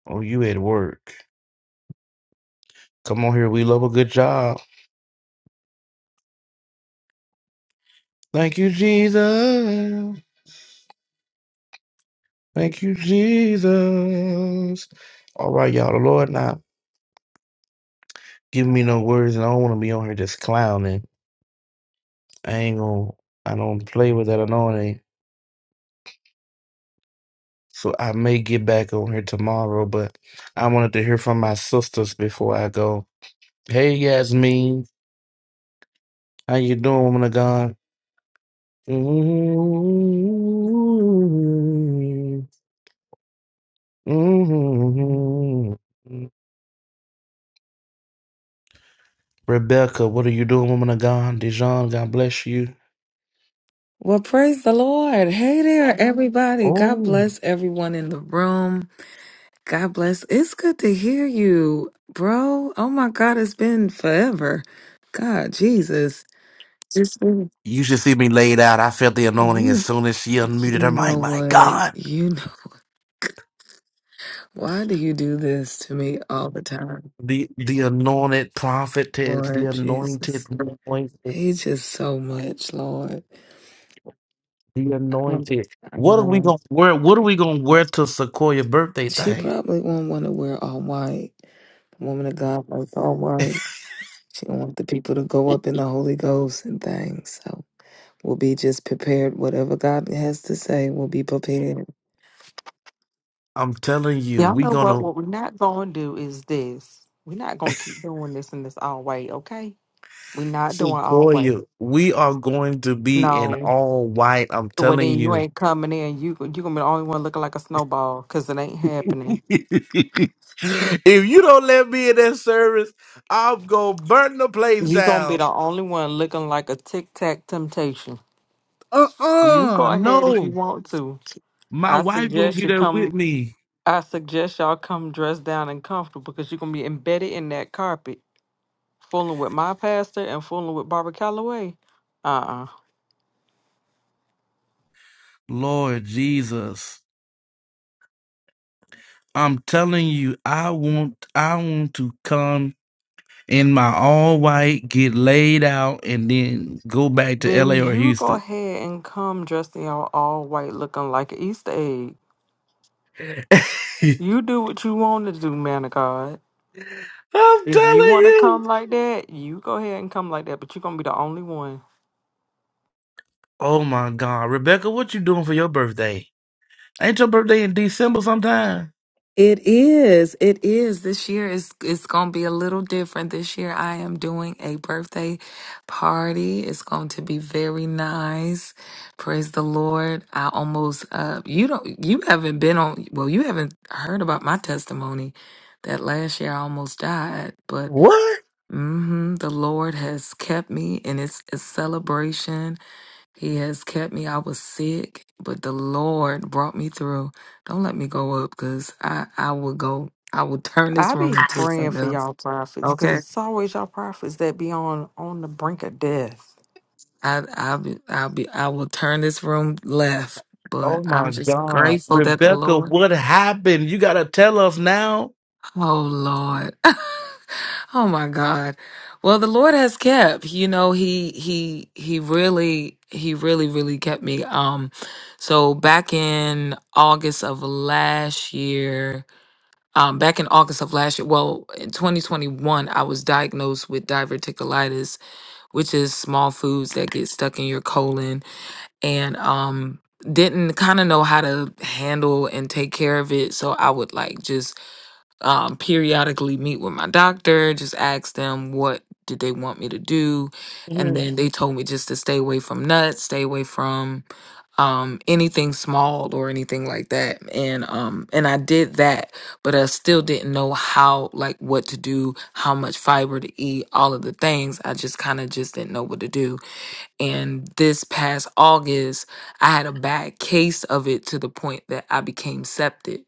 Speaker 1: Oh, you at work. Come on here. We love a good job. Thank you, Jesus. Thank you, Jesus. All right, y'all. The Lord not giving me no words, and I don't want to be on here just clowning. I ain't gonna. I don't play with that anointing. So I may get back on here tomorrow, but I wanted to hear from my sisters before I go. Hey, Yasmin. How you doing, woman of God? Mhm. Mhm. Rebecca, what are you doing, woman of God? Dijon, God bless you.
Speaker 10: Well, praise the Lord. Hey there, everybody. God
Speaker 1: Oh.
Speaker 10: bless everyone in the room. God bless. It's good to hear you, bro. Oh my God, it's been forever. God, Jesus. It's been,
Speaker 1: You should see me laid out. I felt the anointing as
Speaker 10: you,
Speaker 1: soon as she
Speaker 10: you
Speaker 1: unmuted her
Speaker 10: know
Speaker 1: mic. My
Speaker 10: what?
Speaker 1: God.
Speaker 10: You know, why do you do this to me all the time?
Speaker 1: The the anointed prophetess, the
Speaker 10: Lord
Speaker 1: anointed,
Speaker 10: Jesus.
Speaker 1: anointed,
Speaker 10: He just so much, Lord.
Speaker 1: the
Speaker 10: I'm,
Speaker 1: anointed.
Speaker 10: I'm
Speaker 1: What are we
Speaker 10: not.
Speaker 1: gonna wear? What are we gonna wear to Sequoia birthday
Speaker 10: She
Speaker 1: thing?
Speaker 10: probably won't want to wear all white. The Woman of God likes all white. She don't want the people to go up in the Holy Ghost and things. So we'll be just prepared. Whatever God has to say, we'll be prepared.
Speaker 1: I'm telling you,
Speaker 11: Y'all
Speaker 1: we
Speaker 11: know what?
Speaker 1: gonna
Speaker 11: What we're not going to do is this. We're not going to keep doing this and this all way, okay? We're not doing all way.
Speaker 1: Sequoia, we are going to be in
Speaker 11: No.
Speaker 1: all white. I'm
Speaker 11: Well,
Speaker 1: telling
Speaker 11: then you
Speaker 1: you.
Speaker 11: ain't coming in. You you gonna be the only one looking like a snowball, cause it ain't
Speaker 1: if
Speaker 11: happening.
Speaker 1: you don't let me in that service, I'm gonna burn the place
Speaker 11: You gonna be
Speaker 1: down.
Speaker 11: the only one looking like a tic tac temptation. You go
Speaker 1: Uh-uh,
Speaker 11: ahead if you
Speaker 1: no.
Speaker 11: want to.
Speaker 1: My
Speaker 11: I
Speaker 1: wife gonna
Speaker 11: suggest
Speaker 1: be
Speaker 11: you
Speaker 1: there with
Speaker 11: come.
Speaker 1: me.
Speaker 11: I suggest y'all come dressed down and comfortable, cause you're gonna be embedded in that carpet, fooling with my pastor and fooling with Barbara Calloway. Uh uh
Speaker 1: Lord Jesus. I'm telling you, I want I want to come in my all white, get laid out, and then go back to
Speaker 11: Then
Speaker 1: LA or
Speaker 11: you go
Speaker 1: Houston.
Speaker 11: ahead and come dressed in all, all white looking like an Easter egg. You do what you want to do, man of God.
Speaker 1: I'm
Speaker 11: If you
Speaker 1: telling
Speaker 11: want to
Speaker 1: you.
Speaker 11: come like that, you go ahead and come like that, but you're going to be the only one.
Speaker 1: Oh my God, Rebecca, what you doing for your birthday? Ain't your birthday in December sometime?
Speaker 10: It is. It is. This year is it's going to be a little different. This year I am doing a birthday party. It's going to be very nice. Praise the Lord. I almost uh you don't you haven't been on well, you haven't heard about my testimony that last year I almost died, but
Speaker 1: What?
Speaker 10: mhm the Lord has kept me and it's a celebration he has kept me. I was sick, but the Lord brought me through. Don't let me go up because I, I will go. I will turn this
Speaker 11: I be
Speaker 10: room into
Speaker 11: praying
Speaker 10: something
Speaker 11: for
Speaker 10: else.
Speaker 11: y'all prophets because
Speaker 10: Okay.
Speaker 11: it's always y'all prophets that be on, on the brink of death.
Speaker 10: I, I'll be, I'll be, I will turn this room left, but
Speaker 1: Oh
Speaker 10: I'm
Speaker 1: my
Speaker 10: just
Speaker 1: God,
Speaker 10: grateful that the
Speaker 1: Rebecca,
Speaker 10: Lord,
Speaker 1: what happened? You gotta tell us now.
Speaker 10: oh Lord. oh my God. Well, the Lord has kept, you know, he, he, he really, he really, really kept me. Um, so back in August of last year, Um, back in August of last year, well, in 2021, I was diagnosed with diverticulitis, which is small foods that get stuck in your colon, and um, didn't kind of know how to handle and take care of it. So I would like just um, periodically meet with my doctor, just ask them what did they want me to do, and then they told me just to stay away from nuts, stay away from um anything small or anything like that and um and I did that but I still didn't know how like what to do how much fiber to eat all of the things I just kind of just didn't know what to do and this past August I had a bad case of it to the point that I became septic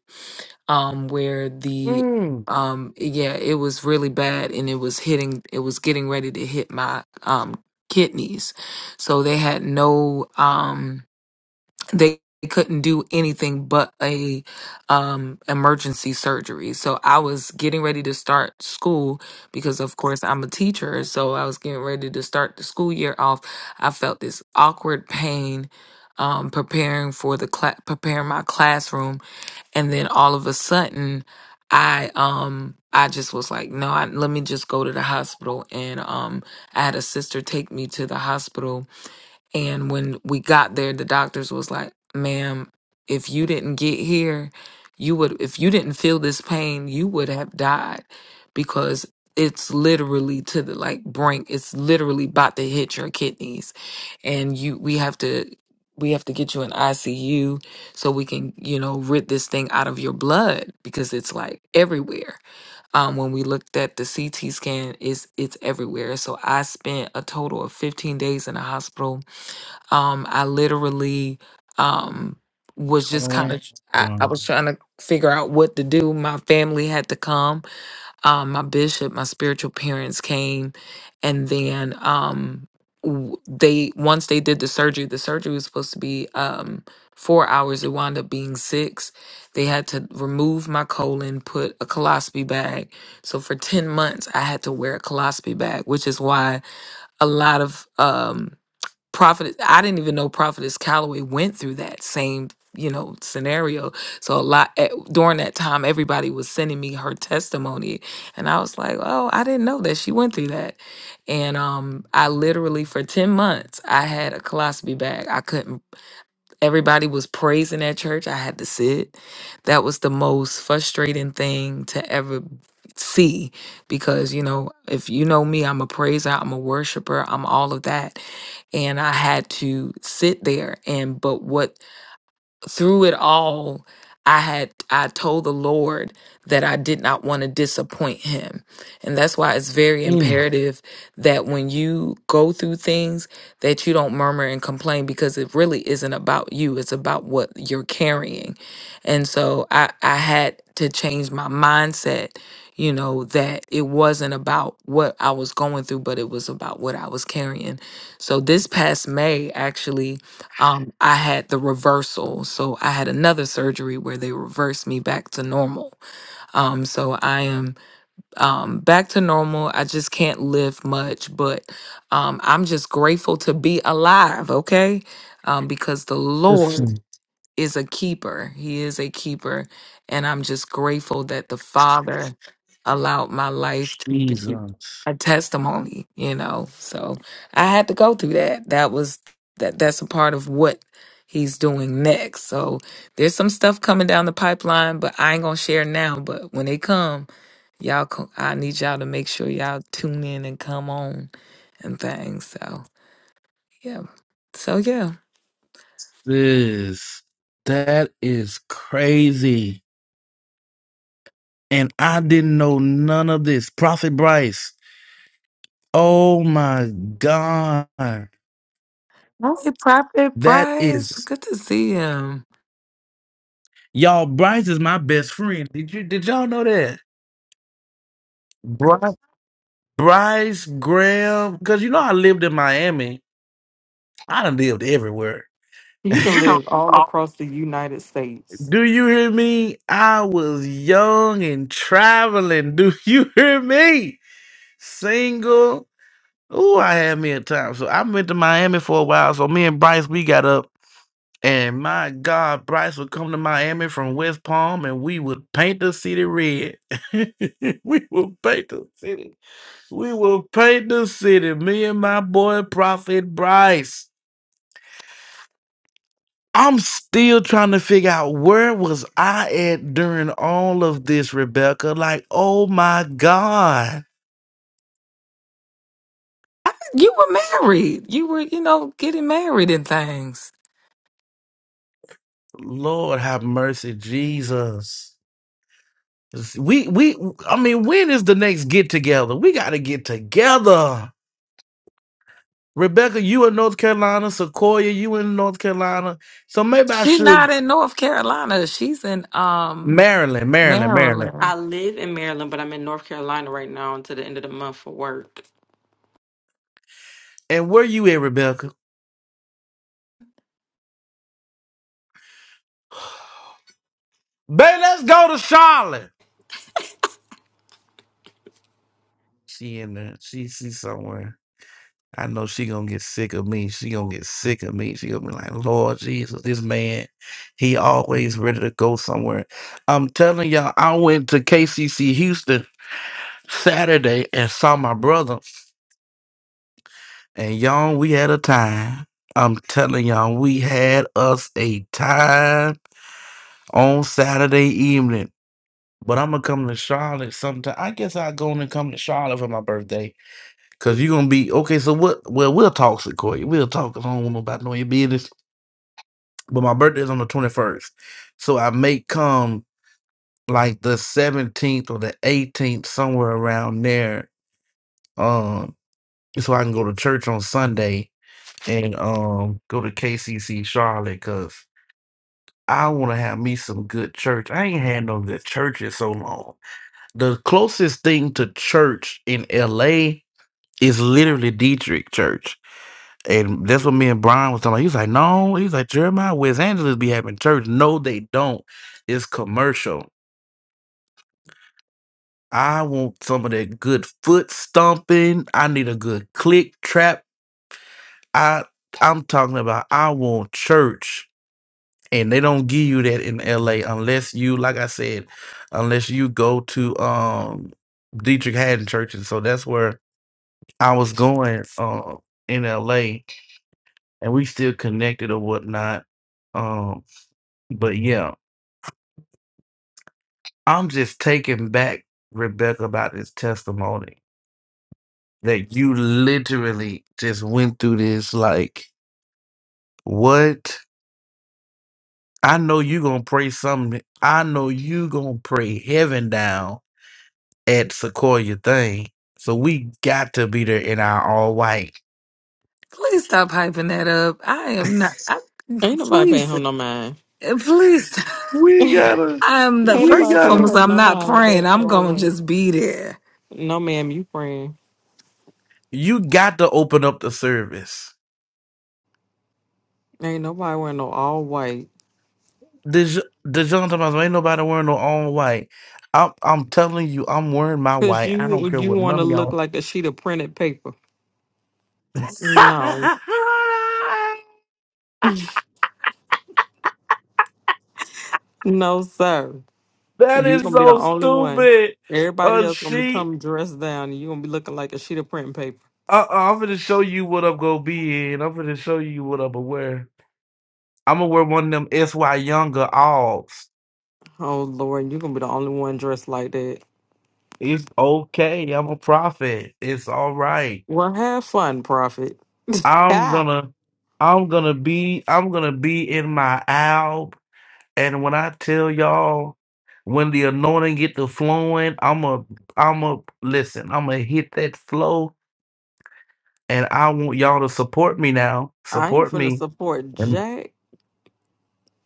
Speaker 10: um where the
Speaker 1: Mm.
Speaker 10: um yeah it was really bad and it was hitting it was getting ready to hit my um kidneys so they had no um they couldn't do anything but a um emergency surgery. So I was getting ready to start school because of course I'm a teacher, so I was getting ready to start the school year off. I felt this awkward pain um preparing for the cla- preparing my classroom and then all of a sudden I um I just was like, no, I, let me just go to the hospital and um I had a sister take me to the hospital and when we got there, the doctors was like, ma'am, if you didn't get here, you would, if you didn't feel this pain, you would have died because it's literally to the like brink. It's literally about to hit your kidneys. And you, we have to, we have to get you in ICU so we can, you know, rid this thing out of your blood because it's like everywhere. Um, when we looked at the CT scan, it's, it's everywhere. So I spent a total of 15 days in the hospital um, I literally um, was just
Speaker 1: Oh
Speaker 10: kind
Speaker 1: my
Speaker 10: of, I, I
Speaker 1: God.
Speaker 10: was trying to figure out what to do. My family had to come. Um, my bishop, my spiritual parents came. And then um, w- they, once they did the surgery, the surgery was supposed to be um, four hours. It wound up being six. They had to remove my colon, put a colostomy bag. So for 10 months, I had to wear a colostomy bag, which is why a lot of, um, Prophet, I didn't even know Prophetess Calloway went through that same, you know, scenario. So a lot at, during that time, everybody was sending me her testimony, and I was like, oh, I didn't know that she went through that. And um, I literally for ten months, I had a colostomy bag. I couldn't Everybody was praising at church. I had to sit. That was the most frustrating thing to ever see because, you know, if you know me, I'm a praiser, I'm a worshiper, I'm all of that. And I had to sit there. And, but what through it all i had i told the lord that i did not want to disappoint him and that's why it's very
Speaker 1: Mm.
Speaker 10: imperative that when you go through things that you don't murmur and complain because it really isn't about you it's about what you're carrying and so i i had to change my mindset you know that it wasn't about what i was going through but it was about what i was carrying so this past may actually um, I had the reversal. So I had another surgery where they reversed me back to normal. Um, so I am um, back to normal. I just can't lift much, but um, I'm just grateful to be alive, okay? Um, because the Lord
Speaker 1: Listen,
Speaker 10: is a keeper. He is a keeper. And I'm just grateful that the Father allowed my life to be
Speaker 1: Jesus,
Speaker 10: a testimony, you know. So I had to go through that. That was that that's a part of what he's doing next. So there's some stuff coming down the pipeline, but I ain't gonna share now. But when they come, y'all co- I need y'all to make sure y'all tune in and come on and things. So yeah. So yeah.
Speaker 1: this that is crazy, and I didn't know none of this. Prophet Bryce. Oh my God,
Speaker 10: Hey, Prophet
Speaker 1: that is.
Speaker 10: Bryce, good to see him.
Speaker 1: Y'all, Bryce is my best friend. Did you did y'all know that? Bryce, Bryce Graham, because you know I lived in Miami. I done lived everywhere.
Speaker 11: You done
Speaker 1: You know.
Speaker 11: lived all across the United States.
Speaker 1: Do you hear me? I was young and traveling. Do you hear me? Single. Ooh, I had me a time. So I went to Miami for a while. So me and Bryce, we got up. And my God, Bryce would come to Miami from West Palm and we would paint the city red. we would paint the city. We will paint the city, me and my boy Prophet Bryce. I'm still trying to figure out where was I at during all of this, Rebecca? Like, oh my God.
Speaker 10: I, you were married. You were, you know, getting married and things.
Speaker 1: Lord have mercy, Jesus. We we I mean, when is the next get together? We gotta get together. Rebecca, you in North Carolina, Sequoia, you in North Carolina. So maybe I
Speaker 10: She's
Speaker 1: should
Speaker 10: not in North Carolina. She's in um
Speaker 1: Maryland, Maryland, Maryland.
Speaker 11: I
Speaker 10: Maryland.
Speaker 11: live in Maryland, but I'm in North Carolina right now until the end of the month for work.
Speaker 1: And where you at, Rebecca? Babe, let's go to Charlotte. She in there. She she somewhere. I know she gonna get sick of me. She gonna get sick of me. She gonna be like, Lord Jesus, this man, he always ready to go somewhere. I'm telling y'all, I went to KCC Houston Saturday and saw my brother, and y'all, we had a time. I'm telling y'all, we had us a time on Saturday evening. But I'm gonna come to Charlotte sometime. I guess I'll go on and come to Charlotte for my birthday Cause you're gonna be okay. So what? Well, we'll talk, Sequoia. We'll talk. 'cause I don't want nobody knowing your business. But my birthday is on the twenty first, so I may come like the seventeenth or the eighteenth, somewhere around there. Um, so I can go to church on Sunday and um go to KCC Charlotte, cause I want to have me some good church. I ain't had no good church in so long. The closest thing to church in LA is literally Dietrich Church And that's what me and Brian was talking about. He was like, no, he was like, Jeremiah, West Angeles be having church. No, they don't. It's commercial. I want some of that good foot stomping. I need a good click trap. I I'm talking about I want church. And they don't give you that in LA unless you, like I said, unless you go to um Dietrich Haddon Church. And so that's where I was going um in LA and we still connected or whatnot. Um, but yeah. I'm just taken back, Rebecca, about this testimony that you literally just went through this. Like, what? I know you gonna pray something. I know you gonna pray heaven down at Sequoia thing. So we got to be there in our all white.
Speaker 10: Please stop hyping that up. I am not. I,
Speaker 11: Ain't nobody paying
Speaker 10: please,
Speaker 11: him no mind.
Speaker 10: please.
Speaker 1: We gotta.
Speaker 10: I'm the
Speaker 11: Ain't
Speaker 1: We
Speaker 10: first
Speaker 11: nobody
Speaker 10: and
Speaker 11: paying
Speaker 1: gotta.
Speaker 10: foremost.
Speaker 11: her
Speaker 10: I'm
Speaker 11: no
Speaker 10: not
Speaker 11: mind with
Speaker 10: praying.
Speaker 11: that
Speaker 10: I'm gonna
Speaker 11: always.
Speaker 10: just be there.
Speaker 11: No, ma'am, you praying.
Speaker 1: You got to open up the service.
Speaker 11: Ain't nobody wearing no all white.
Speaker 1: Dej- Dejon Thomas ain't nobody wearing no all white. I'm, I'm telling you, I'm wearing my
Speaker 11: Cause
Speaker 1: white. I don't
Speaker 11: you
Speaker 1: care
Speaker 11: you
Speaker 1: what
Speaker 11: want
Speaker 1: none
Speaker 11: to
Speaker 1: of
Speaker 11: look
Speaker 1: y'all
Speaker 11: like a sheet of printed paper. No,
Speaker 1: that
Speaker 11: no, sir. You
Speaker 1: is
Speaker 11: gonna be the
Speaker 1: so
Speaker 11: only one.
Speaker 1: stupid.
Speaker 11: Everybody
Speaker 1: A
Speaker 11: else gonna
Speaker 1: sheet.
Speaker 11: become dressed down, and you gonna be looking like a sheet of printing paper.
Speaker 1: Uh, uh, I'm gonna show you what I'm gonna be in. I'm gonna show you what I'm gonna wear. I'm gonna wear one of them SY Younger alls.
Speaker 11: Oh Lord, you gonna be the only one dressed like that.
Speaker 1: It's okay. I'm a prophet. It's all right.
Speaker 11: Well, have fun, Prophet.
Speaker 1: I'm
Speaker 11: Ha!
Speaker 1: gonna, I'm gonna be, I'm gonna be in my alb. And when I tell y'all, when the anointing get to flowing, I'm a, I'm a listen. I'm gonna hit that flow and I want y'all to support me now.
Speaker 11: I ain't
Speaker 1: Support
Speaker 11: finna
Speaker 1: me,
Speaker 11: support
Speaker 1: and
Speaker 11: Jack,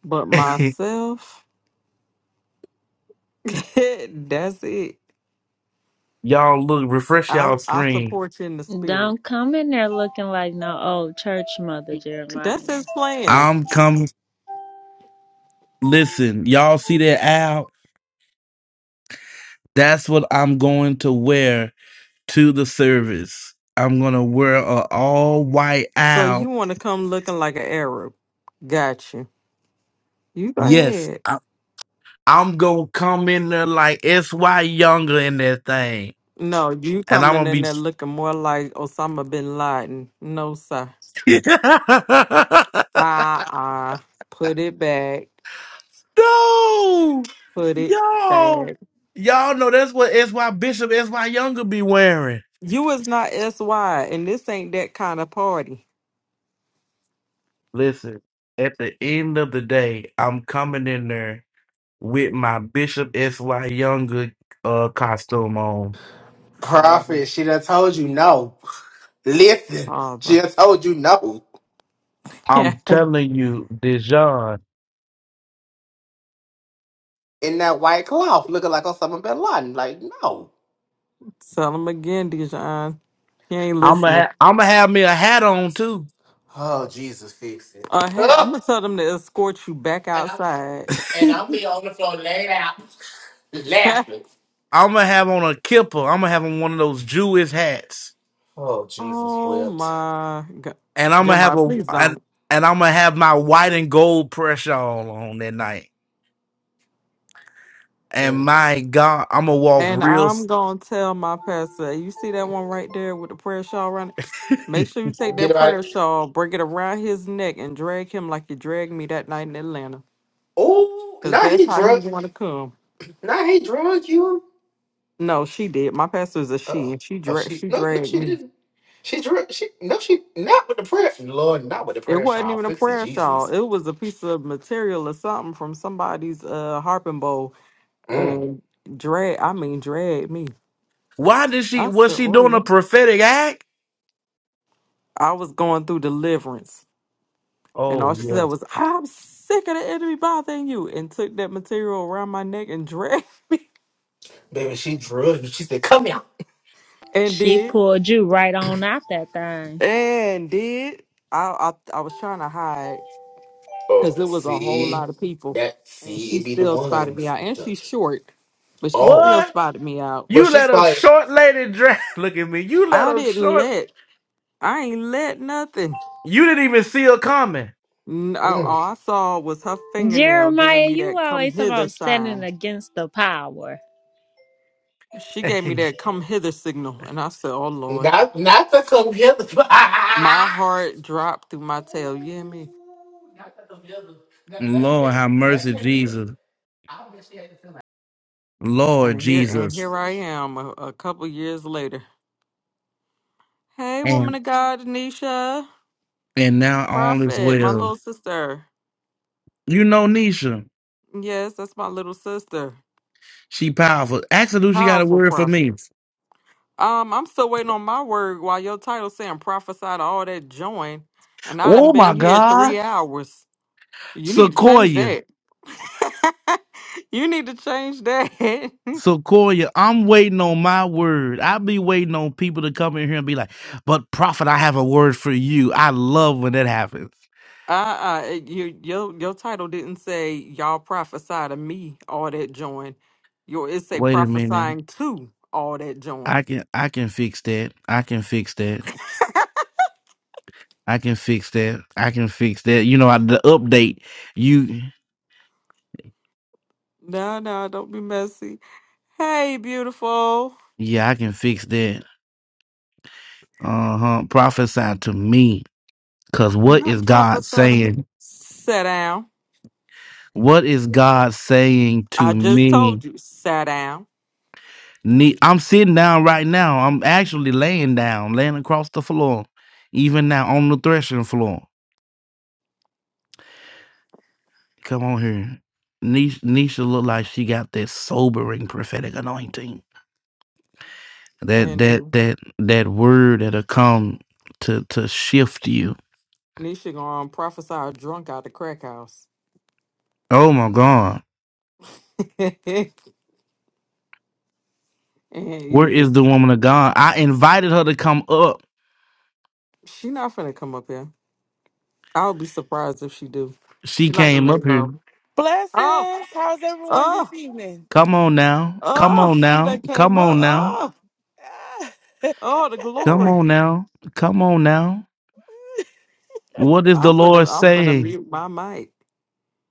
Speaker 11: but myself. That's it.
Speaker 1: y'all look refresh
Speaker 11: I
Speaker 1: y'all
Speaker 11: I
Speaker 1: screen.
Speaker 11: support you in the spirit.
Speaker 3: Don't come in there looking like no old church mother,
Speaker 11: That's
Speaker 3: Jeremiah.
Speaker 11: his plan.
Speaker 1: I'm coming. Listen, y'all see that owl? That's what I'm going to wear to the service. I'm gonna wear a all white
Speaker 11: So you
Speaker 1: owl.
Speaker 11: want to come looking like an Arab? Got you. You go
Speaker 1: Yes,
Speaker 11: ahead.
Speaker 1: I, I'm gonna come in there like S Y Younger in that thing,
Speaker 11: No, you
Speaker 1: and I'm
Speaker 11: coming
Speaker 1: gonna
Speaker 11: in
Speaker 1: be.
Speaker 11: there looking more like Osama bin Laden. No, sir. Ah, ah. Put it back.
Speaker 1: No,
Speaker 11: Put it
Speaker 1: y'all,
Speaker 11: back.
Speaker 1: y'all know that's what SY Bishop, SY Younger be wearing.
Speaker 11: You is not SY, and this ain't that kind of party.
Speaker 1: Listen, at the end of the day, I'm coming in there with my Bishop SY Younger uh, costume on.
Speaker 11: Father,
Speaker 12: Prophet, she done told you no. Listen, she
Speaker 11: father.
Speaker 12: done told you no.
Speaker 1: I'm telling you, Dijon,
Speaker 12: In that white cloth, looking like Osama bin Laden. Like, no.
Speaker 11: tell him again, Dijon. He ain't
Speaker 1: I'm gonna
Speaker 11: listening.
Speaker 1: ha- I'm gonna have me a hat on too.
Speaker 12: Oh, Jesus, fix it.
Speaker 11: Uh, hey, I'm
Speaker 12: Ugh.
Speaker 11: gonna tell them to escort you back
Speaker 12: And I'm
Speaker 11: outside.
Speaker 12: and I'm be on the floor laid out, laughing.
Speaker 1: I'm gonna have on a kipper. I'm gonna have on one of those Jewish hats,
Speaker 12: Oh, Jesus,
Speaker 11: oh
Speaker 12: wept.
Speaker 11: my God,
Speaker 1: and I'm gonna have
Speaker 11: Jeremiah,
Speaker 1: a
Speaker 11: please don't.
Speaker 1: and, and I'm gonna have my white and gold pressure all on that night. And
Speaker 12: Mm.
Speaker 1: my God, I'm gonna walk
Speaker 11: And
Speaker 1: real.
Speaker 11: I'm
Speaker 1: s-
Speaker 11: gonna tell my pastor, you see that one right there with the prayer shawl around it? Make sure you take
Speaker 12: Get
Speaker 11: that
Speaker 12: about it.
Speaker 11: prayer shawl, bring it around his neck, and drag him like you dragged me that night in Atlanta.
Speaker 12: Oh,
Speaker 11: Cause
Speaker 12: now
Speaker 11: that's
Speaker 12: he
Speaker 11: how he
Speaker 12: drug,
Speaker 11: wanna come.
Speaker 12: now he drug you.
Speaker 11: No, she did. My pastor is a she,
Speaker 12: Oh,
Speaker 11: and she
Speaker 12: oh,
Speaker 11: dra-
Speaker 12: she
Speaker 11: she
Speaker 12: no, no,
Speaker 11: dragged
Speaker 12: she
Speaker 11: me.
Speaker 12: didn't. She drug, she no, she not with the prayer. Lord, not with the
Speaker 11: It
Speaker 12: prayer,
Speaker 11: wasn't
Speaker 12: child.
Speaker 11: even a
Speaker 12: Fix it,
Speaker 11: prayer shawl.
Speaker 12: Jesus.
Speaker 11: It was a piece of material or something from somebody's uh harping bowl, and drag. I mean, drag me.
Speaker 1: Why did she?
Speaker 11: I
Speaker 1: Was
Speaker 11: said,
Speaker 1: she
Speaker 11: oh
Speaker 1: doing a
Speaker 11: Lord.
Speaker 1: prophetic act?
Speaker 11: I was going through deliverance. And
Speaker 1: Oh
Speaker 11: all she said
Speaker 1: yes.
Speaker 11: was, I'm sick of the enemy bothering you. And took that material around my neck and dragged
Speaker 12: Baby, she drugged you. She said, come here.
Speaker 11: and
Speaker 3: She
Speaker 11: did.
Speaker 3: pulled you right on out that thing.
Speaker 11: And did. I, I, I was trying to hide because
Speaker 12: Oh,
Speaker 11: it was a whole
Speaker 12: see?
Speaker 11: lot of people.
Speaker 12: That,
Speaker 11: And
Speaker 12: see,
Speaker 11: she
Speaker 12: it be the
Speaker 11: still spotted me
Speaker 12: ones.
Speaker 11: out. And
Speaker 12: The,
Speaker 11: she's short, but she
Speaker 12: oh.
Speaker 11: still
Speaker 1: What?
Speaker 11: spotted me out.
Speaker 12: But
Speaker 1: You
Speaker 12: she's
Speaker 1: let a
Speaker 12: spotted,
Speaker 1: short lady drag? Look at me. You let
Speaker 11: I
Speaker 1: a
Speaker 11: didn't
Speaker 1: short.
Speaker 11: let, I ain't let nothing.
Speaker 1: You didn't even see her coming.
Speaker 11: No,
Speaker 12: mm,
Speaker 11: all I saw was her fingernail giving
Speaker 3: Jeremiah,
Speaker 11: me
Speaker 3: you
Speaker 11: that come
Speaker 3: always
Speaker 11: hither
Speaker 3: about standing
Speaker 11: sign.
Speaker 3: against the power.
Speaker 11: She gave me that come hither signal. And I said, Oh Lord.
Speaker 12: not, not to come here.
Speaker 11: my heart dropped through my tail. You hear me?
Speaker 12: not to come here. Now, now she
Speaker 1: Lord,
Speaker 12: had,
Speaker 1: have
Speaker 12: now
Speaker 1: mercy,
Speaker 12: she had to look.
Speaker 1: Jesus.
Speaker 12: I bet she had to come
Speaker 1: Lord
Speaker 11: And here and
Speaker 1: Jesus.
Speaker 11: here I am a, a couple years later. Hey, woman
Speaker 1: And
Speaker 11: of God, Anisha,
Speaker 1: and now all is
Speaker 11: prophet, my
Speaker 1: well.
Speaker 11: little sister.
Speaker 1: You know Nisha.
Speaker 11: Yes, that's my little sister.
Speaker 1: She powerful. Ask her do she got a
Speaker 11: Powerful
Speaker 1: word for me.
Speaker 11: prophet. Um, I'm still waiting on my word while your title saying prophesy to all that join. And I done
Speaker 1: Oh
Speaker 11: been
Speaker 1: my
Speaker 11: here
Speaker 1: God.
Speaker 11: three hours. You need to change
Speaker 1: Sequoia.
Speaker 11: that. you need to change that.
Speaker 1: Sequoia, I'm waiting on my word. I be waiting on people to come in here and be like, but prophet, I have a word for you. I love when that happens.
Speaker 11: Uh, uh, your your your title didn't say y'all prophesy to me all that join. Your it say
Speaker 1: Wait a minute.
Speaker 11: prophesying to all that
Speaker 1: I
Speaker 11: join.
Speaker 1: can I can fix that. I can fix that. I can fix that. I can fix that. You know, I, the update, you
Speaker 11: No, no, don't be messy. Hey, beautiful.
Speaker 1: yeah, I can fix that. Uh-huh. Prophesy to me. Cause what is
Speaker 11: Not
Speaker 1: God
Speaker 11: prophesy to
Speaker 1: saying?
Speaker 11: me. Sit down.
Speaker 1: What is God saying
Speaker 11: I
Speaker 1: to
Speaker 11: just
Speaker 1: me?
Speaker 11: told you, sit down
Speaker 1: Ne- I'm sitting down right now. I'm actually laying down, laying across the floor, even now on the threshing floor. Come on here. Nisha, Nisha looked like she got that sobering prophetic anointing. That
Speaker 11: and
Speaker 1: that
Speaker 11: do.
Speaker 1: that that word that'll come to to shift you.
Speaker 11: Nisha gonna prophesy a drunk out the crack house.
Speaker 1: Oh my God.
Speaker 11: and
Speaker 1: Where is
Speaker 11: is
Speaker 1: the woman of God? I invited her to come up.
Speaker 11: she not finna come up here? I'll be surprised if she do.
Speaker 1: She
Speaker 11: She like to
Speaker 1: came
Speaker 11: lay
Speaker 1: up here.
Speaker 11: low. Oh,
Speaker 13: Blessings. How's everyone
Speaker 11: oh.
Speaker 13: this evening?
Speaker 1: Come on now. Come
Speaker 11: Oh,
Speaker 1: on
Speaker 11: she
Speaker 1: now.
Speaker 11: done came
Speaker 1: Come
Speaker 11: up.
Speaker 1: on now.
Speaker 11: Oh,
Speaker 13: Ah,
Speaker 11: oh, the
Speaker 1: Come
Speaker 11: glory.
Speaker 1: on now. Come on now. What is the
Speaker 11: I'm finna,
Speaker 1: Lord
Speaker 11: I'm finna
Speaker 1: saying?
Speaker 11: mute my mic.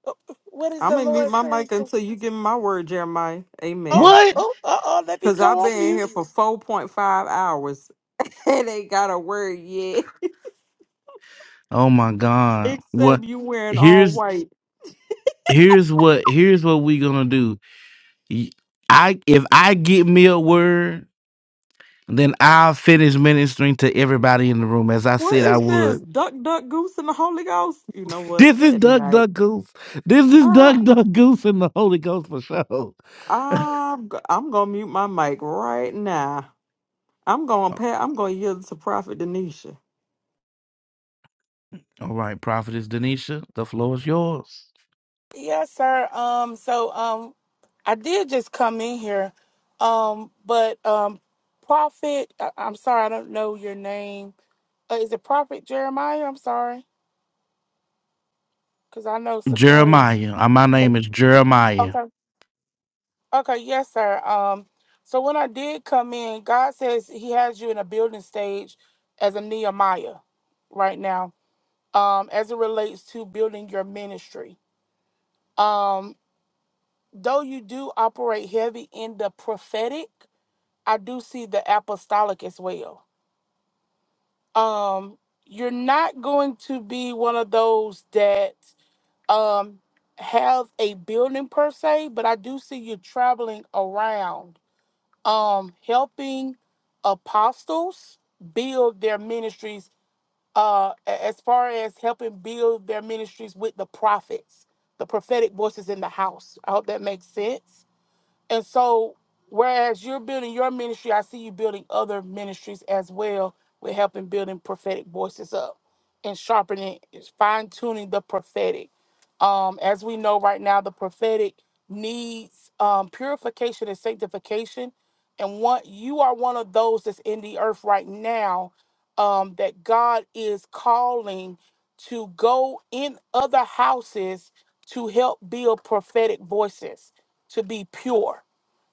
Speaker 13: what is
Speaker 11: I'm
Speaker 13: the
Speaker 11: gonna mute
Speaker 13: Lord
Speaker 11: my
Speaker 13: saying?
Speaker 11: mic until you give me my word, Jeremiah.
Speaker 13: Oh,
Speaker 11: Amen.
Speaker 1: What?
Speaker 13: oh, uh oh, let me
Speaker 11: Cause
Speaker 13: go
Speaker 11: I've
Speaker 13: on
Speaker 11: been
Speaker 13: mute.
Speaker 11: here for four point five hours and ain't got a word yet,
Speaker 1: Oh my God. What
Speaker 11: except you wearing all
Speaker 1: here's
Speaker 11: white.
Speaker 1: here's what here's what we gonna do. Y- I if I get me a word, then I'll finish ministering to everybody in the room as I
Speaker 11: What
Speaker 1: said I
Speaker 11: is this?
Speaker 1: would.
Speaker 11: Duck, duck, goose, and the Holy Ghost. You know what?
Speaker 1: This is
Speaker 11: Good
Speaker 1: Duck
Speaker 11: night.
Speaker 1: Duck Goose. This is
Speaker 11: I,
Speaker 1: Duck Duck Goose and the Holy Ghost for sure.
Speaker 11: I'm, go- I'm gonna mute my mic right now. I'm gonna pat. I'm gonna yield to Prophet Denisha.
Speaker 1: All right, Prophetess Denisha, the floor is yours.
Speaker 13: Yes, sir. Um, so um I did just come in here. Um, but um Prophet I- I'm sorry, I don't know your name. Uh, is it Prophet Jeremiah? I'm sorry, because I know Sequoia.
Speaker 1: Jeremiah. Uh, My
Speaker 13: Eh,
Speaker 1: name is Jeremiah.
Speaker 13: Okay. Okay, yes, sir. Um, so when I did come in, God says He has you in a building stage as a Nehemiah right now, um, as it relates to building your ministry. Um, though you do operate heavy in the prophetic, I do see the apostolic as well. Um, you're not going to be one of those that um have a building per se, but I do see you traveling around um helping apostles build their ministries uh a- as far as helping build their ministries with the prophets the prophetic voices in the house i hope that makes sense and so, whereas you're building your ministry, I see you building other ministries as well with helping building prophetic voices up and sharpening, fine tuning the prophetic. Um, as we know right now, the prophetic needs um, purification and sanctification. And what you are one of those that's in the earth right now um, that God is calling to go in other houses to help build prophetic voices to be pure.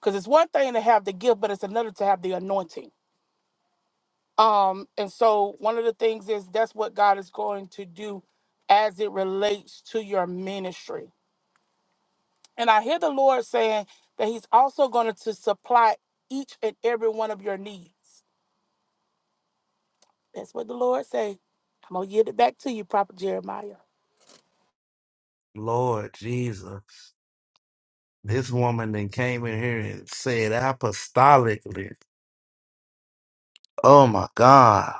Speaker 13: Because it's one thing to have the gift, but it's another to have the anointing. Um, and so one of the things is that's what God is going to do as it relates to your ministry. And I hear the Lord saying that He's also going to supply each and every one of your needs. That's what the Lord say. I'm gonna give it back to you, Prophet Jeremiah.
Speaker 1: Lord Jesus. This woman then came in here and said apostolically. Oh my God.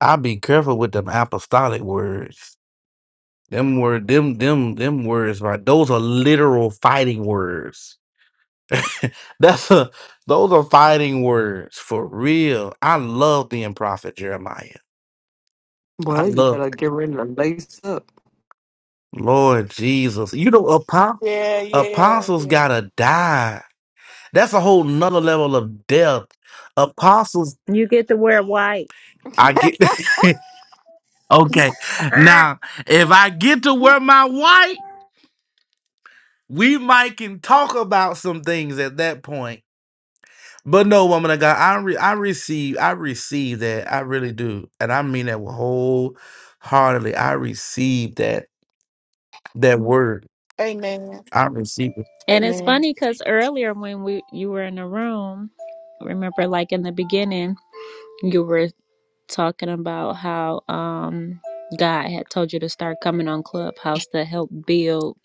Speaker 1: I be careful with them apostolic words. Them word them them them words right. Those are literal fighting words. That's a those are fighting words for real. I love being prophet Jeremiah. I
Speaker 11: Well, you
Speaker 1: love
Speaker 11: better get ready to lace up.
Speaker 1: Lord Jesus. You know, apo-
Speaker 13: Yeah, yeah,
Speaker 1: apostles
Speaker 13: yeah.
Speaker 1: gotta die. That's a whole nother level of death. Apostles,
Speaker 3: You get to wear white.
Speaker 1: I get. Okay.
Speaker 3: Ah!
Speaker 1: Now, if I get to where my wife, we might can talk about some things at that point. But no, woman of God, I re- I receive I receive that. I really do, and I mean that wholeheartedly. I receive that that word.
Speaker 13: Amen.
Speaker 1: I receive it.
Speaker 3: And it's
Speaker 13: Amen.
Speaker 3: funny because earlier when we you were in the room, remember like in the beginning, you were talking about how um God had told you to start coming on Clubhouse to help build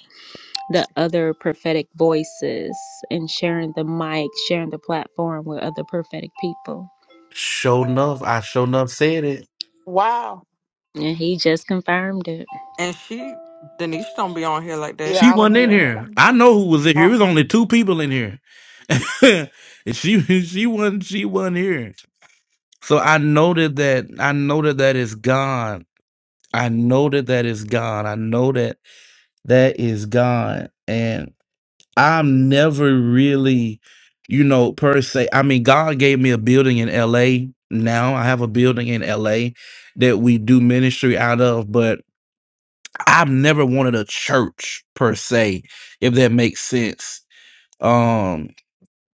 Speaker 3: the other prophetic voices and sharing the mic, sharing the platform with other prophetic people.
Speaker 1: Sure enough, I sure enough said it.
Speaker 13: Wow.
Speaker 3: And he just confirmed it.
Speaker 11: And she, Denise, don't be on here like that.
Speaker 1: She
Speaker 13: Yeah, I don't
Speaker 1: wasn't
Speaker 13: be
Speaker 1: in
Speaker 13: on here
Speaker 1: here.
Speaker 13: like
Speaker 1: I
Speaker 13: that.
Speaker 1: know who was in here. It was
Speaker 13: Uh-uh.
Speaker 1: only two people in here. and she she wasn't she wasn't here. So I noted that that I noted that it's God I know that that is God. I know that that is God, And I'm never really, you know, per se. I mean, God gave me a building in LA. Now I have a building in LA that we do ministry out of, but I've never wanted a church per se, if that makes sense. Um,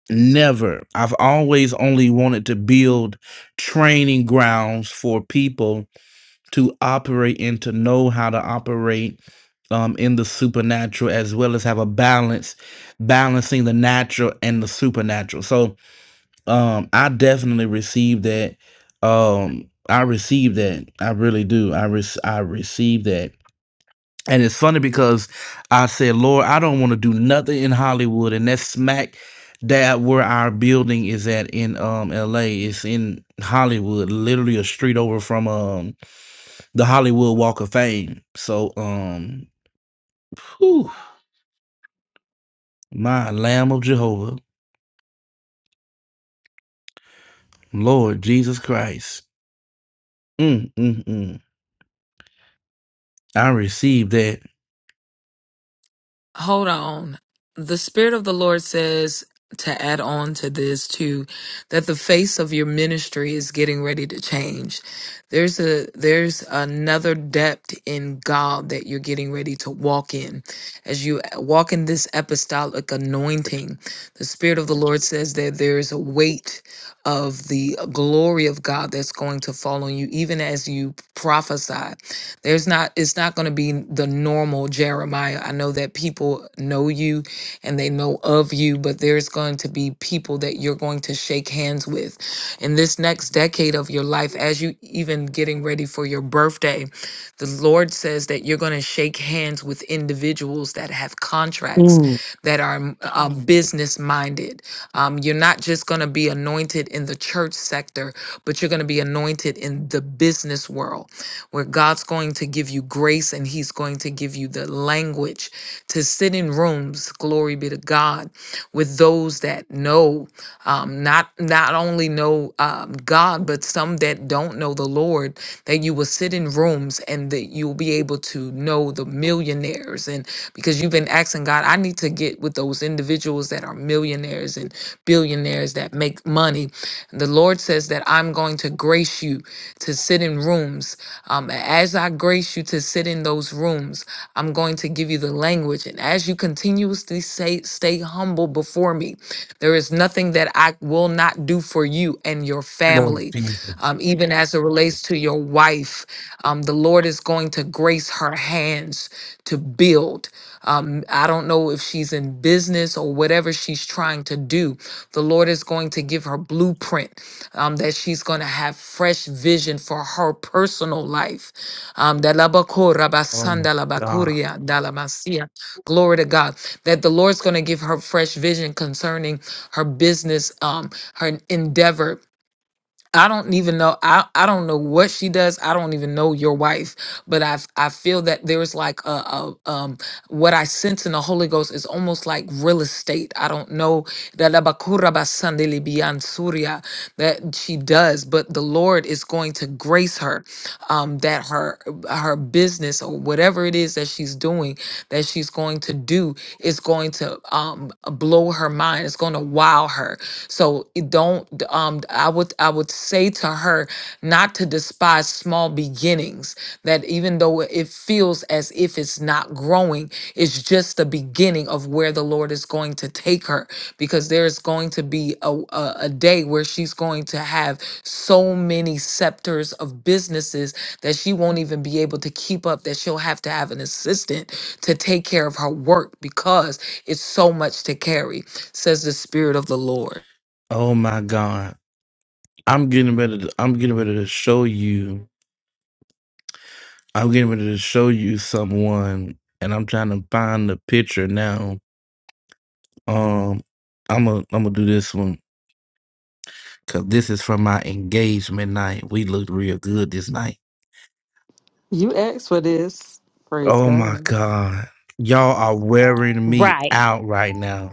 Speaker 1: never. I've always only wanted to build training grounds for people to operate and to know how to operate um, in the supernatural as well as have a balance balancing the natural and the supernatural so um, i definitely received that um, i received that i really do i re- i received that and it's funny because i said lord i don't want to do nothing in hollywood and that's smack dab where our building is at in um la it's in hollywood literally a street over from um the Hollywood Walk of Fame. So, um, whew, my Lamb of Jehovah, Lord Jesus Christ. Mm, mm, mm. I received that.
Speaker 10: hold on. The Spirit of the Lord says to add on to this too that the face of your ministry is getting ready to change. There's a there's another depth in God that you're getting ready to walk in. As you walk in this apostolic anointing, the Spirit of the Lord says that there is a weight of the glory of God that's going to fall on you even as you prophesy. There's not, it's not going to be the normal Jeremiah. I know that people know you and they know of you, but there's going to be people that you're going to shake hands with in this next decade of your life, as you even getting ready for your birthday. The Lord says that you're going to shake hands with individuals that have contracts
Speaker 1: Mm.
Speaker 10: that are um, business minded. Um, you're not just going to be anointed in the church sector, but you're going to be anointed in the business world where God's going to give you grace and He's going to give you the language to sit in rooms, glory be to God, with those that know, um, not not only know um, God, but some that don't know the Lord. That you will sit in rooms and that you'll be able to know the millionaires and because you've been asking God, I need to get with those individuals that are millionaires and billionaires that make money. The Lord says that I'm going to grace you to sit in rooms. Um, as I grace you to sit in those rooms, I'm going to give you the language. And as you continuously say, stay humble before me, there is nothing that I will not do for you and your family. Um, even as it relates to your wife, um, the Lord is going to grace her hands to build. Um, I don't know if she's in business or whatever she's trying to do. The Lord is going to give her blueprint um, that she's going to have fresh vision for her personal life. Um, dalabako
Speaker 1: Oh my
Speaker 10: rabasanda
Speaker 1: God.
Speaker 10: labakuria dalamasia. Glory to God. That the Lord's going to give her fresh vision concerning her business, um, her endeavor I don't even know. I, I don't know what she does. I don't even know your wife, but I f- I feel that there's like a, a um what I sense in the Holy Ghost is almost like real estate. I don't know that Abakura basandili bian Surya, that she does, but the Lord is going to grace her um, that her her business or whatever it is that she's doing that she's going to do is going to um, blow her mind. It's going to wow her. So it don't. Um, I would I would say to her not to despise small beginnings. That even though it feels as if it's not growing, it's just the beginning of where the Lord is going to take her. Because there's going to be a, a, a day where she's going to have so many scepters of businesses that she won't even be able to keep up, that she'll have to have an assistant to take care of her work because it's so much to carry, says the Spirit of the Lord.
Speaker 1: Oh my God. I'm getting ready to I'm getting ready to show you. I'm getting ready to show you someone and I'm trying to find the picture now. Um I'm a I'm gonna do this one because this is from my engagement night. We looked real good this night.
Speaker 11: You asked for this. Praise
Speaker 1: Oh my
Speaker 11: God.
Speaker 1: God. Y'all are wearing me
Speaker 3: Right.
Speaker 1: out right now.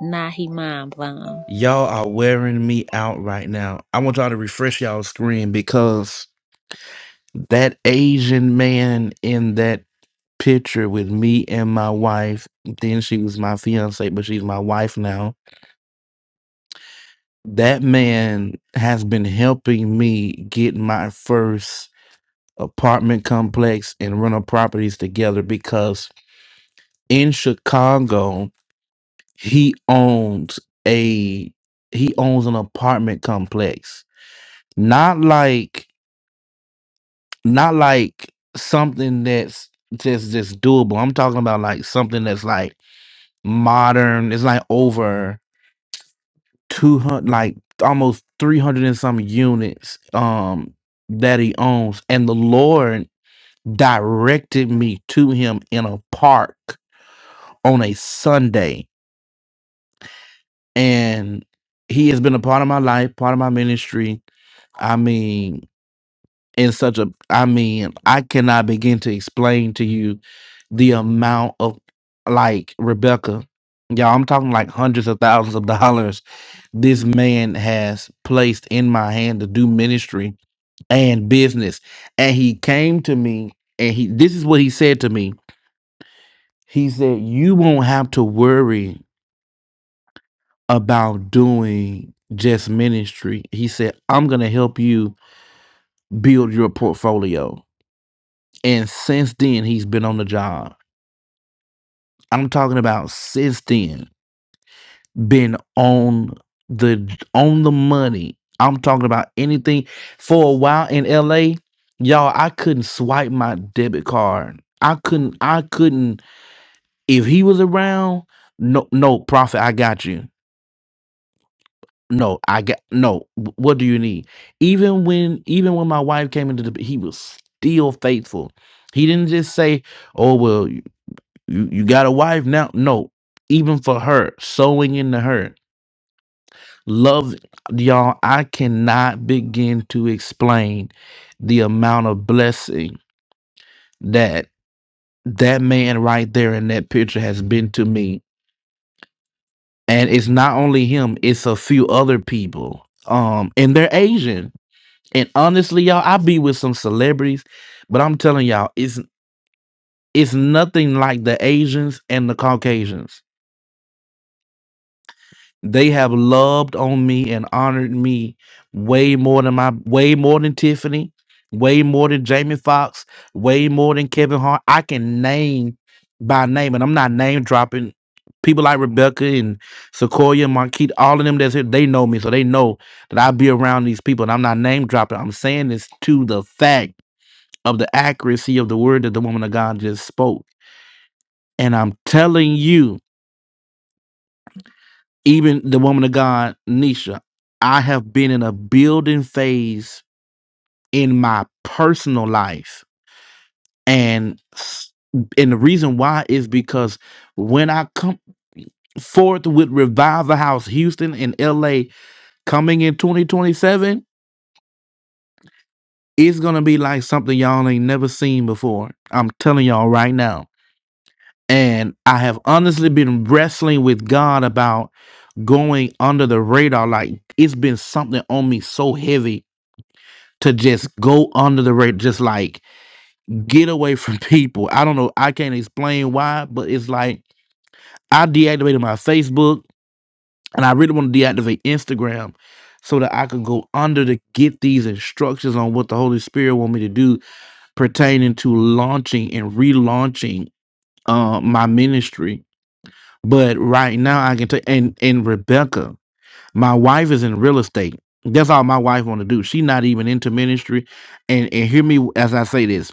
Speaker 3: Nah, he mind blown.
Speaker 1: Y'all are wearing me out right now. I want y'all to refresh y'all screen because that Asian man in that picture with me and my wife, then she was my fiance, but she's my wife now. That man has been helping me get my first apartment complex and rental properties together because in Chicago, he owns a he owns an apartment complex not like not like something that's just just doable i'm talking about like something that's like modern it's like over 200 like almost 300 and some units um that he owns and the lord directed me to him in a park on a sunday and he has been a part of my life part of my ministry I mean, in such a, I mean, I cannot begin to explain to you the amount of like Rebecca, y'all, I'm talking like hundreds of thousands of dollars this man has placed in my hand to do ministry and business. And he came to me and he, this is what he said to me. He said, You won't have to worry about doing just ministry. He said, I'm going to help you build your portfolio. And since then, he's been on the job. I'm talking about since then, been on the on the money. I'm talking about anything for a while in LA, y'all. I couldn't swipe my debit card. I couldn't. I couldn't. If he was around, no, no, Prophet, I got you. No, I got no. wh- What do you need? Even when, even when my wife came into the, he was still faithful. He didn't just say, "Oh well, You you got a wife now? No. Even for her, sewing into her. Love y'all, I cannot begin to explain the amount of blessing that that man right there in that picture has been to me. And it's not only him, it's a few other people. Um, and they're Asian. And honestly, y'all, I be with some celebrities, but I'm telling y'all, it's it's nothing like the Asians and the Caucasians They have loved on me and honored me way more than my way more than Tiffany, way more than Jamie Foxx, way more than Kevin Hart. I can name by name, and I'm not name dropping people like Rebecca and Sequoia and Marquita, all of them that's here, they know me, so they know that I be around these people, and I'm not name dropping. I'm saying this to the fact of the accuracy of the word that the woman of God just spoke. And I'm telling you. Even the woman of God, Nisha, I have been in a building phase in my personal life. And s- and the reason why is because when I come forth with Revive the House Houston and LA coming in 2027, it's gonna be like something y'all ain't never seen before. I'm telling y'all right now. And I have honestly been wrestling with God about going under the radar. Like it's been something on me so heavy to just go under the rate, just like get away from people. I don't know. I can't explain why, but it's like I deactivated my Facebook and I really want to deactivate Instagram so that I could go under to get these instructions on what the Holy Spirit want me to do pertaining to launching and relaunching uh, my ministry. But right now I can tell and and Rebecca, my wife is in real estate. That's all my wife want to do. She not even into ministry. And and hear me as I say this.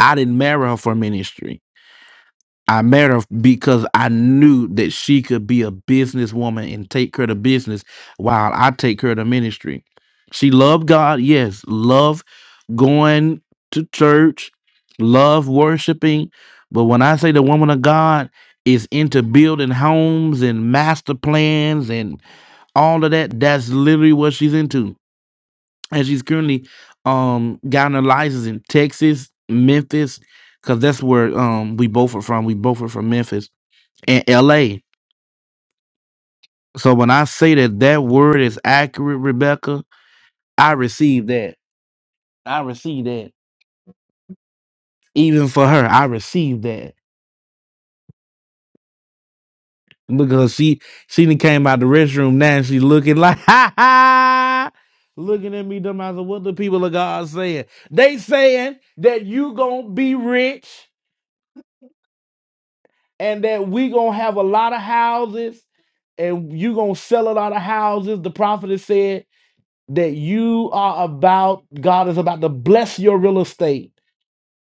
Speaker 1: I didn't marry her for ministry. I married her because I knew that she could be a businesswoman and take care of the business while I take care of the ministry. She loved God, yes, love going to church, love worshiping. But when I say the woman of God is into building homes and master plans and all of that, that's literally what she's into and she's currently um gotten a license in Texas, Memphis, because that's where um we both are from. We both are from Memphis and L.A. So when I say that that word is accurate, Rebecca, I receive that. I receive that. Even for her, I received that because she she done came out the restroom now and she looking like ha ha. Looking at me, dumb eyes. What the people of God saying? They saying that you gonna be rich. and that we gonna have a lot of houses and you gonna sell a lot of houses. The prophet has said that you are about God is about to bless your real estate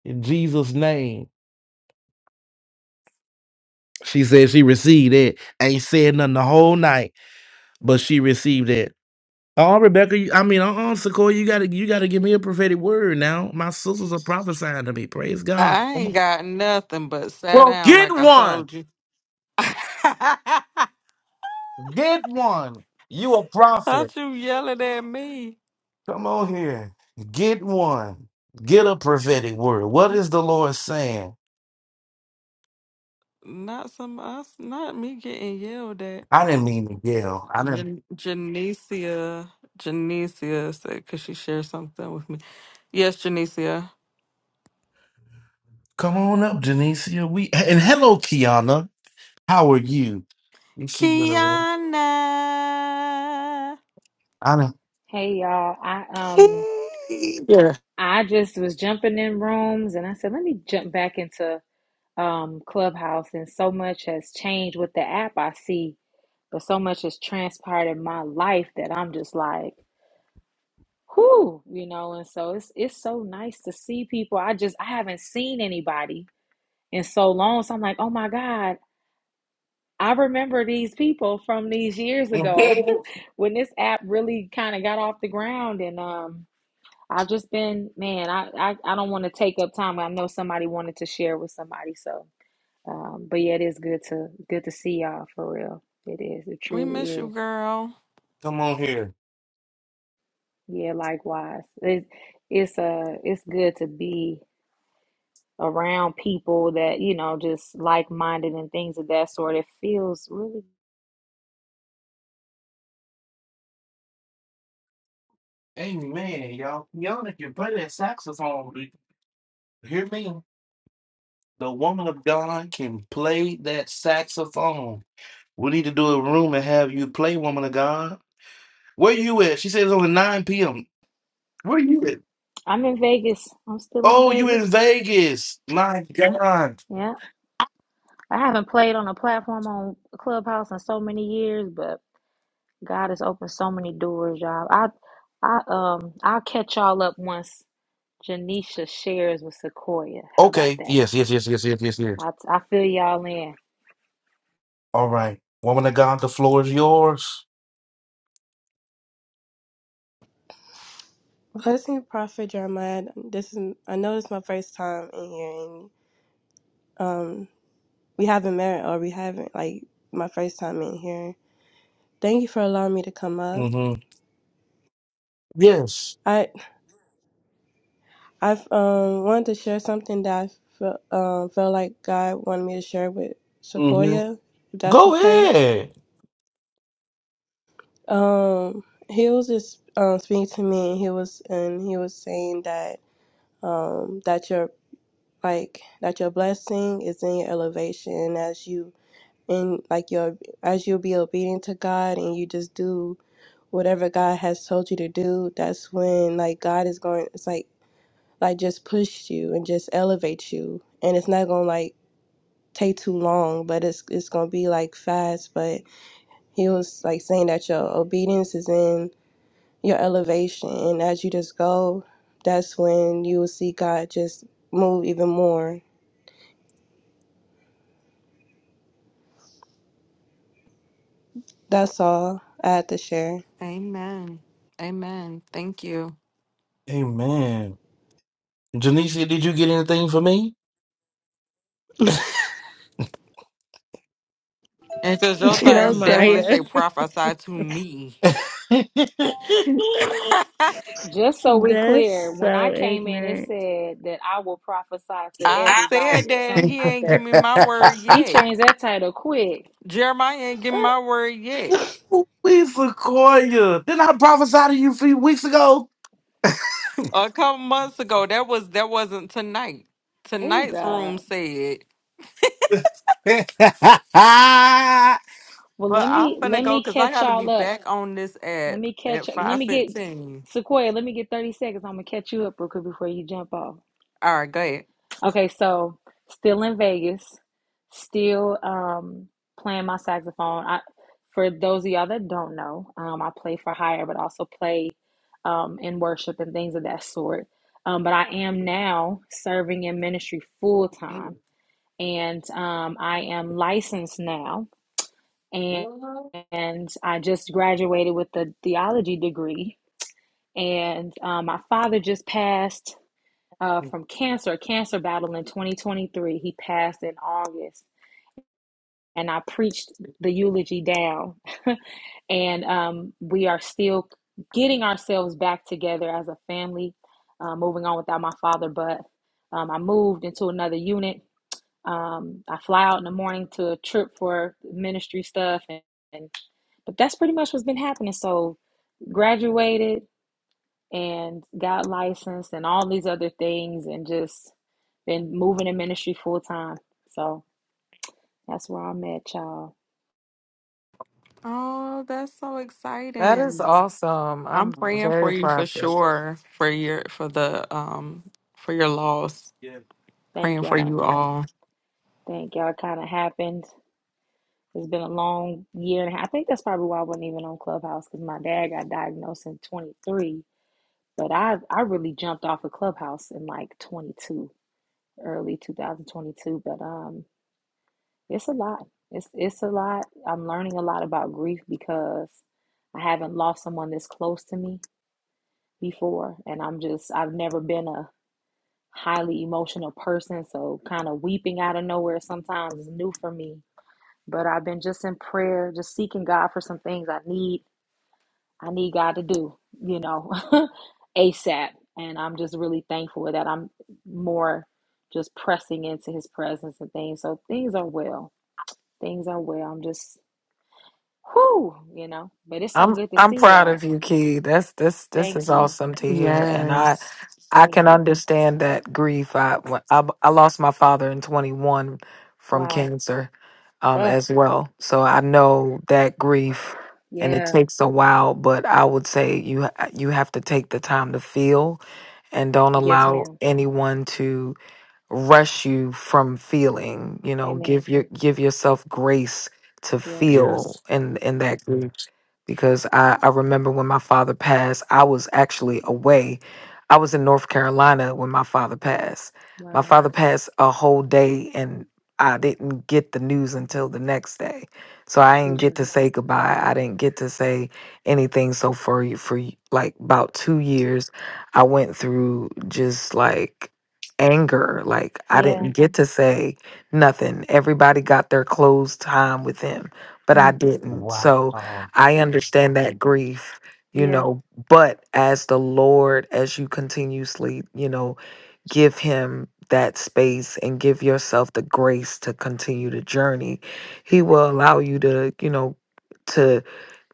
Speaker 1: in Jesus' name. She said she received it. Ain't said nothing the whole night, but she received it. Oh, Rebecca, you- I mean, uh-uh, Sequoia, you gotta you gotta give me a prophetic word now. My sisters are prophesying to me. Praise God.
Speaker 11: I
Speaker 1: Come
Speaker 11: ain't
Speaker 1: on.
Speaker 11: got nothing but sat
Speaker 1: Well,
Speaker 11: down
Speaker 1: get
Speaker 11: like I
Speaker 1: one.
Speaker 11: told you.
Speaker 1: Get one. You a prophet.
Speaker 11: Not you yelling at me.
Speaker 1: Come on here. Get one. Get a prophetic word. What is the Lord saying?
Speaker 11: Not some us. Not me getting yelled at.
Speaker 1: I didn't mean to yell. I didn't.
Speaker 11: Jan- Janicia, Janicia said, "Could she share something with me?" Yes, Janicia.
Speaker 1: Come on up, Janicia. We and hello, Kiana. How are you? You see you in the room.
Speaker 11: Kiana,
Speaker 1: I didn't.
Speaker 14: Hey y'all, I um I just was jumping in rooms and I said let me jump back into um Clubhouse and so much has changed with the app I see, but so much has transpired in my life that I'm just like, whoo, you know, and so it's it's so nice to see people. I just I haven't seen anybody in so long, so I'm like, oh my God, I remember these people from these years ago
Speaker 1: Mhm.
Speaker 14: when this app really kind of got off the ground and um I've just been, man, I, I, I don't want to take up time. I know somebody wanted to share with somebody, so um, but yeah, it is good to good to see y'all for real. It is. It
Speaker 11: we miss
Speaker 14: truly
Speaker 11: you,
Speaker 14: is.
Speaker 11: girl.
Speaker 1: Come on here.
Speaker 14: Yeah, likewise. It, it's uh it's good to be around people that, you know, just like minded and things of that sort. It feels really
Speaker 1: Amen, y'all. Kiana can play that saxophone. Do you Hear me? The woman of God can play that saxophone. We need to do a room and have you play, woman of God. Where you at? She said it's only 9 p.m. Where you at?
Speaker 14: I'm in Vegas. I'm still in
Speaker 1: Oh, you in
Speaker 14: Vegas.
Speaker 1: Vegas. My God.
Speaker 14: Yeah. I haven't played on a platform on Clubhouse in so many years, but God has opened so many doors, y'all. I, I, um, I'll catch y'all up once Janisha shares with Sequoia. How about
Speaker 1: Okay.
Speaker 14: that?
Speaker 1: Yes, yes, yes, yes, yes, yes, yes.
Speaker 14: I, I fill y'all in.
Speaker 1: All right. Woman of God, the floor is yours.
Speaker 15: Blessing Prophet Jeremiah. This is I know this is my first time in here and um we haven't met or we haven't like my first time in here. Thank you for allowing me to come up.
Speaker 1: Mm-hmm. Yes.
Speaker 15: I I've um wanted to share something that I felt um felt like God wanted me to share with
Speaker 1: Mm-hmm.
Speaker 15: Sequoia, if that's
Speaker 1: Go
Speaker 15: okay.
Speaker 1: ahead.
Speaker 15: Um he was just um speaking to me and he was and he was saying that um that your like that your blessing is in your elevation as you and like your as you'll be obedient to God and you just do whatever God has told you to do, that's when like God is going it's like like just push you and just elevate you and it's not gonna like take too long but it's it's gonna be like fast but he was like saying that your obedience is in your elevation and as you just go that's when you will see God just move even more. That's all I had to share.
Speaker 11: Amen. Amen. Thank you.
Speaker 1: Amen. Janicia, did you get anything for me?
Speaker 11: And because your
Speaker 15: No
Speaker 11: thing
Speaker 15: sir.
Speaker 11: definitely
Speaker 3: Jeremiah.
Speaker 11: say prophesy to me.
Speaker 14: Just so we
Speaker 3: That's
Speaker 14: clear, when I
Speaker 3: so
Speaker 14: came in, it
Speaker 3: ignorant.
Speaker 14: said that I will prophesy to
Speaker 11: I said
Speaker 14: everybody
Speaker 11: that
Speaker 14: or
Speaker 11: and
Speaker 14: something.
Speaker 11: he
Speaker 14: I
Speaker 11: ain't
Speaker 14: said
Speaker 11: give me my word
Speaker 14: he
Speaker 11: yet.
Speaker 14: changed that title quick.
Speaker 11: Jeremiah ain't give
Speaker 14: Uh,
Speaker 11: me my word yet.
Speaker 1: Ooh, We Sequoia. Didn't I prophesy to you a few weeks ago?
Speaker 11: A couple months ago, that was that wasn't tonight.
Speaker 14: oh
Speaker 11: Tonight's room
Speaker 14: God.
Speaker 11: said,
Speaker 14: Well,
Speaker 11: but
Speaker 14: let
Speaker 11: I'm
Speaker 14: me
Speaker 11: finna
Speaker 14: let
Speaker 11: go
Speaker 14: me
Speaker 11: because I
Speaker 14: catch
Speaker 11: gotta be
Speaker 14: y'all up.
Speaker 11: back on this
Speaker 14: Let
Speaker 11: app
Speaker 14: me
Speaker 11: at
Speaker 14: catch. Let
Speaker 11: five
Speaker 14: me get
Speaker 11: fifteen.
Speaker 14: Sequoia. Let me get thirty seconds. I'm gonna catch you up real quick before you jump off.
Speaker 11: All right, go ahead.
Speaker 14: Okay, so still in Vegas, still um, playing my saxophone. I, for those of y'all that don't know, um, I play for hire, but also play um, in worship and things of that sort. Um, but I am now serving in ministry full time, and um, I am licensed now, and
Speaker 1: Mm.
Speaker 14: and I just graduated with a theology degree. And um, my father just passed uh, from cancer, a cancer battle in 2023. He passed in August, and I preached the eulogy down. and um, we are still getting ourselves back together as a family, uh, moving on without my father. But um, I moved into another unit. Um, I fly out in the morning to a trip for ministry stuff, and, and but that's pretty much what's been happening. So graduated and got licensed and all these other things and just been moving in ministry full time. So that's where I'm at, y'all.
Speaker 11: Oh, that's so
Speaker 10: That-
Speaker 11: exciting. I'm praying for you for sure for your for the um for your loss.
Speaker 1: Yeah.
Speaker 14: Thank
Speaker 11: Praying for
Speaker 14: y'all.
Speaker 11: you all.
Speaker 14: Thank y'all. It Kind of happened. It's been a long year and a half. I think that's probably why I wasn't even on Clubhouse because my dad got diagnosed in 23. But I I really jumped off of Clubhouse in like 22, early 2022. But um, it's a lot. It's it's a lot. I'm learning a lot about grief because I haven't lost someone this close to me before and I'm just I've never been a highly emotional person so kind of weeping out of nowhere sometimes is new for me but I've been just in prayer just seeking God for some things I need I need God to do you know ASAP and I'm just really thankful that I'm more just pressing into his presence and things so things are well things are well I'm just whoo you know but it's so
Speaker 10: I'm
Speaker 14: good to
Speaker 10: I'm
Speaker 14: see
Speaker 10: proud of
Speaker 14: y'all
Speaker 10: you, Key. That's this this
Speaker 14: thank
Speaker 10: is
Speaker 14: you
Speaker 10: awesome to hear, and I
Speaker 11: Yes.
Speaker 10: I
Speaker 14: thank
Speaker 10: can
Speaker 14: you
Speaker 10: understand that grief. I when- I, I lost my father in 21 from
Speaker 14: wow
Speaker 10: cancer, um
Speaker 14: Ugh,
Speaker 10: as well. So I know that grief, and it
Speaker 14: yeah
Speaker 10: takes a while. But I would say you you have to take the time to feel and don't
Speaker 14: Yes,
Speaker 10: allow
Speaker 14: ma'am.
Speaker 10: anyone to rush you from feeling you know
Speaker 14: Amen.
Speaker 10: give your give yourself grace to
Speaker 14: Yeah.
Speaker 1: Yes.
Speaker 10: feel in in that grief because I, I remember when my father passed, I was actually away. I was in North Carolina when my father passed. My
Speaker 14: Wow.
Speaker 10: father passed a whole day and I didn't get the news until the next day. So I didn't get to
Speaker 14: Jesus.
Speaker 10: say goodbye. I didn't get to say anything. So for y- for y- like about 2 years, I went through just like anger. Like I
Speaker 14: Yeah.
Speaker 10: didn't get to say nothing. Everybody got their closed time with him, but I
Speaker 14: Mm.
Speaker 10: didn't. So
Speaker 1: Wow.
Speaker 10: I understand that grief, you
Speaker 14: Yeah.
Speaker 10: know, but as the Lord, as you continuously, you know, give him that space and give yourself the grace to continue the journey, he will allow you to, you know, to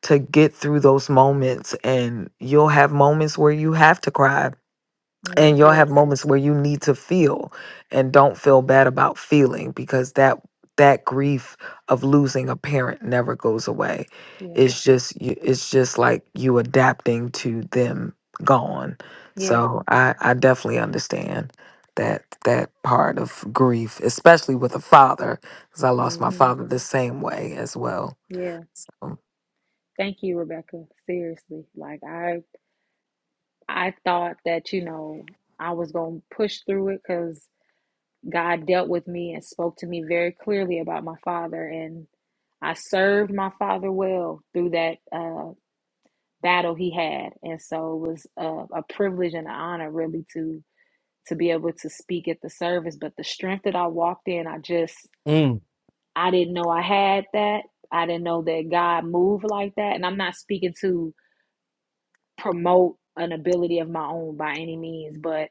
Speaker 10: to get through those moments and you'll have moments where you have to cry
Speaker 14: Mm.
Speaker 10: and you'll have
Speaker 14: Yes.
Speaker 10: moments where you need to feel and don't feel bad about feeling because that that grief of losing a parent never goes away
Speaker 14: Yeah.
Speaker 10: it's just you it's just like you adapting to them gone
Speaker 14: Yeah.
Speaker 10: so i i definitely understand that that part of grief especially with a father because i lost my
Speaker 14: Mm-hmm.
Speaker 10: father the same way as well
Speaker 14: Yeah. Thank you, Rebecca. Seriously. Like I I thought that, you know, I was gonna push through it because God dealt with me and spoke to me very clearly about my father and I served my father well through that uh battle he had. And so it was a, a privilege and an honor really to to be able to speak at the service. But the strength that I walked in, I just,
Speaker 1: Mm.
Speaker 14: I didn't know I had that. I didn't know that God moved like that. And I'm not speaking to promote an ability of my own by any means, but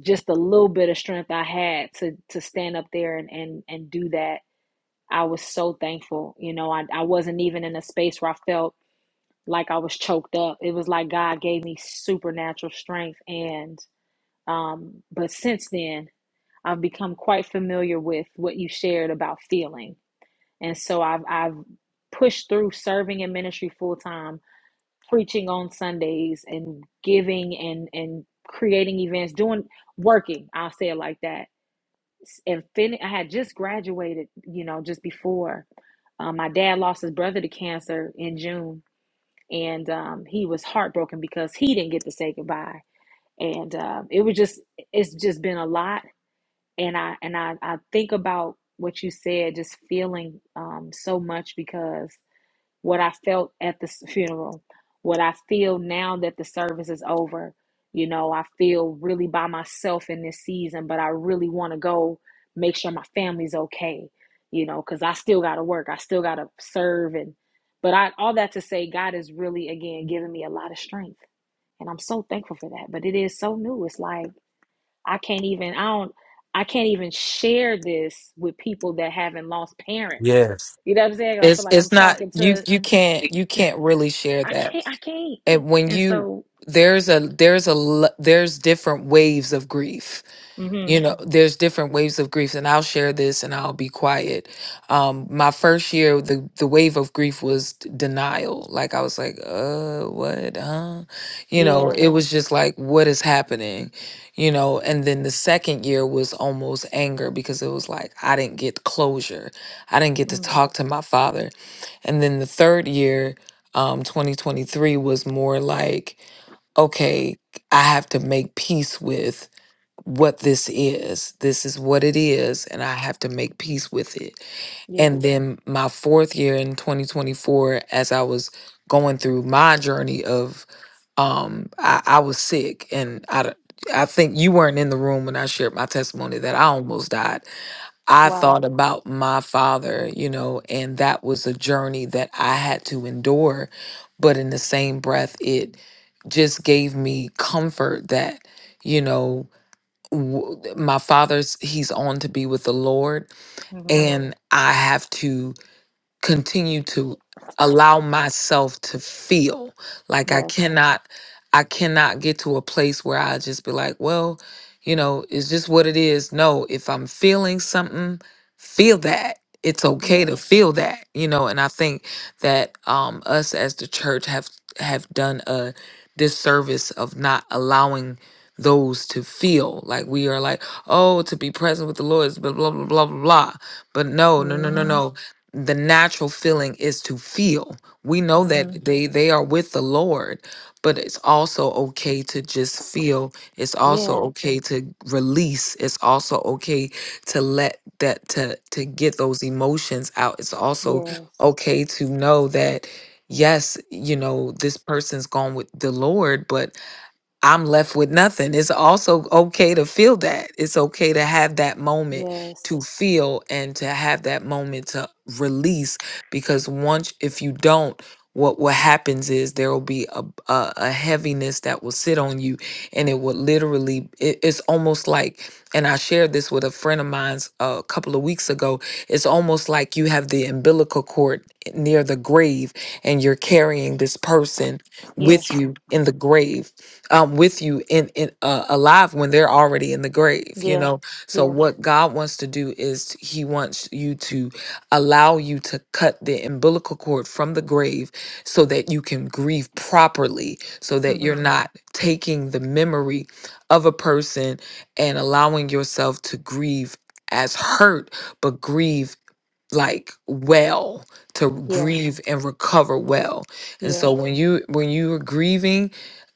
Speaker 14: just a little bit of strength I had to to stand up there and and, and do that. I was so thankful. You know, I, I wasn't even in a space where I felt like I was choked up. It was like God gave me supernatural strength and um but since then I've become quite familiar with what you shared about feeling. And so I've I've pushed through serving in ministry full time, preaching on Sundays and giving and and creating events, doing working, I'll say it like that. And fin- I had just graduated, you know, just before. Um, my dad lost his brother to cancer in June, and um, he was heartbroken because he didn't get to say goodbye. And uh, it was just, it's just been a lot and I and I, I think about what you said, just feeling um, so much because what I felt at the funeral, what I feel now that the service is over, you know, I feel really by myself in this season, but I really want to go make sure my family's okay, you know, because I still got to work, I still got to serve, and but I all that to say, God is really again giving me a lot of strength, and I'm so thankful for that. But it is so new. It's like I can't even I don't I can't even share this with people that haven't lost parents.
Speaker 1: Yes.
Speaker 14: You know what I'm saying? I feel
Speaker 10: It's
Speaker 14: like I'm
Speaker 10: it's not
Speaker 14: talking
Speaker 10: you
Speaker 14: to
Speaker 10: you can't you can't really share
Speaker 14: I
Speaker 10: that.
Speaker 14: can't I can't.
Speaker 10: And when
Speaker 14: And
Speaker 10: you
Speaker 14: so
Speaker 10: there's a there's a l- there's different waves of grief.
Speaker 14: hmm
Speaker 10: You know, there's different waves of grief and I'll share this and I'll be quiet. Um my first year the the wave of grief was d- denial. Like I was like, "Uh, what? Huh?" You know,
Speaker 14: yeah.
Speaker 10: it was just like what is happening? You know, and then the second year was almost anger because it was like I didn't get closure. I didn't get to
Speaker 14: Mm,
Speaker 10: talk to my father. And then the third year, um, 2023, was more like, okay, I have to make peace with what this is. This is what it is, and I have to make peace with it.
Speaker 14: yeah.
Speaker 10: And then my fourth year in 2024, as I was going through my journey of, um, I, I was sick, and I, d- I think you weren't in the room when I shared my testimony that I almost died I
Speaker 14: Wow.
Speaker 10: thought about my father, you know, and that was a journey that I had to endure. But in the same breath, it just gave me comfort that, you know, w- my father's, he's on to be with the Lord. Mhm.
Speaker 14: hmm
Speaker 10: And I have to continue to allow myself to feel like I
Speaker 14: Yes.
Speaker 10: cannot I cannot get to a place where I just be like, well, you know, it's just what it is. No, if I'm feeling something, feel that. It's okay
Speaker 14: Yeah.
Speaker 10: to feel that, you know, and I think that um us as the church have have done a disservice of not allowing those to feel like we are like, oh, to be present with the Lord is blah blah blah blah blah. blah." But no, no, no, no,
Speaker 14: hmm
Speaker 10: no the natural feeling is to feel. We know
Speaker 14: hmm
Speaker 10: that they they are with the Lord, but it's also okay to just feel. It's also
Speaker 14: Yeah.
Speaker 10: okay to release. It's also okay to let that to to get those emotions out. It's also
Speaker 14: Yes.
Speaker 10: okay to know that yes, you know, this person's gone with the Lord, but I'm left with nothing. It's also okay to feel that. It's okay to have that moment
Speaker 14: Yes.
Speaker 10: to feel and to have that moment to release because once if you don't what what happens is there will be a, a a heaviness that will sit on you and it will literally it- it's almost like and I shared this with a friend of mine's uh, a couple of weeks ago it's almost like you have the umbilical cord near the grave and you're carrying this person
Speaker 14: Yeah.
Speaker 10: with you in the grave um, with you in, in uh, alive when they're already in the grave you
Speaker 14: Yeah.
Speaker 10: know so
Speaker 14: Yeah.
Speaker 10: what god wants to do is he wants you to allow you to cut the umbilical cord from the grave so that you can grieve properly so that you're
Speaker 14: hmm
Speaker 10: not taking the memory of a person and allowing yourself to grieve as hurt but grieve like well to
Speaker 14: Yeah.
Speaker 10: grieve and recover well and
Speaker 14: Yeah.
Speaker 10: so when you when you are grieving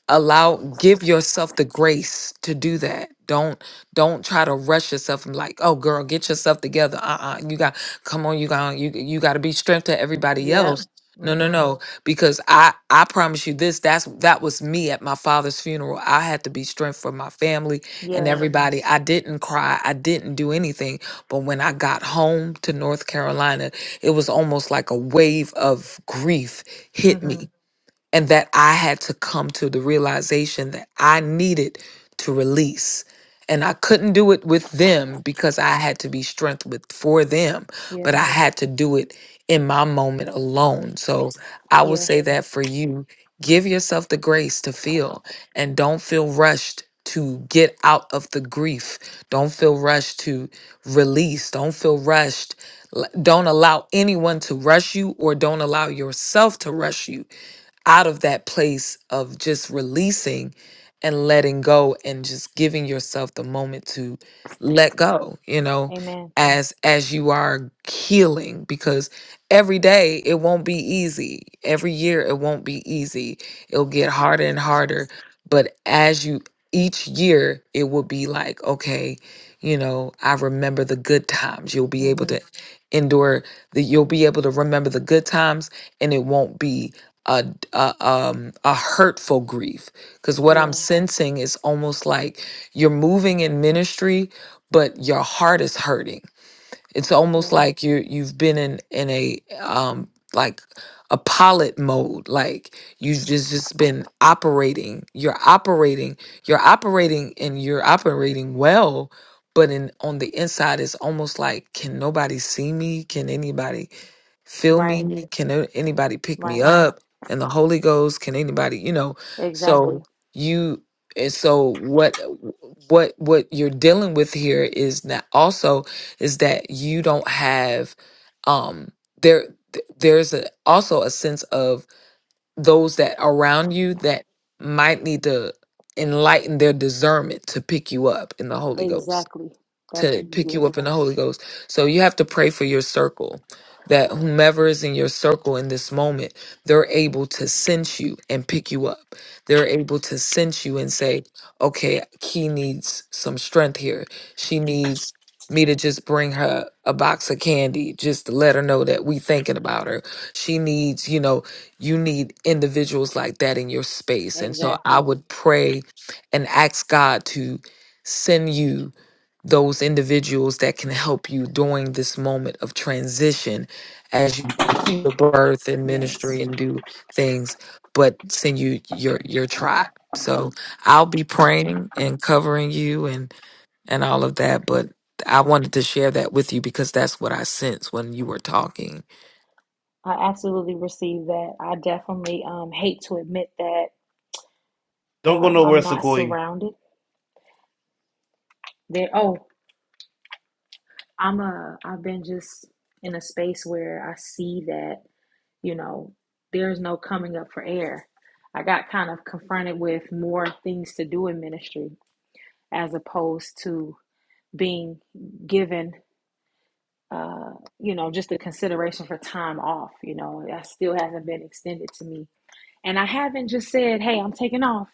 Speaker 10: allow give yourself the grace to do that don't don't try to rush yourself and like oh girl get yourself together uh-uh you got come on you got you you got to be strength to everybody
Speaker 14: Yep.
Speaker 10: else no no
Speaker 14: hmm
Speaker 10: no because i i promise you this that's that was me at my father's funeral i had to be strength for my family and
Speaker 14: Yes.
Speaker 10: everybody i didn't cry i didn't do anything but when i got home to north carolina it was almost like a wave of grief hit me
Speaker 14: hmm
Speaker 10: and that I had to come to the realization that I needed to release. And I couldn't do it with them because I had to be strength with for them, but
Speaker 14: Yeah.
Speaker 10: I had to do it in my moment alone. So I would
Speaker 14: Yeah.
Speaker 10: say that for you, give yourself the grace to feel and don't feel rushed to get out of the grief. Don't feel rushed to release. Don't feel rushed. L- Don't allow anyone to rush you or don't allow yourself to rush you out of that place of just releasing and letting go and just giving yourself the moment to let go you know
Speaker 14: Amen.
Speaker 10: as as you are healing because every day it won't be easy every year it won't be easy it'll get harder and harder but as you each year it will be like okay you know i remember the good times you'll be able
Speaker 14: hmm
Speaker 10: to endure the you'll be able to remember the good times and it won't be uh, a um a hurtful grief because what i'm
Speaker 14: Yeah.
Speaker 10: sensing is almost like you're moving in ministry but your heart is hurting it's almost
Speaker 14: Yeah.
Speaker 10: like you you've been in in a um like a pilot mode like you've just just been operating you're operating you're operating and you're operating well but in on the inside it's almost like can nobody see me can anybody fill
Speaker 14: Right.
Speaker 10: me Mhm. can a- anybody pick me
Speaker 14: Right.
Speaker 10: up and the holy ghost can anybody you know so
Speaker 14: Exactly.
Speaker 10: you and so what what what you're dealing with here is that also is that you don't have um there th- there's a, also a sense of those that around you that might need to enlighten their discernment to pick you up in the holy ghost
Speaker 14: Exactly. That's
Speaker 10: to pick you
Speaker 14: yes.
Speaker 10: up in the Holy Ghost. So you have to pray for your circle that whomever is in your circle in this moment, they're able to sense you and pick you up. They're able to sense you and say, okay, he needs some strength here. She needs me to just bring her a box of candy just to let her know that we thinking about her. She needs, you know, you need individuals like that in your space. And so I
Speaker 14: Exactly.
Speaker 10: would pray and ask God to send you those individuals that can help you during this moment of transition as you continue your birth and
Speaker 14: Yes.
Speaker 10: ministry and do things, but send you your your tribe. So I'll be praying and covering you and and all of that, but I wanted to share that with you because that's what I sense when you were talking.
Speaker 14: I absolutely receive that. I definitely um hate to admit that
Speaker 1: Don't go
Speaker 14: um
Speaker 1: nowhere,
Speaker 14: I'm not
Speaker 1: Sequoia.
Speaker 14: surrounded. There oh, I'm a I've been just in a space where I see that, you know, there's no coming up for air. I got kind of confronted with more things to do in ministry as opposed to being given uh, you know, just the consideration for time off. You know, that still hasn't been extended to me. And I haven't just said, hey, I'm taking off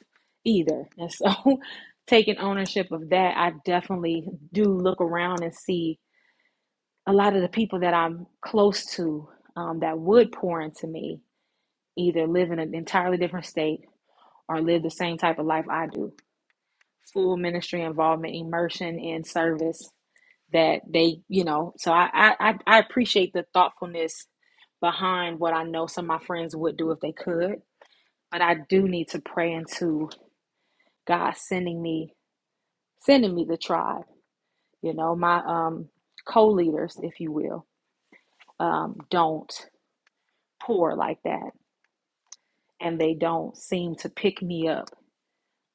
Speaker 14: either. And so taking ownership of that, I definitely do look around and see a lot of the people that I'm close to um, that would pour into me either live in an entirely different state or live the same type of life I do. Full ministry involvement, immersion in service, that they, you know, so I, I, I appreciate the thoughtfulness behind what I know some of my friends would do if they could, but I do need to pray into God sending me, sending me the tribe, you know, my um, co-leaders, if you will, um, don't pour like that. And they don't seem to pick me up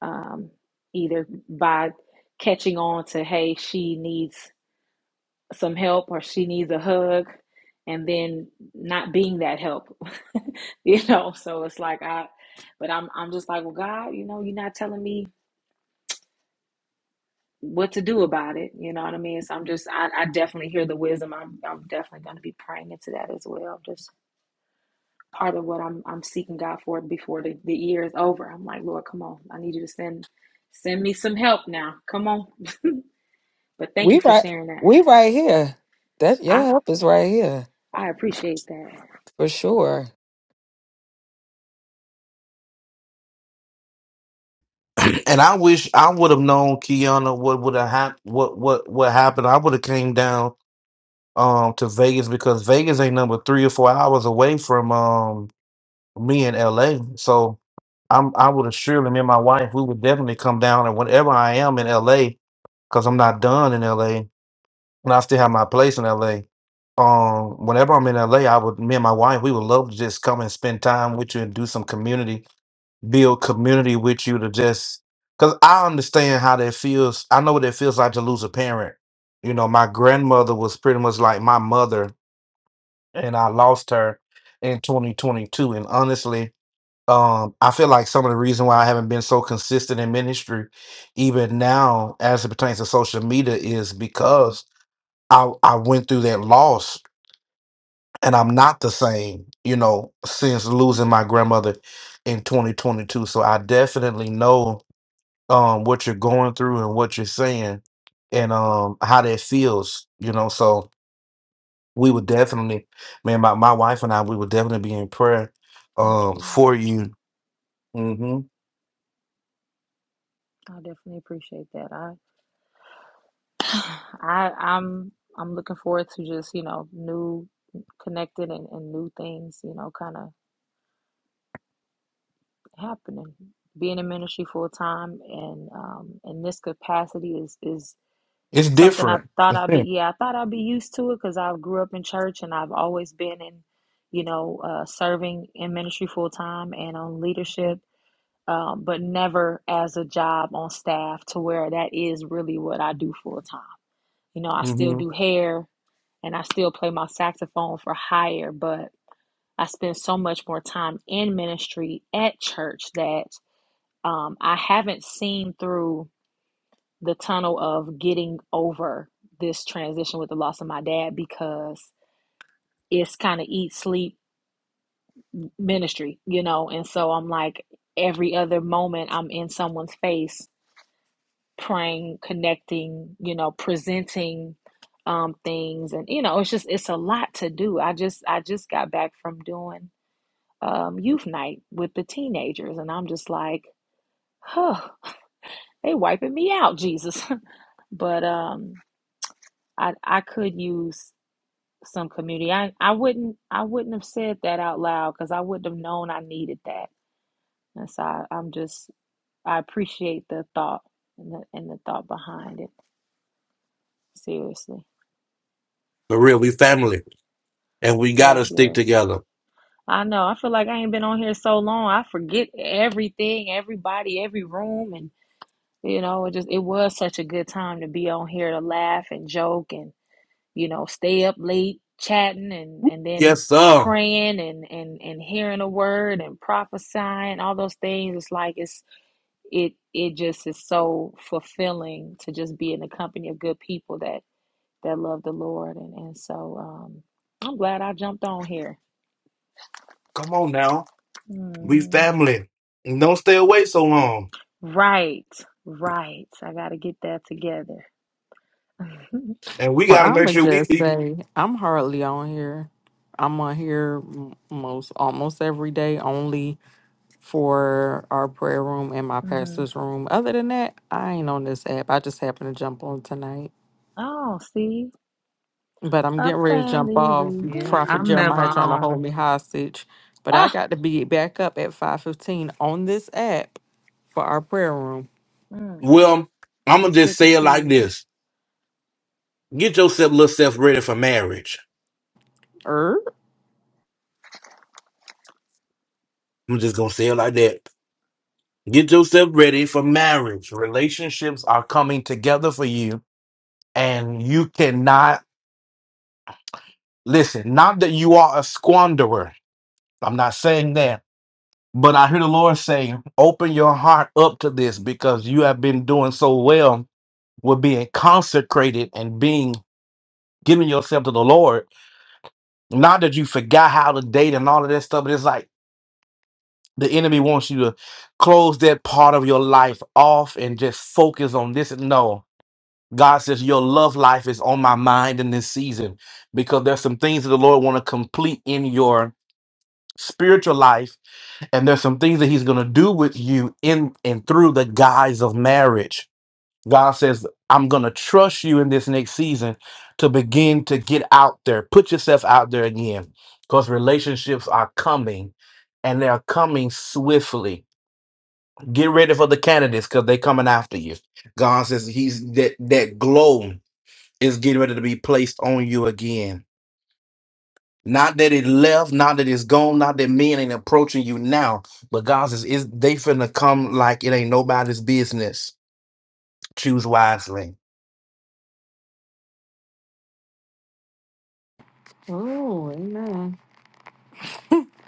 Speaker 14: um, either by catching on to, hey, she needs some help or she needs a hug and then not being that help you know so it's like i but i'm i'm just like well god you know you're not telling me what to do about it you know what i mean so i'm just i, I definitely hear the wisdom i'm i'm definitely going to be praying into that as well just part of what i'm i'm seeking god for before the, the year is over i'm like lord come on i need you to send send me some help now come on but thank
Speaker 10: We
Speaker 14: you for
Speaker 10: right
Speaker 14: sharing that
Speaker 10: we right here. That your
Speaker 14: i
Speaker 10: help is right here
Speaker 14: i appreciate that
Speaker 10: for sure.
Speaker 1: And I wish I would have known Kiana what would have hap- what what what happened. I would have came down um to Vegas because Vegas ain't number three or four hours away from um me in LA. So I'm I would assuredly me and my wife, we would definitely come down and whenever I am in LA, because I'm not done in LA and I still have my place in LA. Um, whenever I'm in LA, I would me and my wife, we would love to just come and spend time with you and do some community, build community with you to just because I understand how that feels. I know what it feels like to lose a parent. You know, my grandmother was pretty much like my mother, and I lost her in 2022. And honestly, um, I feel like some of the reason why I haven't been so consistent in ministry, even now as it pertains to social media, is because I I went through that loss and I'm not the same, you know, since losing my grandmother in 2022. So I definitely know um what you're going through and what you're saying and um how that feels, you know. So we would definitely, man, my, my wife and I, we would definitely be in prayer
Speaker 14: thank
Speaker 1: um
Speaker 14: you
Speaker 1: for you. hmm
Speaker 14: I definitely appreciate that. I, I, I'm, I'm looking forward to just, you know, new, connected and, and new things, you know, kind of happening. Being in ministry full time and um, in this capacity is is
Speaker 1: It's
Speaker 14: something I
Speaker 1: different.
Speaker 14: thought I'd be. Yeah, I thought I'd be used to it because I grew up in church and I've always been in, you know, uh, serving in ministry full time and on leadership. Um, but never as a job on staff to where that is really what I do full time You know, I still
Speaker 1: hmm
Speaker 14: do hair and I still play my saxophone for hire, but I spend so much more time in ministry at church that um, I haven't seen through the tunnel of getting over this transition with the loss of my dad because it's kind of eat, sleep ministry, you know? And so I'm like, every other moment I'm in someone's face praying, connecting, you know, presenting um, things, and you know, it's just it's a lot to do. I just I just got back from doing um, youth night with the teenagers, and I'm just like, huh, they wiping me out, Jesus. but um, I I could use some community. I I wouldn't I wouldn't have said that out loud because I wouldn't have known I needed that. And so I, I'm just I appreciate the thought and the and the thought behind it. Seriously,
Speaker 1: For real, we family, and we gotta
Speaker 14: yes,
Speaker 1: stick
Speaker 14: yes.
Speaker 1: together.
Speaker 14: I know. I feel like I ain't been on here so long. I forget everything, everybody, every room, and you know, it just it was such a good time to be on here to laugh and joke and you know, stay up late chatting and and then
Speaker 1: Yes, sir.
Speaker 14: praying and and and hearing a word and prophesying all those things. It's like it's it it just is so fulfilling to just be in the company of good people that that love the Lord and and so um I'm glad I jumped on here.
Speaker 1: Come on now, we
Speaker 14: hmm
Speaker 1: family. And Don't stay away so long,
Speaker 14: Right, right. I got to get that together.
Speaker 1: and we
Speaker 11: Well,
Speaker 1: gotta make
Speaker 11: I'ma
Speaker 1: sure we.
Speaker 11: just
Speaker 1: we-
Speaker 11: say I'm hardly on here. I'm on here m- most almost every day, only for our prayer room and my
Speaker 14: hmm
Speaker 11: pastor's room. Other than that, I ain't on this app. I just happened to jump on tonight.
Speaker 14: Oh, see,
Speaker 11: but I'm
Speaker 14: a
Speaker 11: getting ready to jump
Speaker 14: family
Speaker 11: off.
Speaker 10: Yeah,
Speaker 11: Prophet
Speaker 10: I'm never
Speaker 11: Jeremiah trying to
Speaker 14: reunion.
Speaker 11: hold
Speaker 10: on.
Speaker 11: me hostage, but I
Speaker 14: Ah,
Speaker 11: got to be back up at five fifteen on this app for our prayer room.
Speaker 14: mm.
Speaker 1: Well, I'm
Speaker 14: well,
Speaker 1: gonna
Speaker 14: it's
Speaker 1: just
Speaker 14: good to
Speaker 1: say it
Speaker 14: see
Speaker 1: like
Speaker 14: you.
Speaker 1: this: Get yourself, little self, ready for marriage.
Speaker 11: Er,
Speaker 1: I'm just gonna say it like that. Get yourself ready for marriage. Relationships are coming together for you, and you cannot listen. Not that you are a squanderer. I'm not saying that. But I hear the Lord saying, open your heart up to this because you have been doing so well with being consecrated and being giving yourself to the Lord. Not that you forgot how to date and all of that stuff, but it's like the enemy wants you to close that part of your life off and just focus on this. No, God says your love life is on my mind in this season because there's some things that the Lord want to complete in your spiritual life and there's some things that he's going to do with you in and through the guise of marriage god says i'm going to trust you in this next season to begin to get out there put yourself out there again because relationships are coming and they are coming swiftly get ready for the candidates because they're coming after you god says he's that that glow is getting ready to be placed on you again not that it left, not that it's gone, not that men ain't approaching you now, but God says is they finna come like it ain't nobody's business. Choose wisely.
Speaker 11: oh, amen,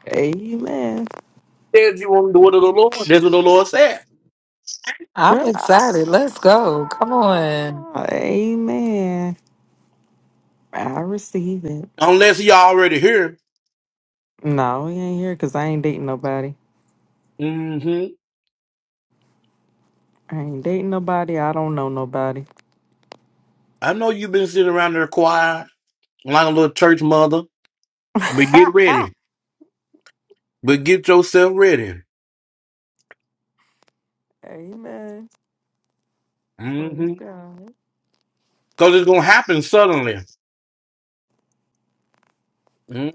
Speaker 11: amen.
Speaker 1: Says you want the word of the Lord. That's what the Lord said.
Speaker 10: I'm
Speaker 11: Well,
Speaker 10: excited.
Speaker 11: ah,
Speaker 10: Let's go. Come on.
Speaker 11: amen. I receive it.
Speaker 1: Unless you already here.
Speaker 11: No, he ain't here because I ain't dating nobody.
Speaker 1: hmm
Speaker 11: I ain't dating nobody. I don't know nobody.
Speaker 1: I know you've been sitting around there quiet, like a little church mother, but get ready. But get yourself ready.
Speaker 11: amen. Praise
Speaker 1: hmm
Speaker 11: God.
Speaker 1: Cause it's gonna happen suddenly. Mhm.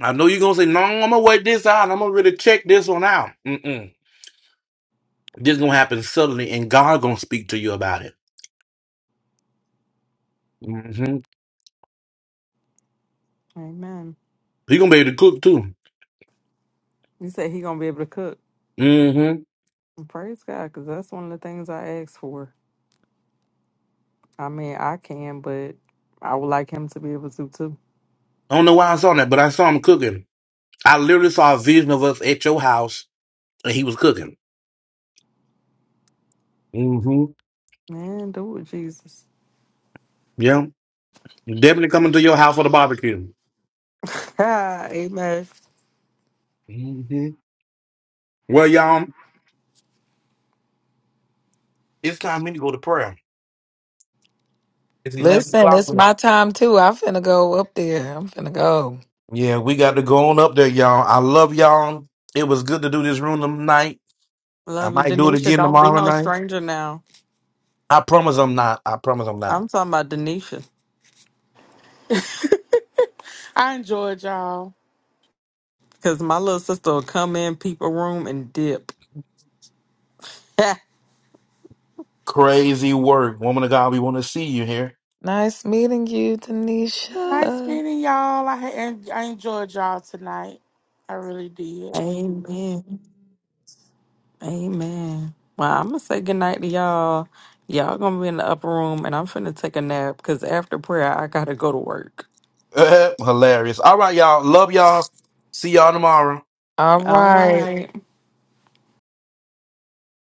Speaker 1: I know you're gonna say, no, I'm gonna wait this out. I'm gonna really check this one out. Mm-mm. This is gonna happen suddenly, and God gonna speak to you about it. Mm-hmm.
Speaker 11: Amen.
Speaker 1: He gonna be able to cook too.
Speaker 11: You said he gonna be able to cook.
Speaker 1: Mm-hmm.
Speaker 11: Praise God, because that's one of the things I asked for. I mean, I can, but I would like him to be able to too.
Speaker 1: I don't know why I saw that, but I saw him cooking. I literally saw a vision of us at your house, and he was cooking. Mm-hmm.
Speaker 11: Man, do it, Jesus.
Speaker 1: Yeah, definitely coming to your house for the barbecue.
Speaker 11: Amen.
Speaker 1: Mm-hmm. Well, y'all, it's time for me to go to prayer. It's eleven
Speaker 10: Listen,
Speaker 1: o'clock.
Speaker 10: it's my time too. I'm finna go up there. I'm finna go.
Speaker 1: Yeah, we got to go on up there, y'all. I love y'all. It was good to do this room tonight. I
Speaker 11: Love you,
Speaker 1: might do it
Speaker 11: Denisha.
Speaker 1: again
Speaker 11: Don't be
Speaker 1: tomorrow
Speaker 11: no
Speaker 1: night.
Speaker 11: stranger now.
Speaker 1: I promise I'm not. I promise I'm not.
Speaker 11: I'm talking about Denisha,
Speaker 13: I enjoyed y'all.
Speaker 11: because my little sister will come in, peep a room, and dip.
Speaker 1: Crazy work. Woman of God, we want to see you here.
Speaker 10: Nice meeting you,
Speaker 13: Nice
Speaker 10: Tanisha.
Speaker 13: meeting y'all. I had en- I enjoyed y'all tonight. I really did.
Speaker 11: Amen. Amen. Well, I'm going to say goodnight to y'all. Y'all going to be in the upper room, and I'm finna take a nap, because after prayer, I got to go to work.
Speaker 1: Hilarious. All right, y'all. Love y'all. See y'all tomorrow.
Speaker 10: All
Speaker 11: All
Speaker 10: right.
Speaker 11: right.